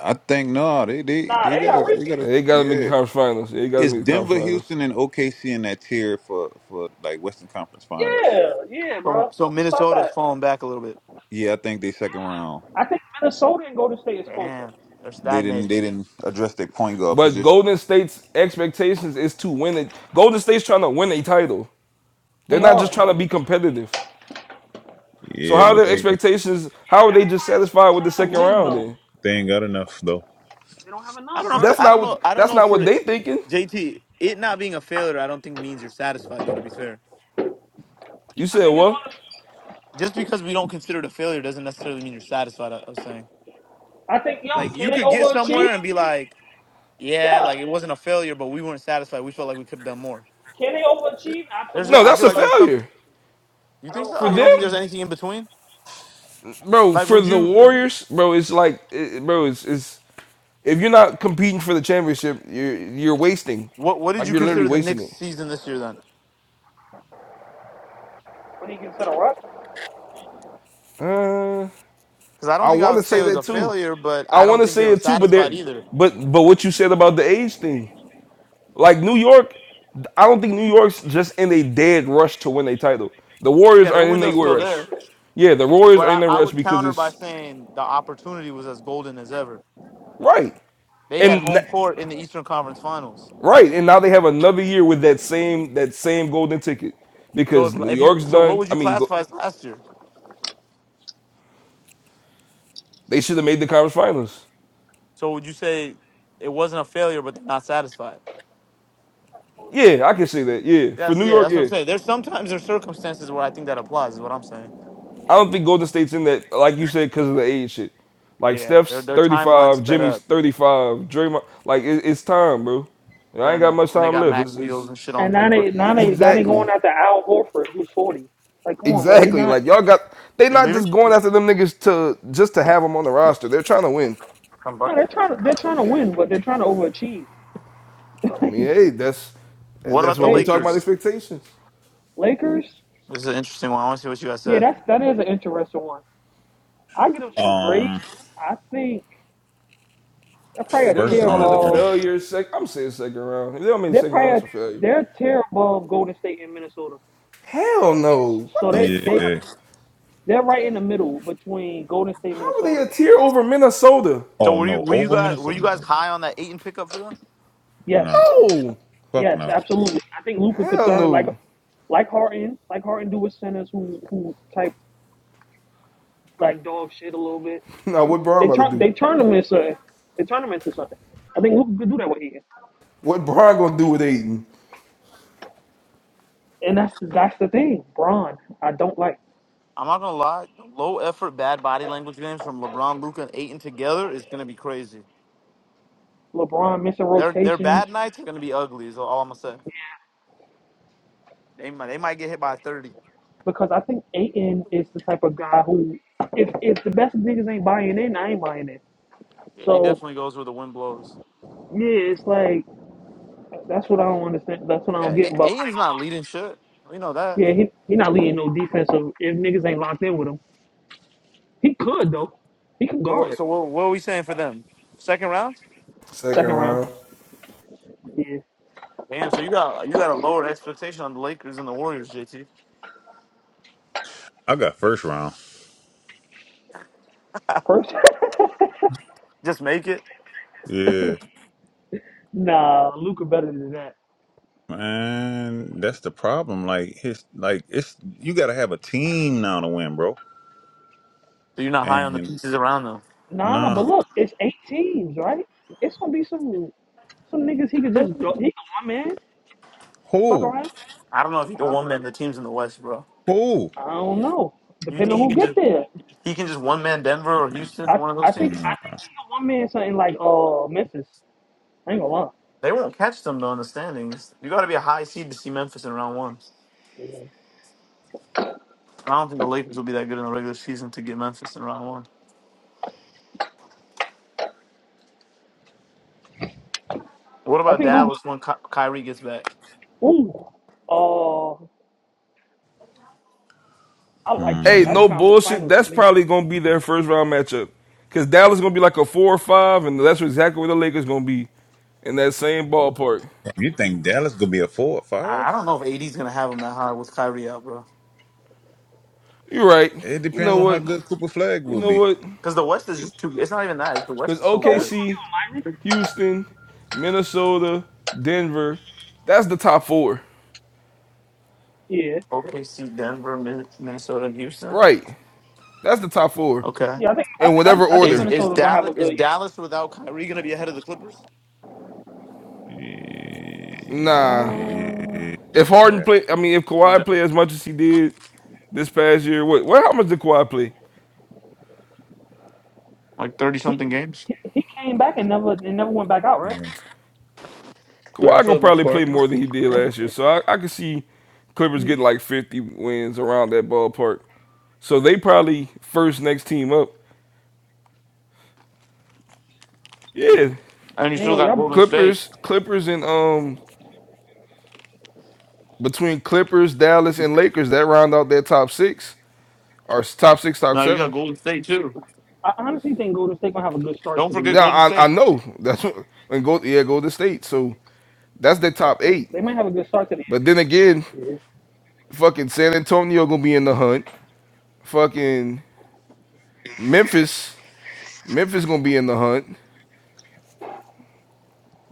S5: I think no, they they
S11: Nah,
S5: they
S11: they
S5: got a
S11: are
S5: they got
S11: repeat.
S5: a
S6: And they gotta make the
S5: yeah.
S6: conference finals. They gotta
S5: It's
S6: make the conference
S5: Denver,
S6: finals.
S5: Houston, and OKC in that tier for for like Western Conference Finals.
S11: Yeah, yeah,
S1: So
S11: bro.
S1: so
S11: Stop
S1: Minnesota's
S11: that.
S1: falling back a little bit.
S5: Yeah, I think they second round.
S11: I think Minnesota and Golden State is closer.
S1: Damn, they're
S5: They didn't
S1: stagnating.
S5: they didn't address their point guard
S6: But
S5: position.
S6: Golden State's expectations is to win it. Golden State's trying to win a title. They're
S11: They
S6: not just
S11: are
S6: trying to be competitive. So
S5: Yeah,
S6: how are
S5: but
S6: their
S5: they
S6: expectations? How are they just satisfied with the
S11: trying
S6: second
S11: to win
S6: round?
S11: though.
S6: Then
S5: they ain't got enough though.
S11: They don't have
S1: I
S11: enough,
S1: don't know if
S11: bro.
S6: that's
S1: the, I
S6: not
S1: don't
S6: what
S1: know I don't
S6: that's
S1: know
S6: not what
S1: for
S6: they thinking.
S1: JT it not being a failure. I don't think means you're satisfied though. To be fair,
S6: You
S11: I
S6: said
S11: think it's
S6: what?
S11: one. Of,
S1: just because we don't consider it a failure doesn't necessarily mean you're satisfied. I I was saying
S11: I think
S1: like
S11: yo, can
S1: you
S11: they
S1: could get
S11: overachieve?
S1: somewhere and be like. Yeah,
S11: Yeah.
S1: like it wasn't a failure, but we weren't satisfied. We felt like we could have done more.
S11: Can they overachieve?
S1: There's,
S6: No,
S1: I
S11: Absolutely.
S6: that's
S1: feel
S6: a
S1: like there's
S11: But
S1: some.
S6: failure
S1: You
S11: I
S1: think
S11: don't.
S1: so?
S6: for
S11: I
S1: You
S6: them,
S11: don't.
S1: don't think there's anything in between?
S6: bro.
S1: Like,
S6: For
S1: would
S6: the
S1: you?
S6: Warriors, bro, it's like, it, bro, it's, it's if you're not competing for the championship, you're you're wasting,
S1: What What did
S6: like
S1: you
S6: you're literally
S1: consider the
S6: wasting
S1: Knicks'
S6: it.
S1: season this year then?
S11: When he gets to the rush.
S6: Uh,
S1: Because I don't
S6: I
S1: think I
S6: want
S1: would
S6: to
S1: say
S6: say
S1: it was a
S6: that too.
S1: failure, but
S6: I
S1: I
S6: want
S1: don't
S6: to
S1: think they
S6: say
S1: were
S6: it too, but
S1: satisfied
S6: there,
S1: either.
S6: but but what you said about the age thing, like New York, I don't think New York's just in a dead rush to win a title. The Warriors
S1: Yeah, their
S6: are in a
S1: window's still
S6: rush.
S1: there,
S6: Yeah, the Warriors
S1: but
S6: are
S1: I,
S6: in a
S1: I
S6: rush
S1: would
S6: because
S1: counter by
S6: it's
S1: saying the opportunity was as golden as ever.
S6: right.
S1: They had
S6: And n-
S1: home court in the Eastern Conference Finals.
S6: Right, and now they have another year with that same that same golden ticket
S1: So
S6: because
S1: if
S6: New
S1: if you
S6: York's
S1: so, what
S6: done.
S1: would
S6: I
S1: you
S6: mean, go,
S1: classify as last year?
S6: they should have made the conference finals.
S1: So would you say it wasn't a failure, but they're not satisfied?
S6: Yeah, I can say that. Yeah, for
S1: That's
S6: New
S1: yeah,
S6: York,
S1: that's what I'm
S6: yeah,
S1: saying. There's sometimes there's circumstances where I think that applies. Is what I'm saying.
S6: I don't think Golden State's in that. Like you said, because of the age shit. Like
S1: Yeah, their
S6: Steph's
S1: their
S6: thirty
S1: timeline
S6: five,
S1: sped
S6: Jimmy's
S1: up.
S6: thirty five, Draymond. Like it, it's time, bro. I
S1: Fair
S6: ain't got
S1: enough,
S6: much
S1: and they
S6: time
S1: got
S6: left.
S1: max
S6: It's,
S1: deals
S6: it's
S1: and shit on
S11: And now
S1: paper.
S11: they now they now they
S6: exactly,
S11: going after Al Horford, who's forty. Like, come on, bro. They
S6: exactly.
S11: not.
S6: Like y'all got. They
S1: Are you
S6: not
S1: leaving?
S6: just going after them niggas to just to have them on the roster. They're trying to win.
S1: Come
S11: No,
S1: back.
S11: they're trying to they're trying to win, but they're trying to overachieve.
S6: I mean,
S11: Like,
S6: hey, that's
S1: What about
S6: that's
S1: the
S6: what we
S11: they
S6: talk about
S1: Lakers?
S6: expectations.
S11: Lakers,
S1: This is an interesting one. I want to see what you guys
S11: yeah,
S1: said.
S11: that's that is an interesting one. I give them some grace.
S5: Um,
S11: I think they're probably
S6: For
S11: a
S6: them to
S5: first
S11: tier
S6: call it a
S5: round. Man.
S11: above.
S6: failure, sec I'm saying second round. If They don't mean
S11: They're
S6: second
S11: probably
S6: round's
S11: a,
S6: a failure.
S11: they're a tier above Golden State and Minnesota.
S6: Hell no. What
S11: So
S6: the
S11: they they
S5: Yeah.
S6: fuck?
S11: they're right in the middle between Golden State,
S6: How were they
S11: Minnesota,
S6: a
S11: and
S6: tier
S11: um,
S6: over Minnesota?
S1: So
S5: Oh
S1: were you
S5: no,
S1: were you
S5: over
S1: guys were you
S5: Minnesota.
S1: guys
S5: No,
S1: high on that Aiton pickup for them?
S5: no,
S11: yes,
S6: No.
S5: fuck
S11: yes,
S5: no.
S11: absolutely. I think Luka could
S6: Hell
S11: turn like
S6: no.
S11: like Harden, like Harden do with centers who who type like dog shit a little bit.
S6: Now what Braun
S11: They
S6: about to
S11: turn
S6: do?
S11: they turn him into they turn him into something. I think Luka could do that with Higgins,
S6: What Braun gonna do with Aiden?
S11: and that's that's the thing. Braun, I don't like
S1: I'm not gonna lie, low effort, bad body language games from LeBron, Luca, and Aiton together is gonna be crazy.
S11: LeBron missing
S1: Their their
S11: rotations
S1: bad nights are gonna be ugly. Is all I'm gonna say. They might they might get hit by 30.
S11: because I think Aiton is the type of guy who if if the best niggas ain't buying in, I ain't buying in.
S1: Yeah, he
S11: So
S1: definitely goes where the wind blows.
S11: yeah, it's like that's what I don't understand. That's what I
S1: Yeah,
S11: don't get
S1: A-
S11: about.
S1: Aiden's not leading shit. We know that.
S11: Yeah, he he not leading no defensive if niggas ain't locked in with him. He could though. He could
S1: So what?
S11: guard
S1: So what, what are we saying for them? Second round?
S6: Second
S11: second round.
S6: round.
S11: Yeah,
S1: Damn. So you got you got a lower expectation on the Lakers and the Warriors, JT.
S5: I got first round.
S11: first.
S1: Just make it.
S5: Yeah,
S11: Nah, Luca better than that.
S5: man, that's the problem. Like his, like it's you got to have a team now to win, bro.
S1: So you're not high on the
S5: And
S1: pieces around them.
S11: Nah, but
S5: nah,
S11: look, it's eight teams, right? It's gonna be some some niggas he could just do- he
S9: Uh,
S11: could come in, fuck
S5: who,
S11: around.
S1: I don't know if he can
S11: I,
S1: one man the teams in the West, bro.
S5: who?
S11: I don't know.
S1: You
S11: Depending
S1: think
S11: on
S1: he
S11: who
S1: can
S11: get
S1: just
S11: there.
S1: he can just one man Denver or Houston or
S11: I
S1: one of those
S11: I think
S1: teams?
S11: I
S5: Nah.
S11: think he could one man something like uh Memphis. I ain't gonna lie.
S1: They won't catch them though in the standings. You got to be a high seed to see Memphis in round one.
S11: Yeah.
S1: I don't think the Lakers will be that good in the regular season to get Memphis in round one. What
S11: I
S1: about
S11: think Luka
S1: Dallas when Ky- Kyrie gets back?
S11: ooh uh I like them.
S6: Hey,
S11: That's
S5: Hmm.
S6: no
S11: conference
S6: bullshit.
S11: finals for
S6: That's
S11: me.
S6: probably gonna be their first round matchup. Cause Dallas gonna be like a four or five, and that's exactly where the Lakers gonna be. In that same ballpark.
S5: You think Dallas gonna be a four or
S1: I
S5: five?
S1: I don't know if AD's gonna have him that high with Kyrie out, bro.
S6: You're right.
S5: It
S6: You
S5: depends
S6: know
S5: on how
S6: what?
S5: good Cooper Flag
S6: You
S5: will
S6: know
S5: be.
S6: what?
S1: Because the West is just too. It's not even that. It's the
S6: Because
S1: West is so
S11: So what
S1: good.
S11: you gonna
S6: OKC,
S11: give him, Myron?
S6: Houston, Minnesota, Denver, that's the top four.
S11: Yeah.
S1: OKC, Denver, Min- Minnesota, and Houston.
S6: Right. That's the top four.
S1: Okay.
S11: Yeah, I think I,
S6: In
S11: th-
S6: whatever
S11: I, I think
S1: Is
S6: order.
S1: is
S11: Minnesota gonna have
S1: Dallas
S11: a
S1: is
S11: good
S1: Dallas without Kyrie gonna be ahead of the Clippers?
S5: Yeah.
S11: year.
S6: Nah.
S11: Uh,
S6: If Harden play, I mean, if
S1: So
S6: Kawhi
S1: that,
S6: play as much as he did this past year, what? Well, how much did Kawhi play?
S1: like thirty something games.
S11: He came back and never and never went back out, right?
S1: Yeah,
S6: Kawhi
S1: for
S6: gonna
S1: the
S11: When
S1: most
S6: probably
S11: he,
S6: play
S1: part.
S6: more than he did
S11: when
S6: last
S11: he,
S6: year, so I, I could see Clippers
S11: yeah.
S6: getting like 50 wins around that ballpark. So they probably first next team up. Yeah,
S1: And you still
S11: Neil,
S1: got
S11: y'all,
S1: Golden State.
S6: Clippers, Clippers, and um between Clippers, Dallas, and Lakers, that round out their top six or s- top six, top
S1: Now you got
S6: seven.
S1: Golden State too.
S11: I honestly think Golden State gonna have a good start
S1: Don't
S11: to the year.
S1: forget
S6: Now
S1: Golden
S6: I I
S1: State.
S6: know that's what and go yeah go to state. So that's their top eight.
S11: They might have a good start to the
S6: But then again,
S11: year. Yeah.
S6: fucking San Antonio gonna be in the hunt. Fucking Memphis, Memphis gonna be in the hunt.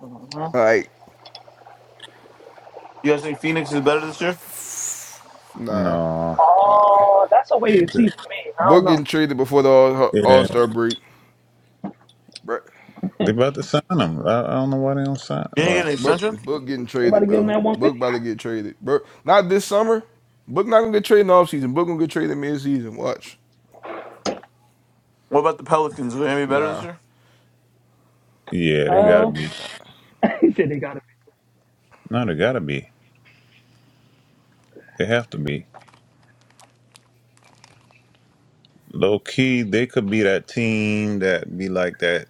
S11: Uh-huh.
S6: Like
S1: You guys think Phoenix is better this year?
S6: nah,
S5: No.
S6: nah.
S11: Oh, that's a way to see for me. I don't
S6: Book
S11: know.
S6: getting traded before the All
S5: Yeah.
S6: Star break. Bruh.
S5: They about to sign him. I, I don't know why they don't sign.
S1: You ain't getting
S5: Well,
S1: an
S6: Book
S1: extension?
S6: Book getting
S11: They about
S6: traded,
S11: to give him
S6: bro.
S11: that
S6: Book
S11: 150,
S6: about to get traded, bro. Not this summer. Book not gonna get traded in the offseason. Book gonna get traded mid season. Watch.
S1: What about the Pelicans? Are they gonna be better this
S6: Nah.
S1: year?
S11: right?
S5: yeah, they gotta
S11: Pals.
S5: be.
S11: he said they got to be
S5: No, they gotta be. They have to be. Low key, they could be that team that be like that.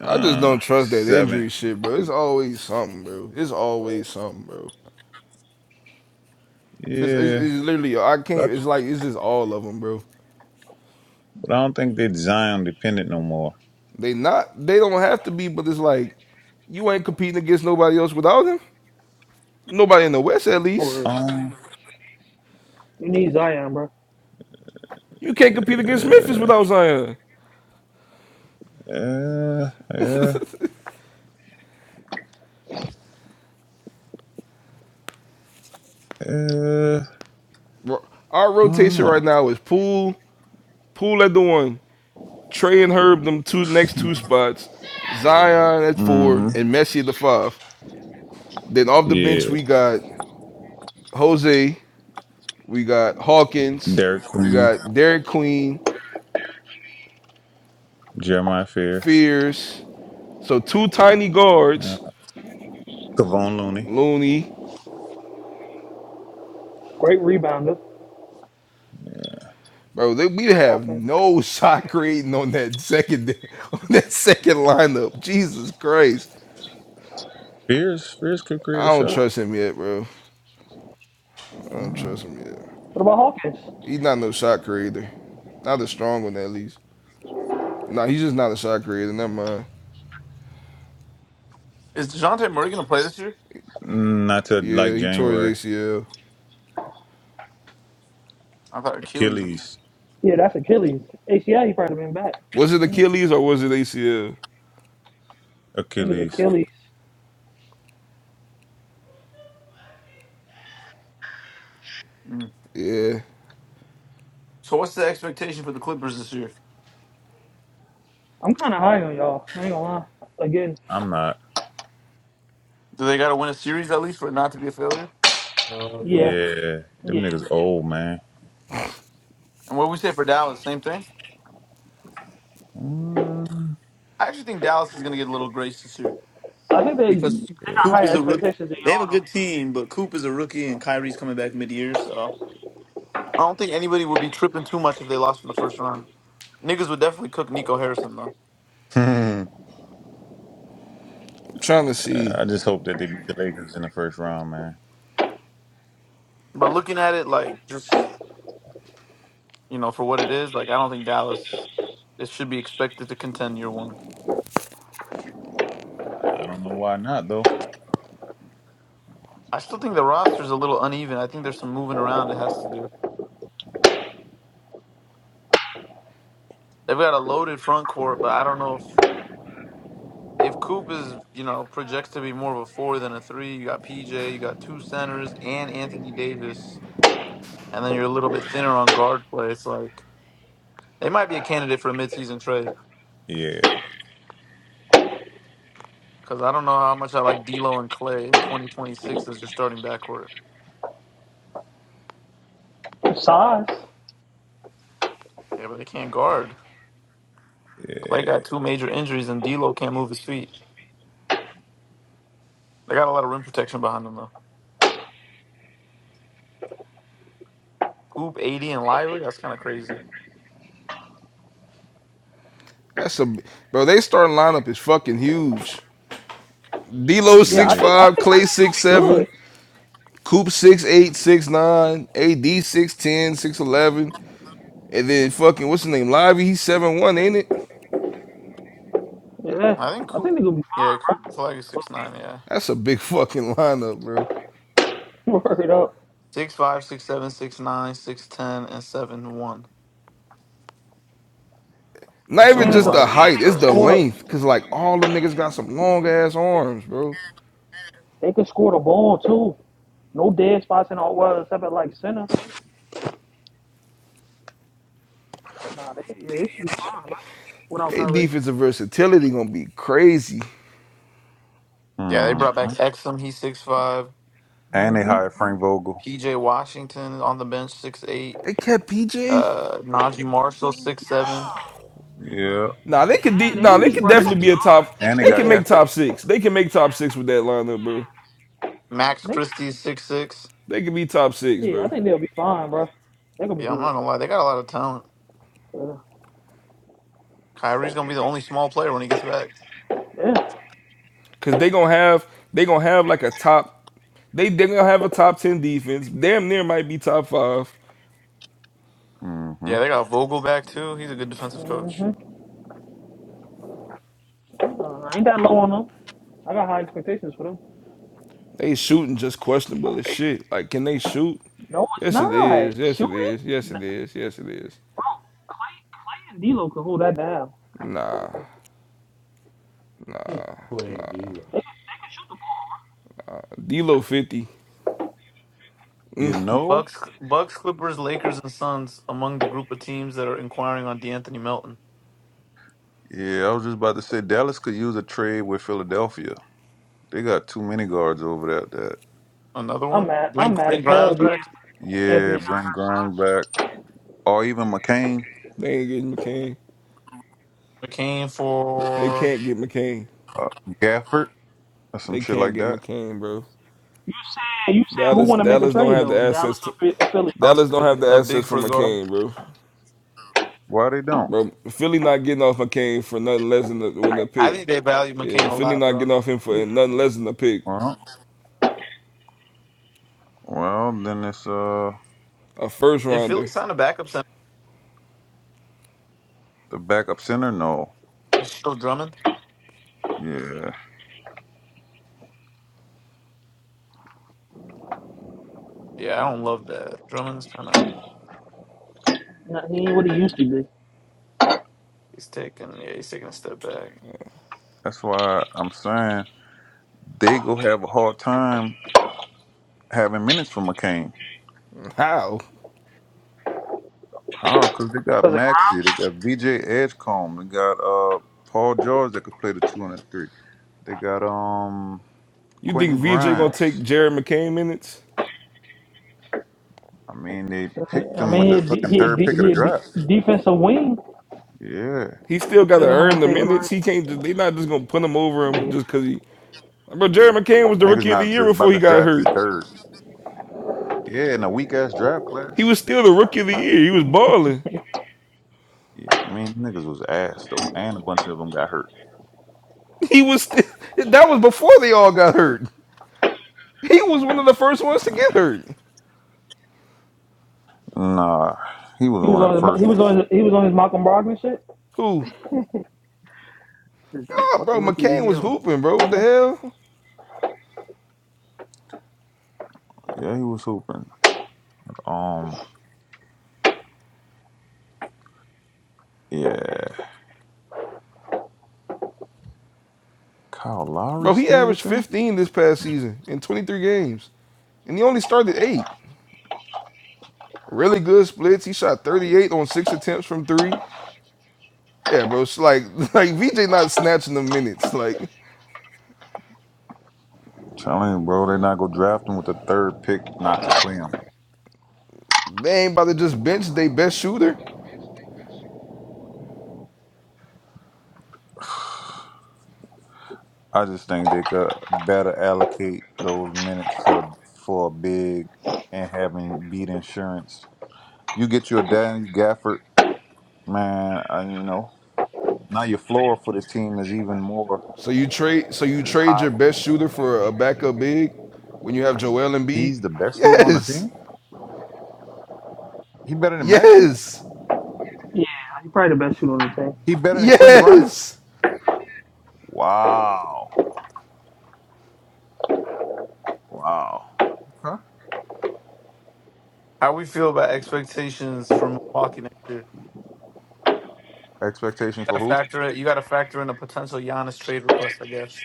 S6: I just
S5: Uh,
S6: don't trust that
S5: seven,
S6: injury shit, bro. It's
S5: eight.
S6: always something, bro. It's always something, bro. It's, it's,
S5: Yeah,
S6: it's literally I can't.
S5: but
S6: It's
S5: I,
S6: like it's just all of them, bro.
S5: but I don't think they Zion dependent no more.
S6: They not. They don't have to be, but it's like you ain't competing against nobody else without him. Nobody in the West, at least.
S11: for
S5: Um,
S11: You need Zion, bro.
S6: You can't compete against Memphis
S5: yeah.
S6: without Zion.
S5: Uh, uh, uh,
S6: Ro- Our
S5: I don't
S6: rotation right
S5: know.
S6: now is Poole, Poole at the one, Trey and Herb them two next two spots, Zion at four
S5: hmm
S6: and Messi at the five. Then off the bench
S5: Yeah.
S6: we got Jose, we got Hawkins,
S5: Derek
S6: we
S5: Queen,
S6: got Derek Queen,
S5: Jeremiah Fears,
S6: Fears. So two tiny
S5: uh,
S6: guards,
S5: Kavon Looney.
S6: Looney.
S11: Great rebounder.
S6: Bro, they, we have
S11: Offense.
S6: no shot creating on that second on that second lineup. Jesus Christ,
S5: Fears, Fears could create
S6: I
S5: a
S6: don't
S5: shot.
S6: trust him yet, bro. I don't
S5: Uh,
S6: trust him yet.
S11: What about Hawkins?
S6: He's not no shot creator, not as strong one at least. Nah, he's just not a shot creator. Never mind.
S1: Is DeJounte Murray gonna play this year?
S5: not to
S6: Yeah,
S5: like
S6: he tore
S5: January.
S6: his ACL.
S1: I thought Achilles.
S5: Achilles,
S11: Yeah, that's Achilles. ACL, he probably been back.
S6: Was it
S11: Mm, I
S6: Achilles or was it ACL?
S11: think it was
S5: Achilles.
S11: Achilles.
S6: Yeah,
S1: So what's the expectation for the Clippers this year?
S11: I'm kind of high on y'all. I ain't gonna lie. Again,
S5: I'm not.
S1: Do they got to win a series at least for it not to be a failure?
S9: first
S11: yeah.
S5: Yeah, them
S11: Yeah,
S5: niggas old man.
S1: And what we say for Dallas, same thing.
S5: Mm,
S1: I actually think Dallas is going to get a little grace this year
S11: I think they they
S1: because
S11: got
S5: yeah.
S1: Coop
S11: higher
S1: is a rookie.
S11: expectations than
S1: They have a
S11: y'all
S1: good team, but Coop is a rookie and Kyrie's coming back mid-year, so I don't think anybody would be tripping too much if they lost in the first round. Niggas would definitely cook Nico Harrison though.
S6: I'm trying to see.
S5: I just hope that they beat the Lakers in the first round, man.
S1: But looking at it like just, you know, for what it is, like I don't think Dallas it should be expected to contend year one.
S5: I don't know why not though.
S1: I still think the roster's a little uneven. I think there's some moving around it has to do. They've got a loaded front court, but I don't know if if Coop is you know projects to be more of a four than a three. You got PJ, you got two centers and Anthony Davis, and then you're a little bit thinner on guard play. It's like they might be a candidate for a midseason trade
S5: Yeah,
S1: because I don't know how much I like D'Lo and Clay in 2026 as your starting backcourt.
S11: though. Size.
S1: Yeah, but they can't guard. Clay
S5: yeah,
S1: got two major injuries, and D'Lo can't move his feet. They got a lot of rim protection behind them though. Coop 80 and Lively, that's kind of crazy.
S6: That's a bro. They starting lineup is fucking huge. D'Lo
S11: Yeah,
S6: six
S11: I
S5: yeah.
S11: think I
S6: five,
S11: think I
S6: Clay six
S11: think they're gonna
S6: seven,
S11: be
S6: Coop six eight, six nine, AD six ten, six eleven, and then fucking what's his name? Lively he's seven one, ain't it?
S11: good. Yeah,
S1: I think
S11: I
S1: Coop,
S11: think they're gonna be
S1: yeah,
S11: fine,
S1: Coop Flag is
S11: bro.
S1: six nine, yeah.
S6: That's a big fucking lineup, bro.
S11: Okay, word up.
S1: Six five, six seven, six nine, six ten, and seven one.
S6: Not even
S11: And
S1: Assuming
S11: they
S6: just
S11: could and
S6: the
S1: library
S6: height,
S11: they
S6: it's
S11: could
S6: the
S11: score
S1: starts.
S11: the
S6: length. Cause like all them niggas got some long ass arms, bro.
S11: they could score the ball too. No dead spots in all well except at like center. But nah, they yeah, they should be fine, bro. Without
S6: They
S11: Kyrie.
S6: defensive versatility gonna be crazy.
S1: Yeah, they
S5: Hmm.
S1: brought back Exum. He's six five.
S5: And they
S11: hmm
S5: hired Frank Vogel.
S1: PJ Washington on the bench, six eight.
S6: They kept PJ.
S1: Uh, Najee Marshall, six seven.
S5: Yeah.
S6: Nah, they could.
S11: Yeah,
S6: De-
S11: they're
S6: nah,
S11: gonna
S6: they
S11: be
S6: could
S11: bro. They're gonna
S6: definitely
S11: be
S6: be
S5: And,
S6: a top.
S5: and they
S6: They
S11: good.
S5: got
S6: can make
S11: Yeah,
S5: Gafford.
S6: top six. They can make top six with that lineup, bro.
S1: Max
S11: they,
S1: Christie, six six.
S6: They could be top six,
S11: yeah, I
S6: bro.
S11: think they'll be fine, bro. They're gonna be
S1: Yeah, I'm
S11: good.
S1: not gonna lie, they got a lot of talent.
S11: Uh,
S1: Kyrie's gonna be the only small player when he gets back.
S11: Yeah.
S6: Cause they gonna have. They gonna have like a top. They they gonna have a top ten defense. Damn near might be top five.
S5: hmm
S1: Yeah, they got Vogel back too. He's a good defensive
S11: Mhm.
S1: coach.
S11: Uh, I ain't that low on them. I got high expectations for them.
S6: They shooting just questionable as shit. Like, can they shoot?
S11: No, it's
S6: Yes, it
S11: not.
S6: is. Yes,
S11: Shoot
S6: it
S11: it.
S6: is. Yes,
S11: N-
S6: it is. Yes, it is.
S11: Clay, Clay and D'Lo can hold that down.
S6: Nah,
S9: playing B.
S11: They can shoot the
S6: D'Lo fifty.
S5: You know?
S1: Bucks, Bucks, Clippers, Lakers, and Suns among the group of teams that are inquiring on De'Anthony Melton.
S5: Yeah, I was just about to say Dallas could use a trade with Philadelphia. They got too many guards over there. That
S1: Another
S11: ball. I'm
S1: one.
S11: mad. I'm
S1: Brent,
S11: mad as
S1: Brent
S11: hell.
S1: Grimes
S11: D-
S1: back.
S11: Anthony
S5: yeah,
S11: got
S5: bring
S11: hurt for
S5: Grimes back,
S11: us.
S5: or even McCain,
S6: They ain't getting McCain.
S1: McCain
S6: They
S1: for
S6: can't get McCain.
S5: uh, Gafford, or some
S6: They
S5: shit
S6: can't
S5: like
S6: get
S5: that.
S6: McCain, bro.
S11: You saying? you saying who
S6: Dallas,
S11: want to make a
S6: Dallas don't
S11: trade
S6: have the
S11: though? Dallas
S6: assets to.
S11: or Phi- Philly?
S1: also
S6: Dallas don't have
S1: Philly
S6: the
S1: a
S6: assets
S1: big
S6: for
S1: for a guard.
S6: McCain, bro.
S5: Why they don't?
S6: Bro, Philly not getting off McCain for nothing less than the, when
S1: I,
S6: the
S1: I
S6: pick.
S1: think they value
S6: Yeah,
S1: McCain a
S6: Philly
S1: lot,
S6: not
S1: bro.
S6: getting off him
S11: Yeah,
S6: for nothing less than a pick,
S5: Well, well, then it's uh
S6: a first
S1: Did Philly
S6: rounder.
S1: sign a backup center?
S5: the backup center. No,
S1: It's still Drummond.
S5: yeah,
S1: Yeah, I don't love that. Drummond's kind of
S11: no, he ain't what he used to be.
S1: he's taking yeah he's taking a step back.
S5: that's why I'm saying they go have a hard time having minutes for McCain.
S6: How?
S5: How? Because they got
S11: Cause
S5: Maxi, they got VJ Edgecomb, they got uh Paul George that could play the two and the three. They got um
S6: You think
S5: Quentin
S6: VJ gonna take
S5: Grimes.
S6: Jared McCain minutes?
S5: I mean, they
S11: like,
S5: picked
S11: I
S5: them with the
S11: mean, he a,
S5: fucking
S11: he
S5: third
S11: a,
S5: pick of the
S11: he a
S5: draft.
S11: de- defensive wing.
S5: Yeah,
S6: He still gotta
S11: Depends on how
S6: earn
S11: much
S6: the
S11: they rely.
S6: minutes. He can't. Just, they not just gonna put him over him
S11: Yeah.
S6: just cause he. Bro, Jared McCain was the
S5: niggas
S6: rookie of the
S5: not
S6: year
S5: just
S6: before
S5: about
S6: he
S5: to
S6: got
S5: draft you
S6: hurt.
S5: third. Yeah, in a weak ass draft
S6: He
S5: class.
S6: was still the rookie of the year. He was balling.
S5: Yeah, I mean niggas was ass though, and a bunch of them got hurt.
S6: He was still, that was before they all got hurt. He was one of the first ones to
S5: Uh,
S6: get hurt.
S5: nah, he was
S11: He was
S5: one of the
S11: on his he
S5: first
S11: was
S5: ones.
S11: on his, he was on his Malcolm Brogdon shit.
S6: Who? Nah, bro. McCain was hooping, bro. What the
S11: Remember?
S6: hell,
S5: Yeah, he was hooping. Um, yeah, Kyle Lowry
S6: bro? He
S5: still with
S6: averaged
S5: them.
S6: 15 this past season in 23 games, and he only started eight. Really good splits. He shot 38 on six attempts from three. Yeah, bro. It's like like VJ not snatching the minutes. Like
S5: Telling you, bro, they're not gonna draft him with the third pick not to play him.
S6: they ain't about to just bench their best shooter.
S5: I just think they could better allocate those minutes to for a big and having beat insurance. You get your Daniel Gafford, man. I, you know now your floor for this team is even more
S6: So you trade so you
S5: is
S6: trade your
S5: higher.
S6: best shooter for a backup big when you have Joel Embiid.
S5: He's the best shooter on the
S6: Yes.
S5: team. He better than Maxi.
S6: Yes.
S11: Yeah, he's probably the best shooter on the team.
S5: He better than Quentin Grimes.
S6: Yes.
S5: Wow, wow. Huh?
S1: How we feel about expectations for Milwaukee next year?
S5: Expectations
S1: Got
S5: for
S1: to
S5: who?
S1: factor it. You got to factor in a potential Giannis trade request, I guess.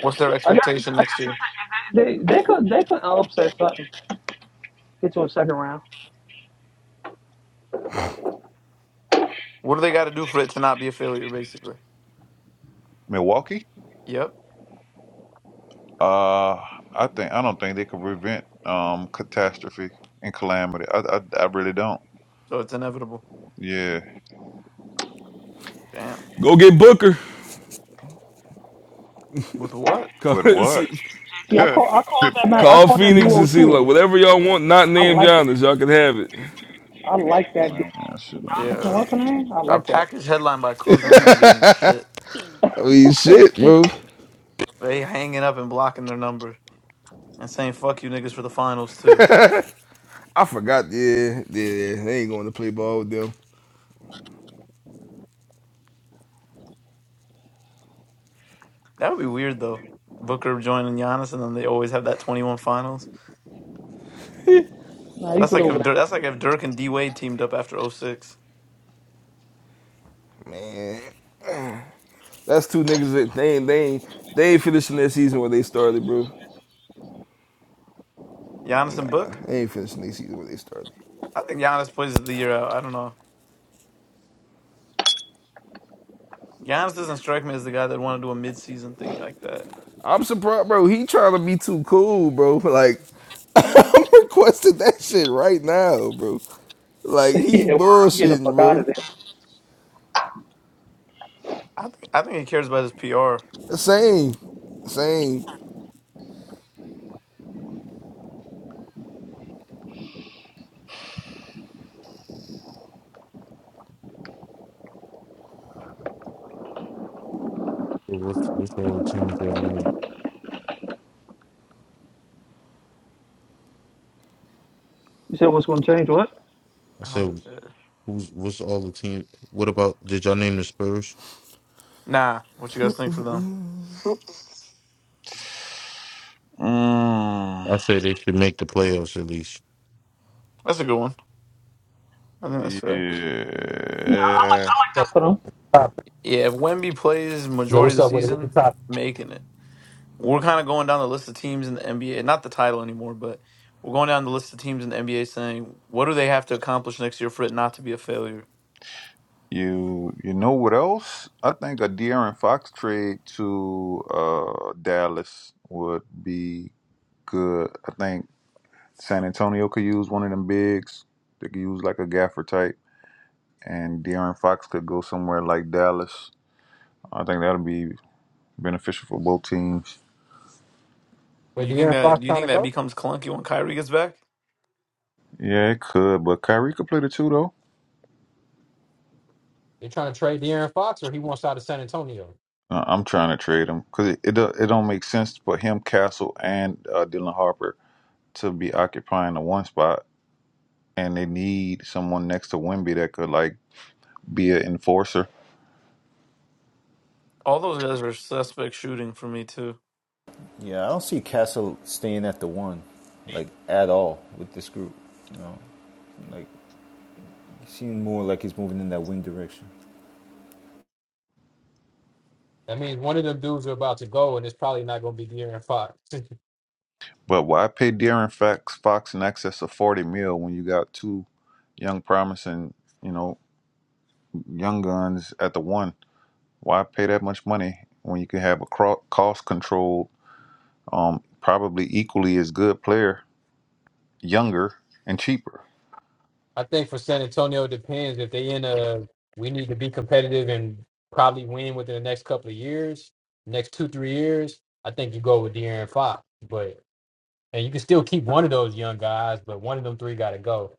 S1: What's their
S11: I guess,
S1: expectation
S11: I
S1: next
S11: guess
S1: year?
S11: they, they, they could they could upset something. Get to a second round.
S1: What do they got to do for it to not be a failure? Basically.
S5: Milwaukee.
S1: Yep.
S5: Uh, I think I don't think they could prevent um catastrophe and calamity. I I, I really don't.
S1: So it's inevitable.
S5: Yeah,
S1: Damn.
S6: Go get Booker.
S1: With what?
S6: Call,
S5: but
S6: see,
S5: what?
S11: See, I
S5: Man,
S11: call I called that match, I
S6: call
S11: called that
S6: Phoenix
S11: duo
S6: and see like
S11: too.
S6: whatever y'all want, not
S11: I
S6: named
S11: like that.
S6: Giannis, y'all can have it.
S11: I like that duo.
S5: that shit don't.
S11: Listen,
S1: Yeah.
S11: what's her name? I
S1: A
S11: like that.
S1: package headline by Kuzma's not getting you shit.
S6: I mean, shit, bro.
S1: They hanging up and blocking their number and saying "fuck you niggas" for the finals too.
S6: I forgot. Yeah, yeah, they ain't going to play ball with them,
S1: That would be weird though. Booker joining Giannis, and then they always have that twenty-one finals.
S11: nah, you
S1: That's
S11: get
S1: like
S11: over
S1: if Dirk,
S11: that.
S1: that's like if Dirk and D Wade teamed up after oh six.
S6: man. That's two niggas that they ain't, they ain't, they ain't finishing their season where they started, bro.
S1: Giannis
S6: Nah,
S1: and Book.
S6: they ain't finishing their season where they started.
S1: I think Giannis plays the year out. I don't know. Giannis doesn't strike me as the guy that want to do a mid-season thing like that.
S6: I'm surprised, bro. He trying to be too cool, bro. Like I'm requesting that shit right now, bro. Like he
S11: yeah, word, I'm getting the
S6: bullshitting,
S11: fuck out
S6: bro.
S11: of there.
S1: I think I think he cares about his PR.
S6: Same, same.
S9: What's what's all the teams y'all name?
S11: You said what's gonna change? What?
S9: I
S1: don't.
S9: said
S1: Uh,
S9: who's what's all the teams? What about did y'all name the Spurs?
S1: Nah, what you guys think for them?
S5: Mm,
S9: I said they should make the playoffs at least.
S1: That's a good one. I think that's fair.
S11: Yeah,
S5: yeah.
S11: I like
S13: So,
S11: that for them.
S13: top.
S1: Yeah, if Wemby plays
S13: Yo,
S1: majority of
S13: what's
S1: the
S13: up with it? What's the
S1: season,
S13: top?
S1: making it. We're kind of going down the list of teams in the NBA, not the title anymore, but we're going down the list of teams in the NBA saying, what do they have to accomplish next year for it not to be a failure?
S5: You you know what else? I think a De'Aaron Fox trade to uh Dallas would be good. I think San Antonio could use one of them bigs. They could use like a Gaffer type, and De'Aaron Fox could go somewhere like Dallas I think that'll be beneficial for both teams.
S13: Where
S1: Do you think
S13: De'Aaron
S1: that
S13: Fox
S1: do you
S13: trying to
S1: think that
S13: go?
S1: becomes clunky when Kyrie gets back?
S5: Yeah, it could, but Kyrie could play the two though.
S13: They're trying to trade De'Aaron Fox, or he wants out of San Antonio.
S5: Uh, I'm trying to trade him because it, it do- it don't make sense for him, Castle, and uh, Dylan Harper to be occupying the one spot, and they need someone next to Wimby that could like be an enforcer.
S1: All those guys are suspect shooting for me too.
S8: Yeah, I don't see Castle staying at the one, like at all with this group. You know, like he seems more like he's moving in that wing direction.
S13: That means one of them dudes are about to go, and it's probably not going to be De'Aaron Fox.
S5: But why pay De'Aaron Fox Fox in excess of forty mil when you got two young promising, you know, young guns at the one? Why pay that much money when you can have a cost control? um, probably equally as good player, younger and cheaper.
S13: I think for San Antonio, it depends if they in a we need to be competitive and probably win within the next couple of years, next two three years. I think you go with De'Aaron Fox, but and you can still keep one of those young guys, but one of them three got to go.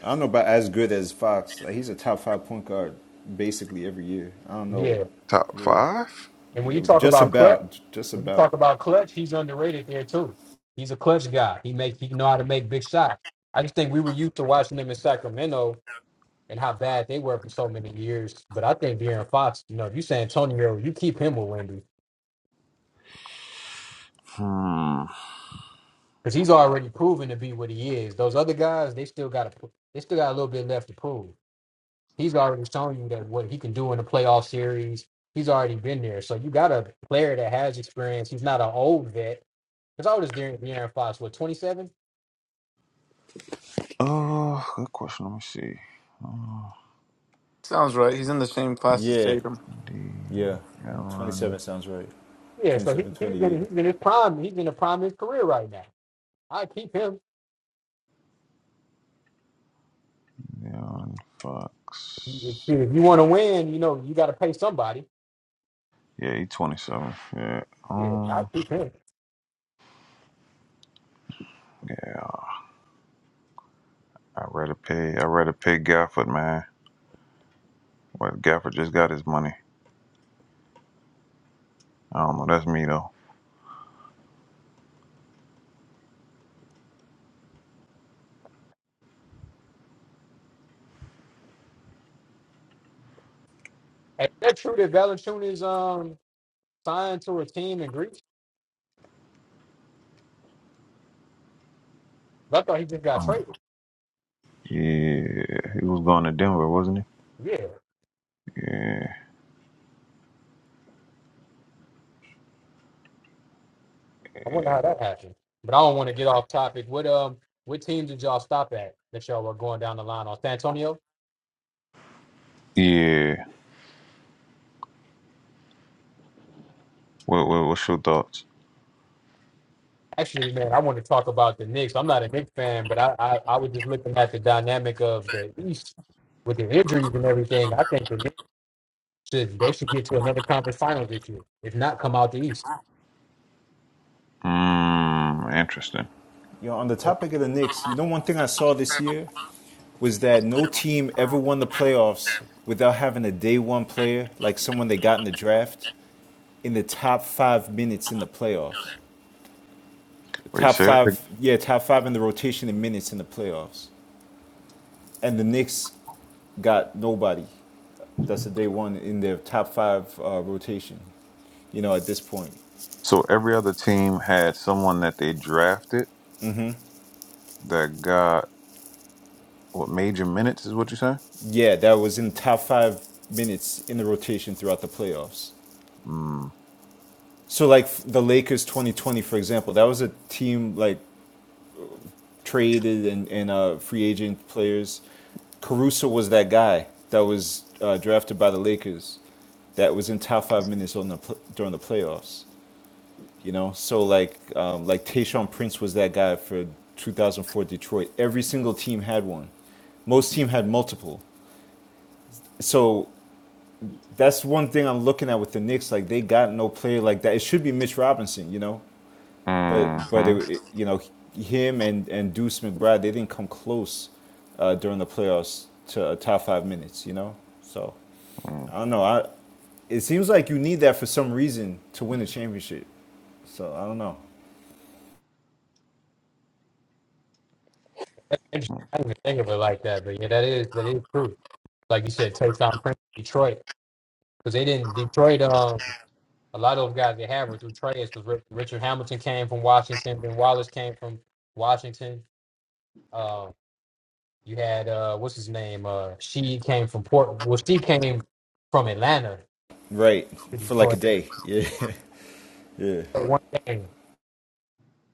S8: I don't know about as good as Fox. Like, he's a top five point guard basically every year. I don't
S13: Yeah,
S8: know.
S5: Top
S8: Yeah,
S5: five?
S13: And when
S8: Yeah,
S13: you talk
S8: just
S13: about clutch,
S8: about, just
S13: when you talk
S8: about.
S13: about clutch, he's underrated there too. He's a clutch guy. He make he know how to make big shots. I just think we were used to watching them in Sacramento and how bad they were for so many years. But I think De'Aaron Fox, you know, if you San Antonio, you keep him with Wendy
S5: Hmm.
S13: because he's already proven to be what he is. Those other guys, they still got to they still got a little bit left to prove. He's already shown you that what he can do in a playoff series. He's already been there. So you got a player that has experience. He's not an old vet Because I was De'Aaron, De'Aaron Fox, what, 27?
S5: Oh, good question. Let me see. Oh,
S1: Sounds right. He's in the same class as
S8: Yeah,
S1: Tatum.
S5: D.
S8: yeah. Twenty
S5: Aaron,
S8: seven sounds right.
S13: Yeah, so he,
S8: 27,
S13: he's,
S8: 28.
S13: in, he's in his prime. He's in the prime of his career right now. I keep him.
S5: Aaron
S13: If,
S5: Fox.
S13: if you want to win, you know, you got to pay somebody.
S5: Yeah, he's 27. Yeah.
S13: Yeah, I
S5: Um.
S13: keep him.
S5: Yeah. I rather pay. I rather pay Gafford, man. But Gafford just got his money. I don't know. That's me though.
S13: And is that true that Valanciunas is um, signed to a team in Greece? 'Cause I thought he just got
S5: Um,
S13: traded.
S5: yeah. He was going to Denver, wasn't he?
S13: Yeah,
S5: Yeah.
S13: I wonder how that happened. But I don't want to get off topic. What um, what teams did y'all stop at that y'all were going down the line on? San Antonio?
S5: Yeah. What, what, what's your thoughts?
S13: Actually, man, I want to talk about the Knicks. I'm not a Knicks fan, but I, I, I was just looking at the dynamic of the East with the injuries and everything. I think the Knicks should they should get to another conference finals this year, if not come out the East.
S5: Mm, interesting.
S8: You know, on the topic of the Knicks, you know, one thing I saw this year was that no team ever won the playoffs without having a day one player, like someone they got in the draft, in the top five minutes in the playoffs.
S5: Wait,
S8: Top
S5: say that. again.
S8: five, yeah, top five in the rotation in minutes in the playoffs. And the Knicks got nobody that's a day one in their top five uh, rotation, you know, at this point.
S5: So every other team had someone that they drafted that got what major minutes is what you say?
S8: Yeah, that was in top five minutes in the rotation throughout the playoffs.
S5: Mm.
S8: So like the Lakers 2020, for example, that was a team like traded and and uh, free agent players. Caruso was that guy that was uh, drafted by the Lakers, that was in top five minutes on the pl- during the playoffs. You know, so like um, like Tayshaun Prince was that guy for 2004 Detroit. Every single team had one. Most team had multiple. So that's one thing I'm looking at with the Knicks. Like they got no player like that. It should be Mitch Robinson. You know, But but it,
S5: Mm-hmm.
S8: it- you know him and and Deuce McBride they didn't come close uh, during the playoffs to a top five minutes. You know, so
S5: mm
S8: I don't know. I it seems like you need that for some reason to win a championship. So I don't know.
S13: That's interesting. I didn't even think of it like that, but yeah, that is that is true. Like you said, Taysom Prince, Detroit, because they didn't Detroit. Um, a lot of those guys they had were through trades because Richard Hamilton came from Washington, Ben Wallace came from Washington. um, You had uh, what's his name? Uh, she came from Port. Well, she came from Atlanta
S8: Right
S13: to
S8: for like a
S13: Detroit.
S8: day. Yeah yeah
S13: Played One game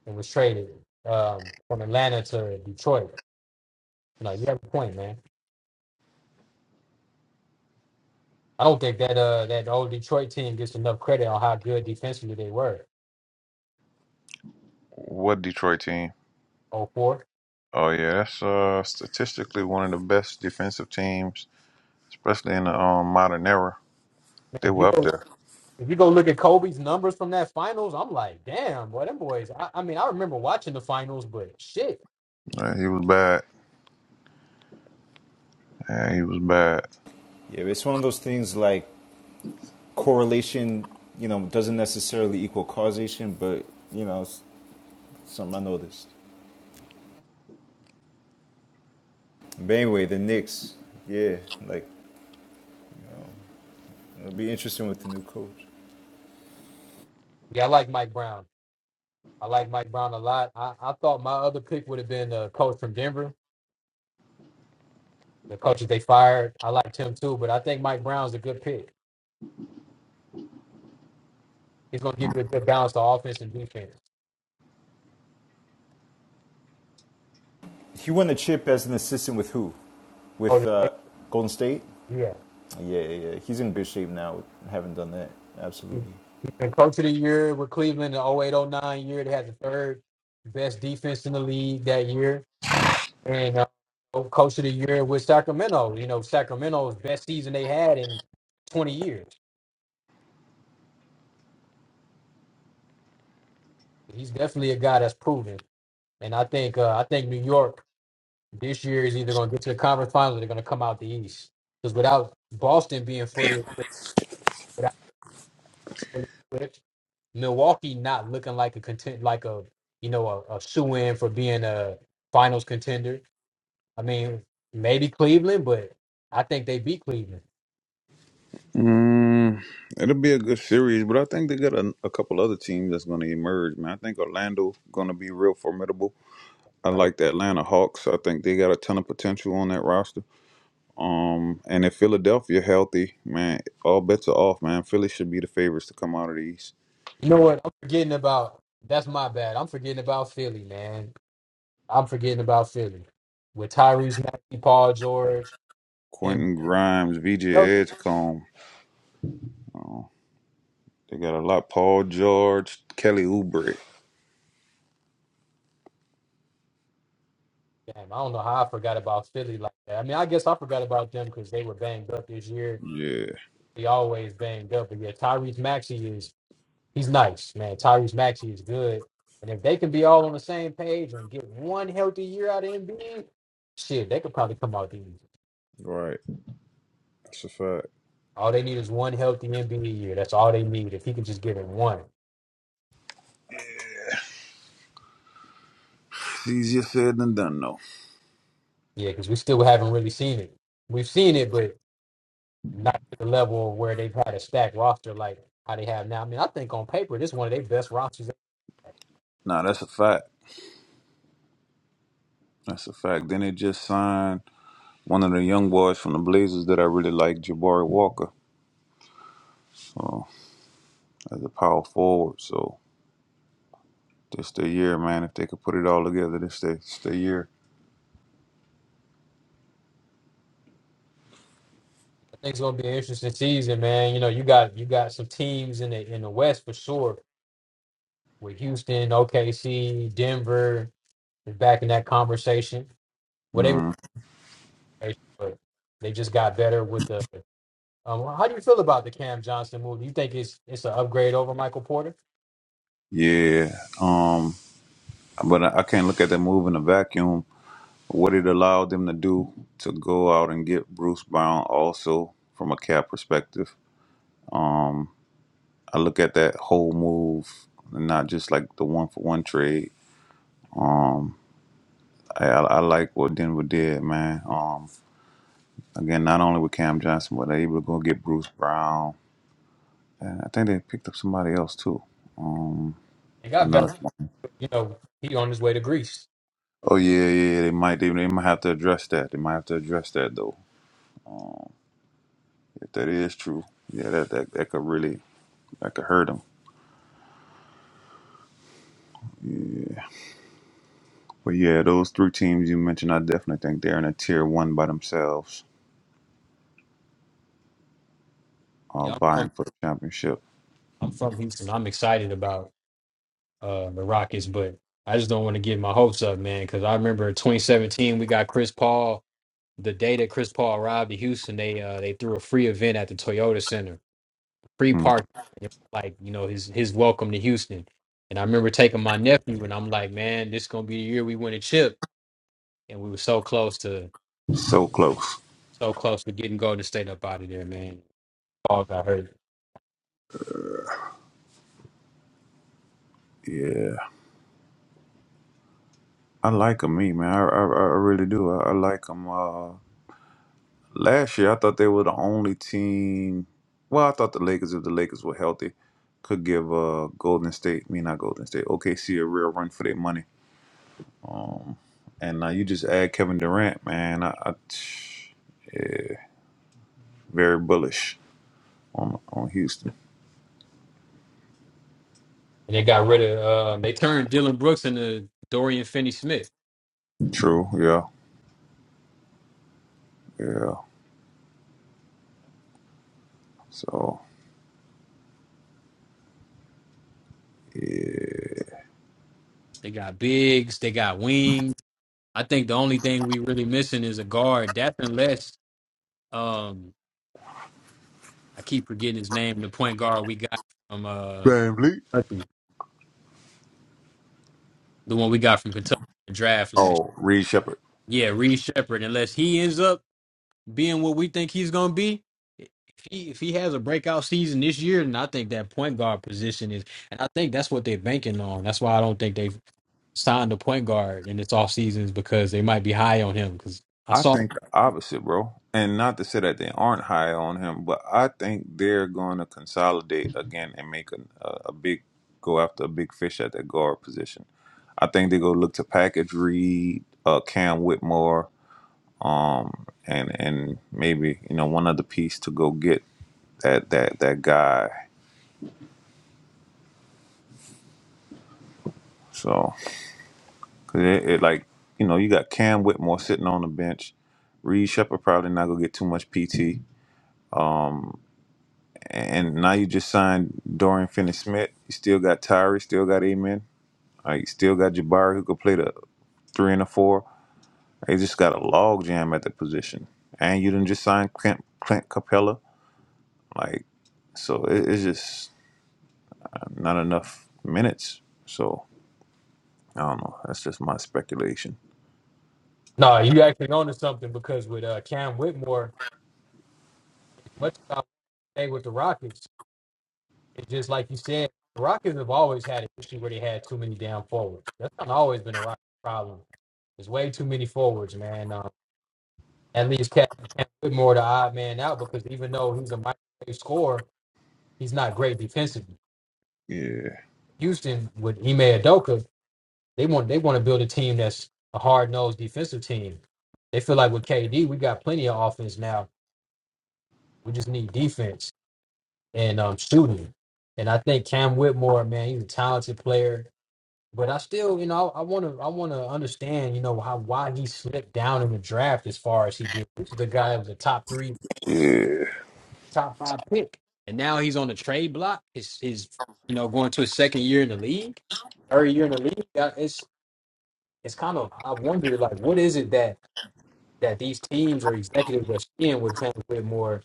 S13: and was traded um, from Atlanta to Detroit. Like you have a point, man. I don't think that uh that old Detroit team gets enough credit on how good defensively they were.
S5: What Detroit team?
S13: Oh four.
S5: Oh yeah, that's uh statistically one of the best defensive teams, especially in the um, modern era. They
S13: Man, if you
S5: were up
S13: go
S5: there.
S13: if you go look at Kobe's numbers from that finals, I'm like, damn, boy, them boys. I, I mean, I remember watching the finals, but shit.
S5: Yeah, he was bad. Yeah, he was bad.
S8: yeah. It's one of those things like correlation. You know, doesn't necessarily equal causation, but you know, it's something I noticed. But anyway, the Knicks. Yeah, like it'll be interesting with the new coach.
S13: Yeah, I like Mike Brown. I like Mike Brown a lot. I, I thought my other pick would have been a coach from Denver, the coaches they fired. I liked him too, but I think Mike Brown's a good pick. He's going to give you a good balance to offense and defense.
S8: He won the chip as an assistant with who? With
S13: Coach,
S8: uh, Golden State.
S13: yeah.
S8: Yeah, yeah. yeah. He's in good shape now. Haven't done that.
S13: He's
S8: Absolutely.
S13: been coach of the year with Cleveland in the oh 08 oh 09 year. They had the third best defense in the league that year. And uh, oh, coach of the year with Sacramento. You know, Sacramento's best season they had in 20 years. He's definitely a guy that's proven. And I think uh, I think New York this year is either going to get to the conference finals or they're going to come out the East. Because without Boston being fully with Milwaukee not looking like a content like a you know a, a shoe in for being a finals contender. I mean, maybe Cleveland, but I think they beat Cleveland,
S5: Mm, it'll be a good series, but I think they got a, a couple other teams that's going to emerge, man. I think Orlando going to be real formidable. I
S13: right?
S5: like the Atlanta Hawks. I think they got a ton of potential on that roster. Um, and if Philadelphia healthy, man, all bets are off, man. Philly should be the favorites to come out of the East.
S13: You know what? I'm forgetting about that's my bad. I'm forgetting about Philly, man. I'm forgetting about Philly with Tyrese Maxey, Paul George, and
S5: Quentin Grimes, VJ
S13: damn,
S5: Edgecomb. Oh, they got a lot. Paul George, Kelly Oubre.
S13: I don't know how I forgot about Philly like that. I mean, I guess I forgot about them because they were banged up this year.
S5: Yeah,
S13: They always banged up, but yeah, Tyrese Maxey is. He's nice, man. Tyrese Maxey is good. And if they can be all on the same page and get one healthy year out of Embiid, shit, they could probably come out the East.
S5: right. That's a fact.
S13: All they need is one healthy Embiid year. That's all they need. If he can just get it one.
S5: It's easier said than done, though.
S13: Yeah, because we still haven't really seen it. We've seen it, but not to the level of where they've had a stacked roster like how they have now. I mean, I think on paper, this is one of their best rosters. I
S5: Nah, that's a fact. That's a fact. Then they just signed one of the young boys from the Blazers that I really like, Jabari Walker, so, as a power forward. So this the year, man. If they could put it all together, this the, this the year.
S13: think it's gonna be an interesting season, man. You know, you got you got some teams in the in the West for sure with Houston, OKC, Denver, is back in that conversation. Well, they were,
S5: Mm,
S13: but they just got better with the. Um, how do you feel about the Cam Johnson move? Do you think it's it's an upgrade over Michael Porter?
S5: yeah. Um. But I, I can't look at that move in a vacuum. What it allowed them to do to go out and get Bruce Brown, also from a cap perspective. Um. I look at that whole move not just like the one for one trade. Um, I, I, I like what Denver did, man. Um, Again, not only with Cam Johnson, but they're able to go get Bruce Brown. And I think they picked up somebody else too. Um,
S13: They got better.
S5: another one.
S13: You know, he on his way to Greece.
S5: Oh yeah, yeah. yeah. They might they, they might have to address that. They might have to address that though. If that is true, yeah, that that, that could really that could hurt them. But yeah, those three teams you mentioned, I definitely think they're in a tier one by themselves, uh,
S13: Yeah, I'm
S5: vying
S13: from
S5: for the championship.
S13: I'm from Houston. I'm excited about uh the Rockets, but I just don't want to get my hopes up, man, because I remember in 2017 we got Chris Paul. The day that Chris Paul arrived to Houston, they uh they threw a free event at the Toyota Center. free
S5: Mm,
S13: parking. And it was Like, you know, his his welcome to Houston. And I remember taking my nephew and I'm like, man, this gonna be the year we win a chip. And we were so close to
S5: so close.
S13: so close to getting Golden State up out of there, man. Paul got hurt.
S5: Yeah, I like them, me man. I I, I really do. I, I like them. Last year, I thought they were the only team. Well, I thought the Lakers, if the Lakers were healthy, could give uh, Golden State, me not Golden State, OKC a real run for their money. And now you just add Kevin Durant, man. I, I very bullish on on Houston.
S13: And they got rid of uh, they turned Dylan Brooks into Dorian Finney Smith.
S5: True, yeah, yeah. So yeah.
S13: They got bigs, they got wings. I think the only thing we really missing is a guard. That's unless um I keep forgetting his name, the point guard we got from uh Kentucky, the one we got from Kentucky in the draft last year.
S5: Oh, Reed Shepard.
S13: Yeah, Reed Shepard, unless he ends up being what we think he's gonna be, if he if he has a breakout season this year, then I think that point guard position is and I think that's what they're banking on. That's why I don't think they've signed a point guard in this off seasons because they might be high on him because I
S5: I
S13: saw
S5: think the opposite, bro. And not to say that they aren't high on him, but I think they're going to consolidate again and make a, a, a big go after a big fish at that guard position. I think they go look to package Reed, uh, Cam Whitmore, um, and and maybe you know one other piece to go get that that that guy. So 'cause it, it like you know you got Cam Whitmore sitting on the bench. Reed Shepard probably not gonna get too much PT. Um, and now you just signed Dorian Finney-Smith. You still got Tyree, still got Amen. Uh, you still got Jabari who could play the three and the four. They just got a log jam at the position, and you didn't just sign Clint, Clint Capella. Like, so it, it's just not enough minutes. So I don't know. That's just my speculation.
S13: No, you actually onto something because with uh, Cam Whitmore, as much as I say with the Rockets, it's just like you said, the Rockets have always had an issue where they had too many damn forwards. That's not always been a Rockets problem. There's way too many forwards, man. Um, at least Cat Cat Whitmore the odd man out because even though he's a microwave scorer, he's not great defensively.
S5: Yeah,
S13: Houston with Ime Adoka, they want they want to build a team that's a hard nosed defensive team. They feel like with KD, we got plenty of offense now. We just need defense and um, shooting. And I think Cam Whitmore, man, he's a talented player. But I still, you know, I want to, I want to understand, you know, how why he slipped down in the draft as far as he did. This is the guy that was a top three
S5: yeah,
S13: top five pick, and now he's on the trade block. Is is you know going to his second year in the league, third year in the league. Uh, It's it's kind of I wonder like what is it that that these teams or executives are seeing with Cam Whitmore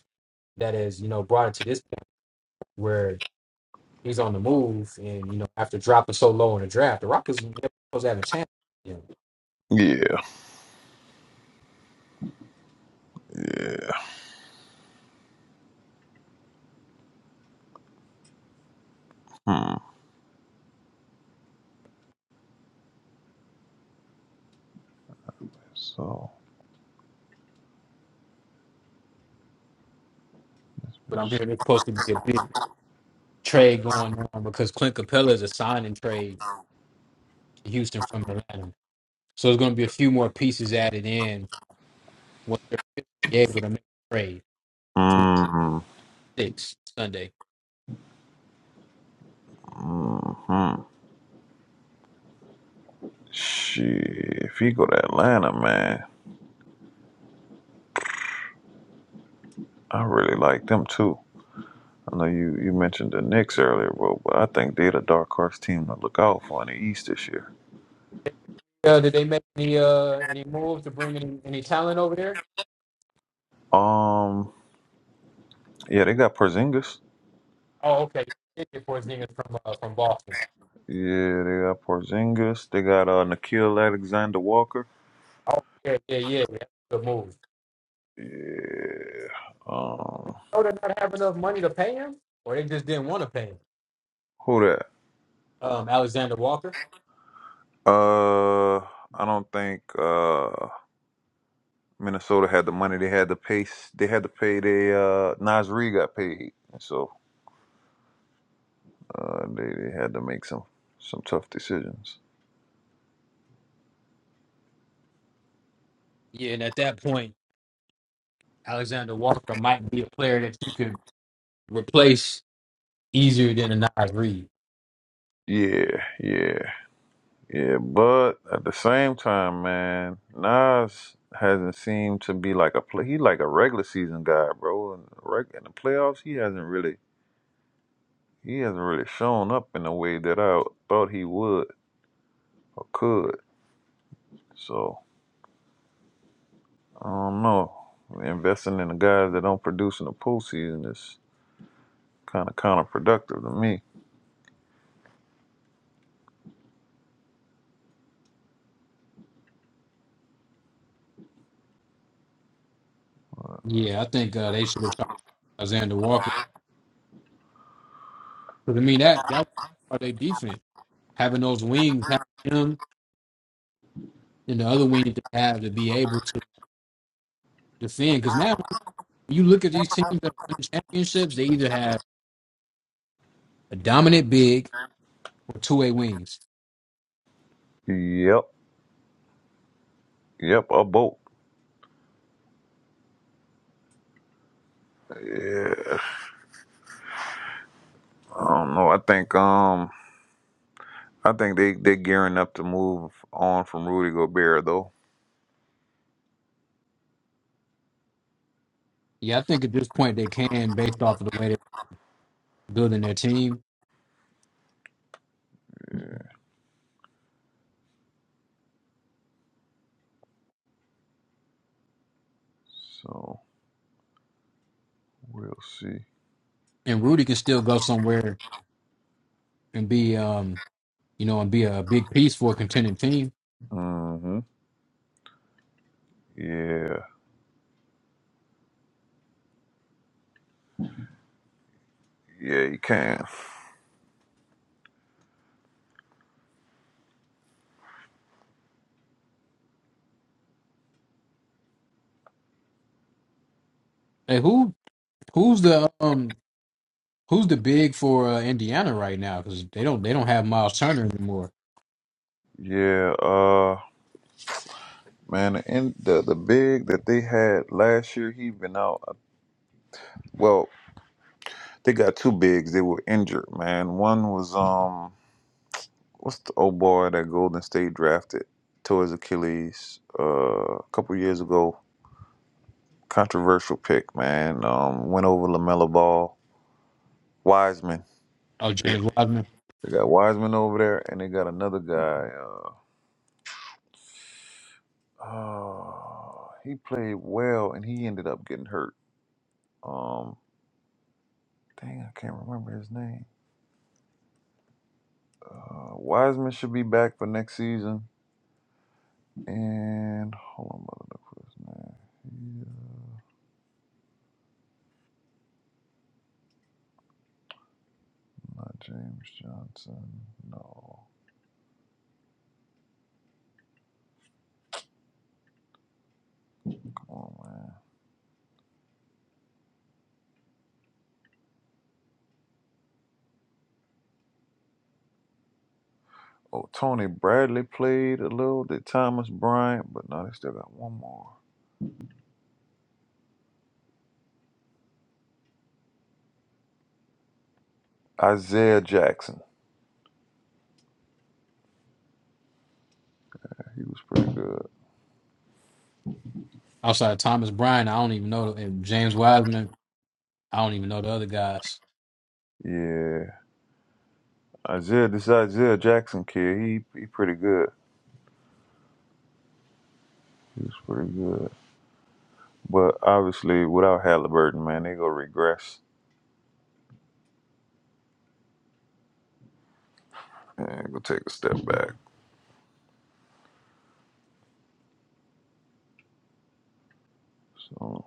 S13: that has you know brought it to this point where he's on the move and you know after dropping so low in the draft, the Rockets were never supposed to have a chance. You know,
S5: yeah, yeah. Hmm. So.
S13: but I'm hearing it's supposed to be a big trade going on because Clint Capella is a signing trade to Houston from Atlanta. So there's going to be a few more pieces added in once they're officially able to make the trade
S5: Mm-hmm.
S13: six Sunday.
S5: Mm-hmm. Shit, if he go to Atlanta, man. I really like them too. I know you, you mentioned the Knicks earlier, bro, but I think they're the dark horse team to look out for in the East this year.
S13: Uh, did they make any uh any moves to bring any, any talent over there?
S5: Um, yeah, they got Porzingis.
S13: Oh, okay. Thank you for Zingas from uh, from Boston.
S5: Yeah, they got Porzingis. They got uh, Nikhil Alexander Walker.
S13: Oh, yeah, yeah, yeah. yeah. Good move.
S5: Yeah. Um,
S13: Oh, they not have enough money to pay him, or they just didn't want to pay him.
S5: who that?
S13: Um, Alexander Walker.
S5: Uh, I don't think uh Minnesota had the money. They had to pay. They had to pay. They uh Nasri got paid, and so uh they, they had to make some some tough decisions.
S13: Yeah, and at that point, Alexander Walker might be a player that you could replace easier than a Nas Reed.
S5: Yeah, yeah, yeah. But at the same time, man, Nas hasn't seemed to be like a play. He like a regular season guy, bro. And reg- in the playoffs, he hasn't really he hasn't really shown up in the way that I thought he would or could. So I don't know. Investing in the guys that don't produce in the postseason is kind of counterproductive to me.
S13: Yeah, I think uh, they should have tried Alexander Walker. Because I mean that that was part of their defense. having those wings, having him and the other wing that they have to be able to defend. Because now when you look at these teams that win championships, they either have a dominant big or two way wings.
S5: Yep, yep, a boat. Yeah. I don't know. I think um I think they they gearing up to move on from Rudy Gobert though.
S13: Yeah, I think at this point they can based off of the way they're building their team.
S5: So we'll see.
S13: And Rudy can still go somewhere and be um you know, and be a big piece for a contending team.
S5: Mm-hmm. Yeah. Yeah, you can.
S13: Hey, who who's the um who's the big for uh, Indiana right now? Because they don't they don't have Miles Turner anymore.
S5: Yeah, uh man, the, in, the the big that they had last year, he been out. uh, Well, they got two bigs. They were injured, man. One was um what's the old boy that Golden State drafted towards Achilles uh, a couple years ago. Controversial pick, man. Um, went over Lamella Ball, Wiseman.
S13: Oh,
S5: They,
S13: James Wiseman
S5: they got Wiseman over there, and they got another guy. Uh, oh, he played well, and he ended up getting hurt. Um, dang, I can't remember his name. Uh, Wiseman should be back for next season. And hold on, mother, look for his name. He is not James Johnson. No, come on, man. Oh, Tony Bradley played a little. Did Thomas Bryant, but no, they still got one more. Isaiah Jackson. He was pretty good.
S13: outside of Thomas Bryant. I don't even know and James Wiseman. I don't even know the other guys.
S5: Yeah, Isaiah. This Isaiah Jackson kid, he he pretty good. He was pretty good. But obviously, without Halliburton, man, they gonna regress and go take a step back. So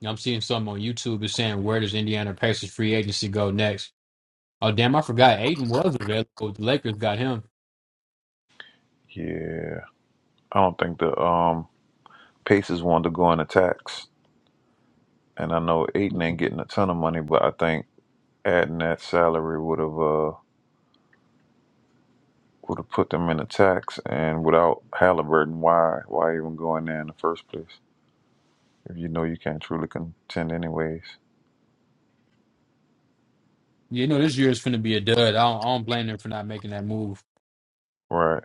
S13: You know, I'm seeing something on YouTube is saying where does Indiana Pacers free agency go next? Oh damn, I forgot Aiden was available. The Lakers got him.
S5: yeah, I don't think the um Pacers wanted to go in attacks, and I know Aiton ain't getting a ton of money, but I think adding that salary would have uh would have put them in attacks. And without Halliburton, why why even go in there in the first place? if you know you can't truly contend anyways.
S13: Yeah, You know, this year is going to be a dud. I don't, I don't blame them for not making that move.
S5: Right,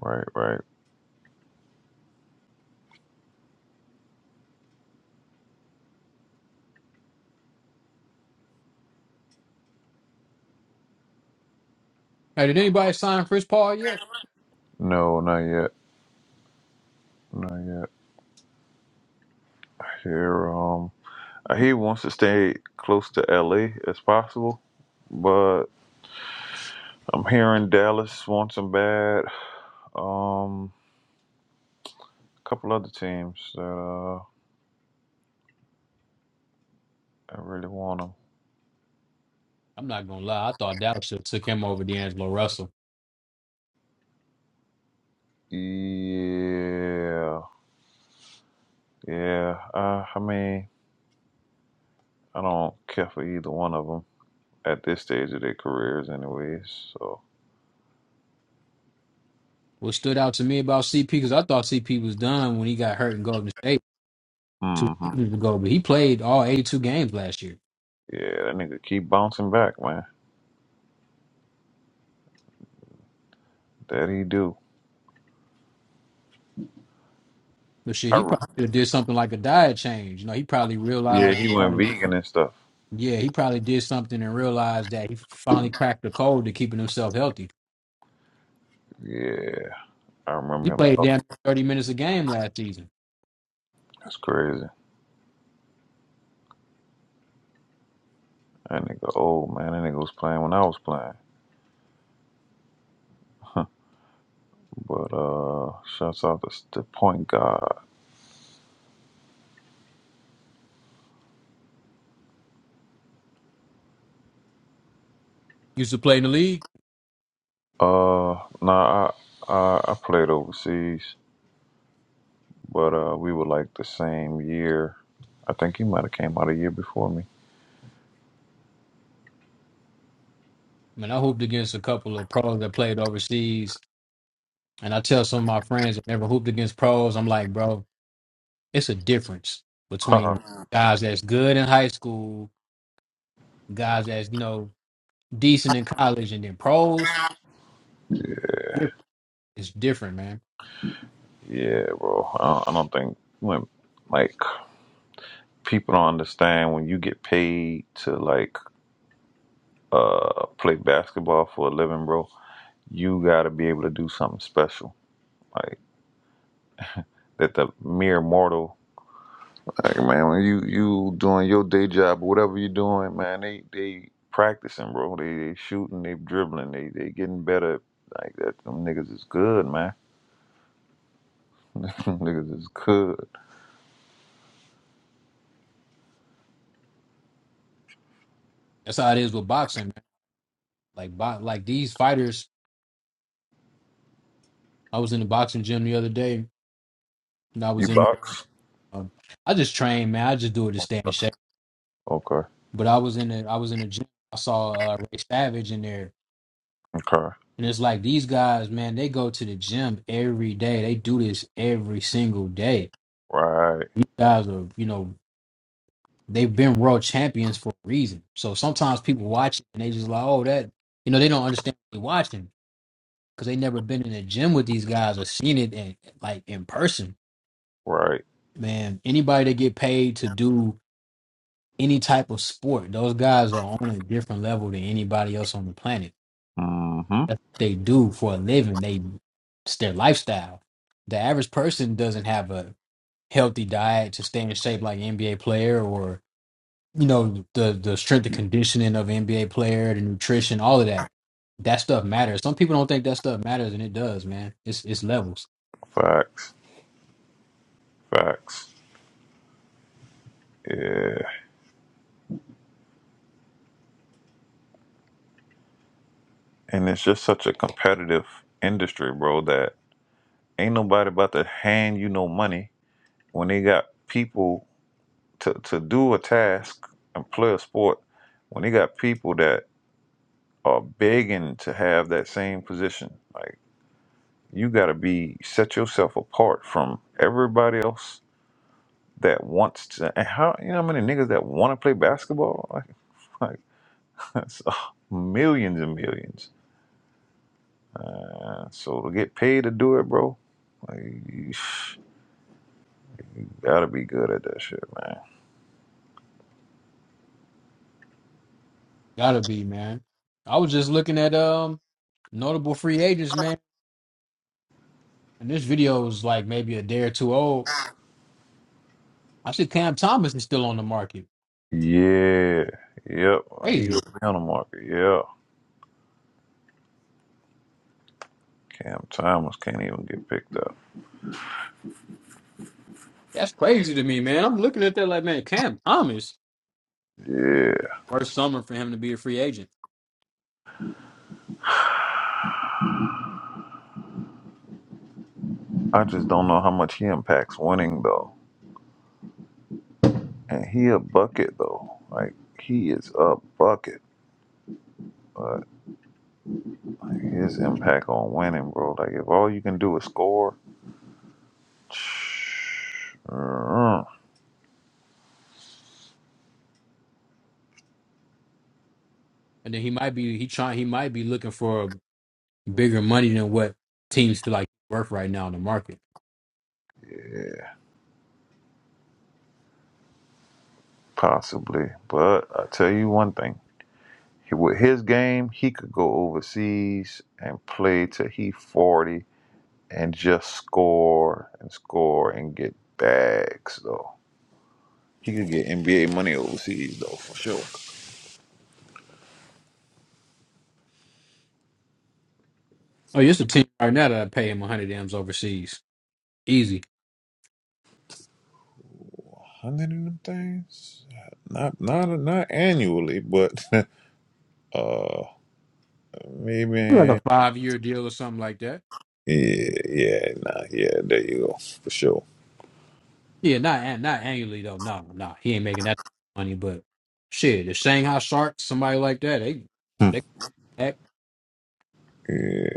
S5: right, right.
S13: Hey, did anybody sign Chris Paul yet?
S5: No, not yet. Not yet. Here, um, he wants to stay close to LA as possible, but I'm hearing Dallas wants him bad. Um, a couple other teams that uh, I really want him.
S13: I'm not gonna lie. I thought Dallas should have took him over D'Angelo Russell.
S5: Yeah, yeah. Uh, I mean, I don't care for either one of them at this stage of their careers, anyways. So,
S13: What stood out to me about CP because I thought CP was done when he got hurt in Golden State two
S5: Mm-hmm.
S13: seasons ago, but he played all 82 games last year.
S5: Yeah, that nigga keep bouncing back, man. That he do.
S13: But shit,
S5: I
S13: he
S5: re-
S13: probably should have did something like a diet change. You know, he probably
S5: yeah,
S13: realized,
S5: he went
S13: probably,
S5: vegan and stuff.
S13: yeah, he probably did something and realized that he finally cracked the code to keeping himself healthy.
S5: Yeah, I
S13: He
S5: remember him
S13: played
S5: talking.
S13: damn 30 minutes a game last season.
S5: That's crazy. That nigga old, man. That nigga was playing when I was playing. But uh, shouts out to the point guard.
S13: Used to play in the league.
S5: Uh, nah, I, I I played overseas, but uh, we were like the same year. I think he might have came out a year before me.
S13: I mean, I hooped against a couple of pros that played overseas, and I tell some of my friends that never hooped against pros, I'm like, bro, it's a difference
S5: yeah,
S13: between guys that's good in high school, guys that's you know decent in college, and then pros. Different. It's different, man.
S5: bro. I don't, I don't think he went like. people don't understand when you get paid to like uh play basketball for a living, bro. You gotta be able to do something special, like that the mere mortal. Like man, when you you doing your day job, or whatever you doing, man, they they practicing, bro. They they shooting, they dribbling, they they getting better. Like that, them niggas is good, man. Them niggas is good.
S13: That's how it is with boxing, man. Like, bo- like these fighters. I was in the boxing gym the other day, and I
S5: You
S13: was in. there,
S5: box?
S13: Um, I just train, man. I just do it to stay in
S5: Okay,
S13: shape.
S5: okay,
S13: But I was in the, I was in the gym. I saw uh, Ray Savage in there,
S5: Okay.
S13: and it's like these guys, man. They go to the gym every day. They do this every single day.
S5: right,
S13: These guys are, you know, they've been world champions for a reason. So sometimes people watch it and they just like, oh, that you know, they don't understand what they're watching because they never been in a gym with these guys or seen it in, like in person.
S5: right.
S13: Man, anybody that get paid to do any type of sport, those guys are on a different level than anybody else on the planet.
S5: Mm-hmm.
S13: That's what they do for a living. They it's their lifestyle. The average person doesn't have a healthy diet to stay in shape like an NBA player or you know the the strength and conditioning of NBA player, the nutrition, all of that. That stuff matters. Some people don't think that stuff matters, and it does, man. It's it's levels.
S5: Facts, facts. Yeah. And it's just such a competitive industry, bro, that ain't nobody about to hand you no money when they got people to, to do a task and play a sport, when they got people that are begging to have that same position. Like you gotta be set yourself apart from everybody else that wants to and how you know how many niggas that wanna play basketball? Like like it's millions and millions. So to get paid to do it, bro, like you gotta be good at that shit, man.
S13: Gotta be, man. I was just looking at um notable free agents, man, and this video is like maybe a day or two old. I see Cam Thomas is still on the market.
S5: Yeah. Yep. He was
S13: Crazy.
S5: on the market. Yeah. Cam Thomas can't even get picked up.
S13: That's crazy to me, man. I'm looking at that like, man, Cam Thomas,
S5: Yeah.
S13: first summer for him to be a free agent,
S5: I just don't know how much he impacts winning though. And he a bucket though. Like he is a bucket. But his impact on winning, bro. Like if all you can do is score, mm,
S13: and then he might be he trying he might be looking for bigger money than what teams feel like worth right now in the market.
S5: possibly. But I tell you one thing. With his game, he could go overseas and play till he 40 and just score and score and get bags, though. He could get NBA money overseas, though, for sure.
S13: Oh, it's a team right now that I pay him 100 M's overseas. Easy.
S5: Hundred of them things? Not, not, not annually, but uh,
S13: Like
S5: maybe.
S13: a five year deal or something like that.
S5: Yeah, yeah, nah, yeah. There you go, for sure.
S13: Yeah, not an- not annually though. No, no. He ain't making that money, but shit, the Shanghai Sharks, somebody like that, they
S5: Hmm.
S13: they act
S5: Yeah.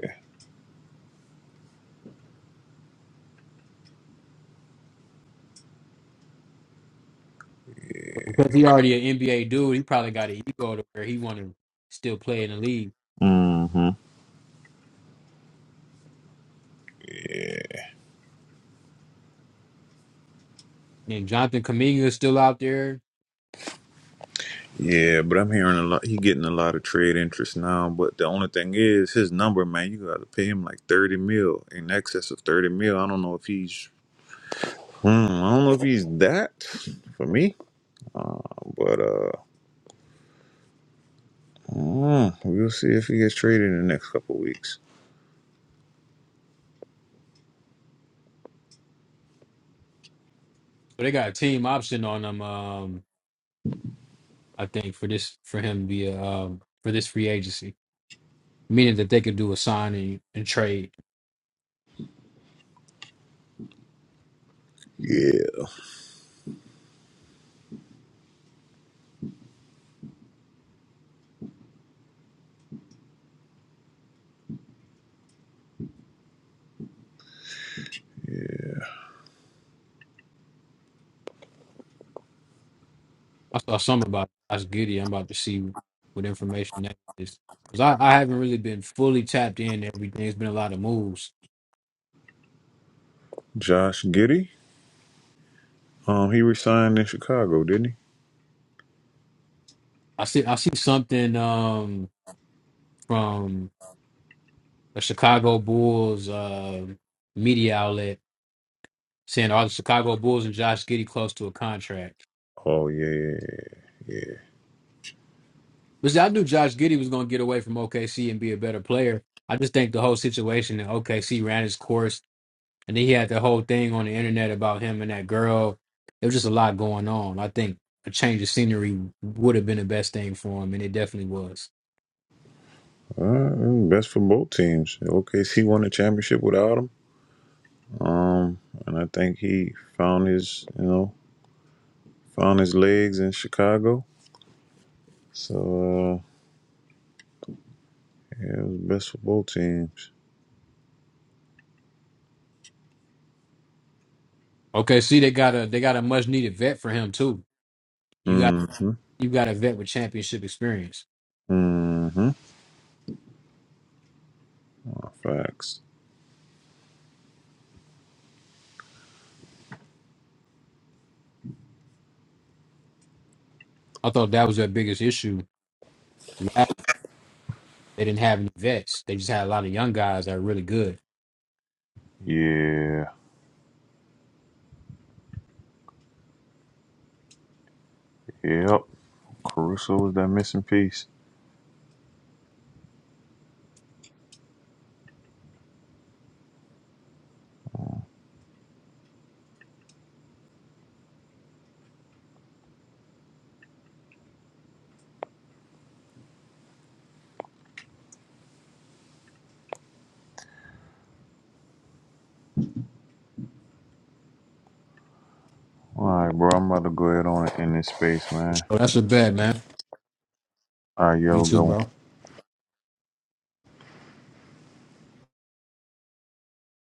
S13: because he already an NBA dude, he probably got an ego to where he wanna still play in the league.
S5: Mm-hmm. Yeah.
S13: And Jonathan Kaminga is still out there.
S5: Yeah, but I'm hearing a lot. He getting a lot of trade interest now. But the only thing is, his number, man, you got to pay him like thirty mil in excess of thirty mil. I don't know if he's, hmm, I don't know if he's that for me. But uh, mm, we'll see if he gets traded in the next couple of weeks.
S13: So they got a team option on him, um, I think, for this for him to be a um, for this free agency. meaning that they could do a signing and trade.
S5: Yeah, yeah.
S13: I saw something about Josh Giddey. I'm about to see what information that is because I, I haven't really been fully tapped in. to Everything it's been a lot of moves.
S5: Josh Giddey, um, he resigned in Chicago, didn't he?
S13: I see I see something um from the Chicago Bulls uh, media outlet saying are the Chicago Bulls and Josh Giddey close to a contract.
S5: Oh yeah, yeah, yeah.
S13: But see, I knew Josh Giddey was going to get away from OKC and be a better player. I just think the whole situation in OKC ran its course And then he had the whole thing on the internet about him and that girl. It was just a lot going on. I think a change of scenery would have been the best thing for him, and it definitely was.
S5: Uh, best for both teams. OKC won the championship without him. Um, and I think he found his, you know. Found his legs in Chicago. So uh, yeah, it was best for both teams.
S13: Okay, see, they got a they got a much needed vet for him too. You got
S5: Mm-hmm.
S13: you got a vet with championship experience.
S5: Mm-hmm. Oh, Facts.
S13: I thought that was their biggest issue. Last, they didn't have any vets. They just had a lot of young guys that are really good.
S5: Yeah. Yep. Caruso was that missing piece. All right, bro. I'm about to go ahead on and end this space, man.
S13: So that's a bet, man.
S5: All right,
S13: You
S5: yo,
S13: too,
S5: go.
S13: bro.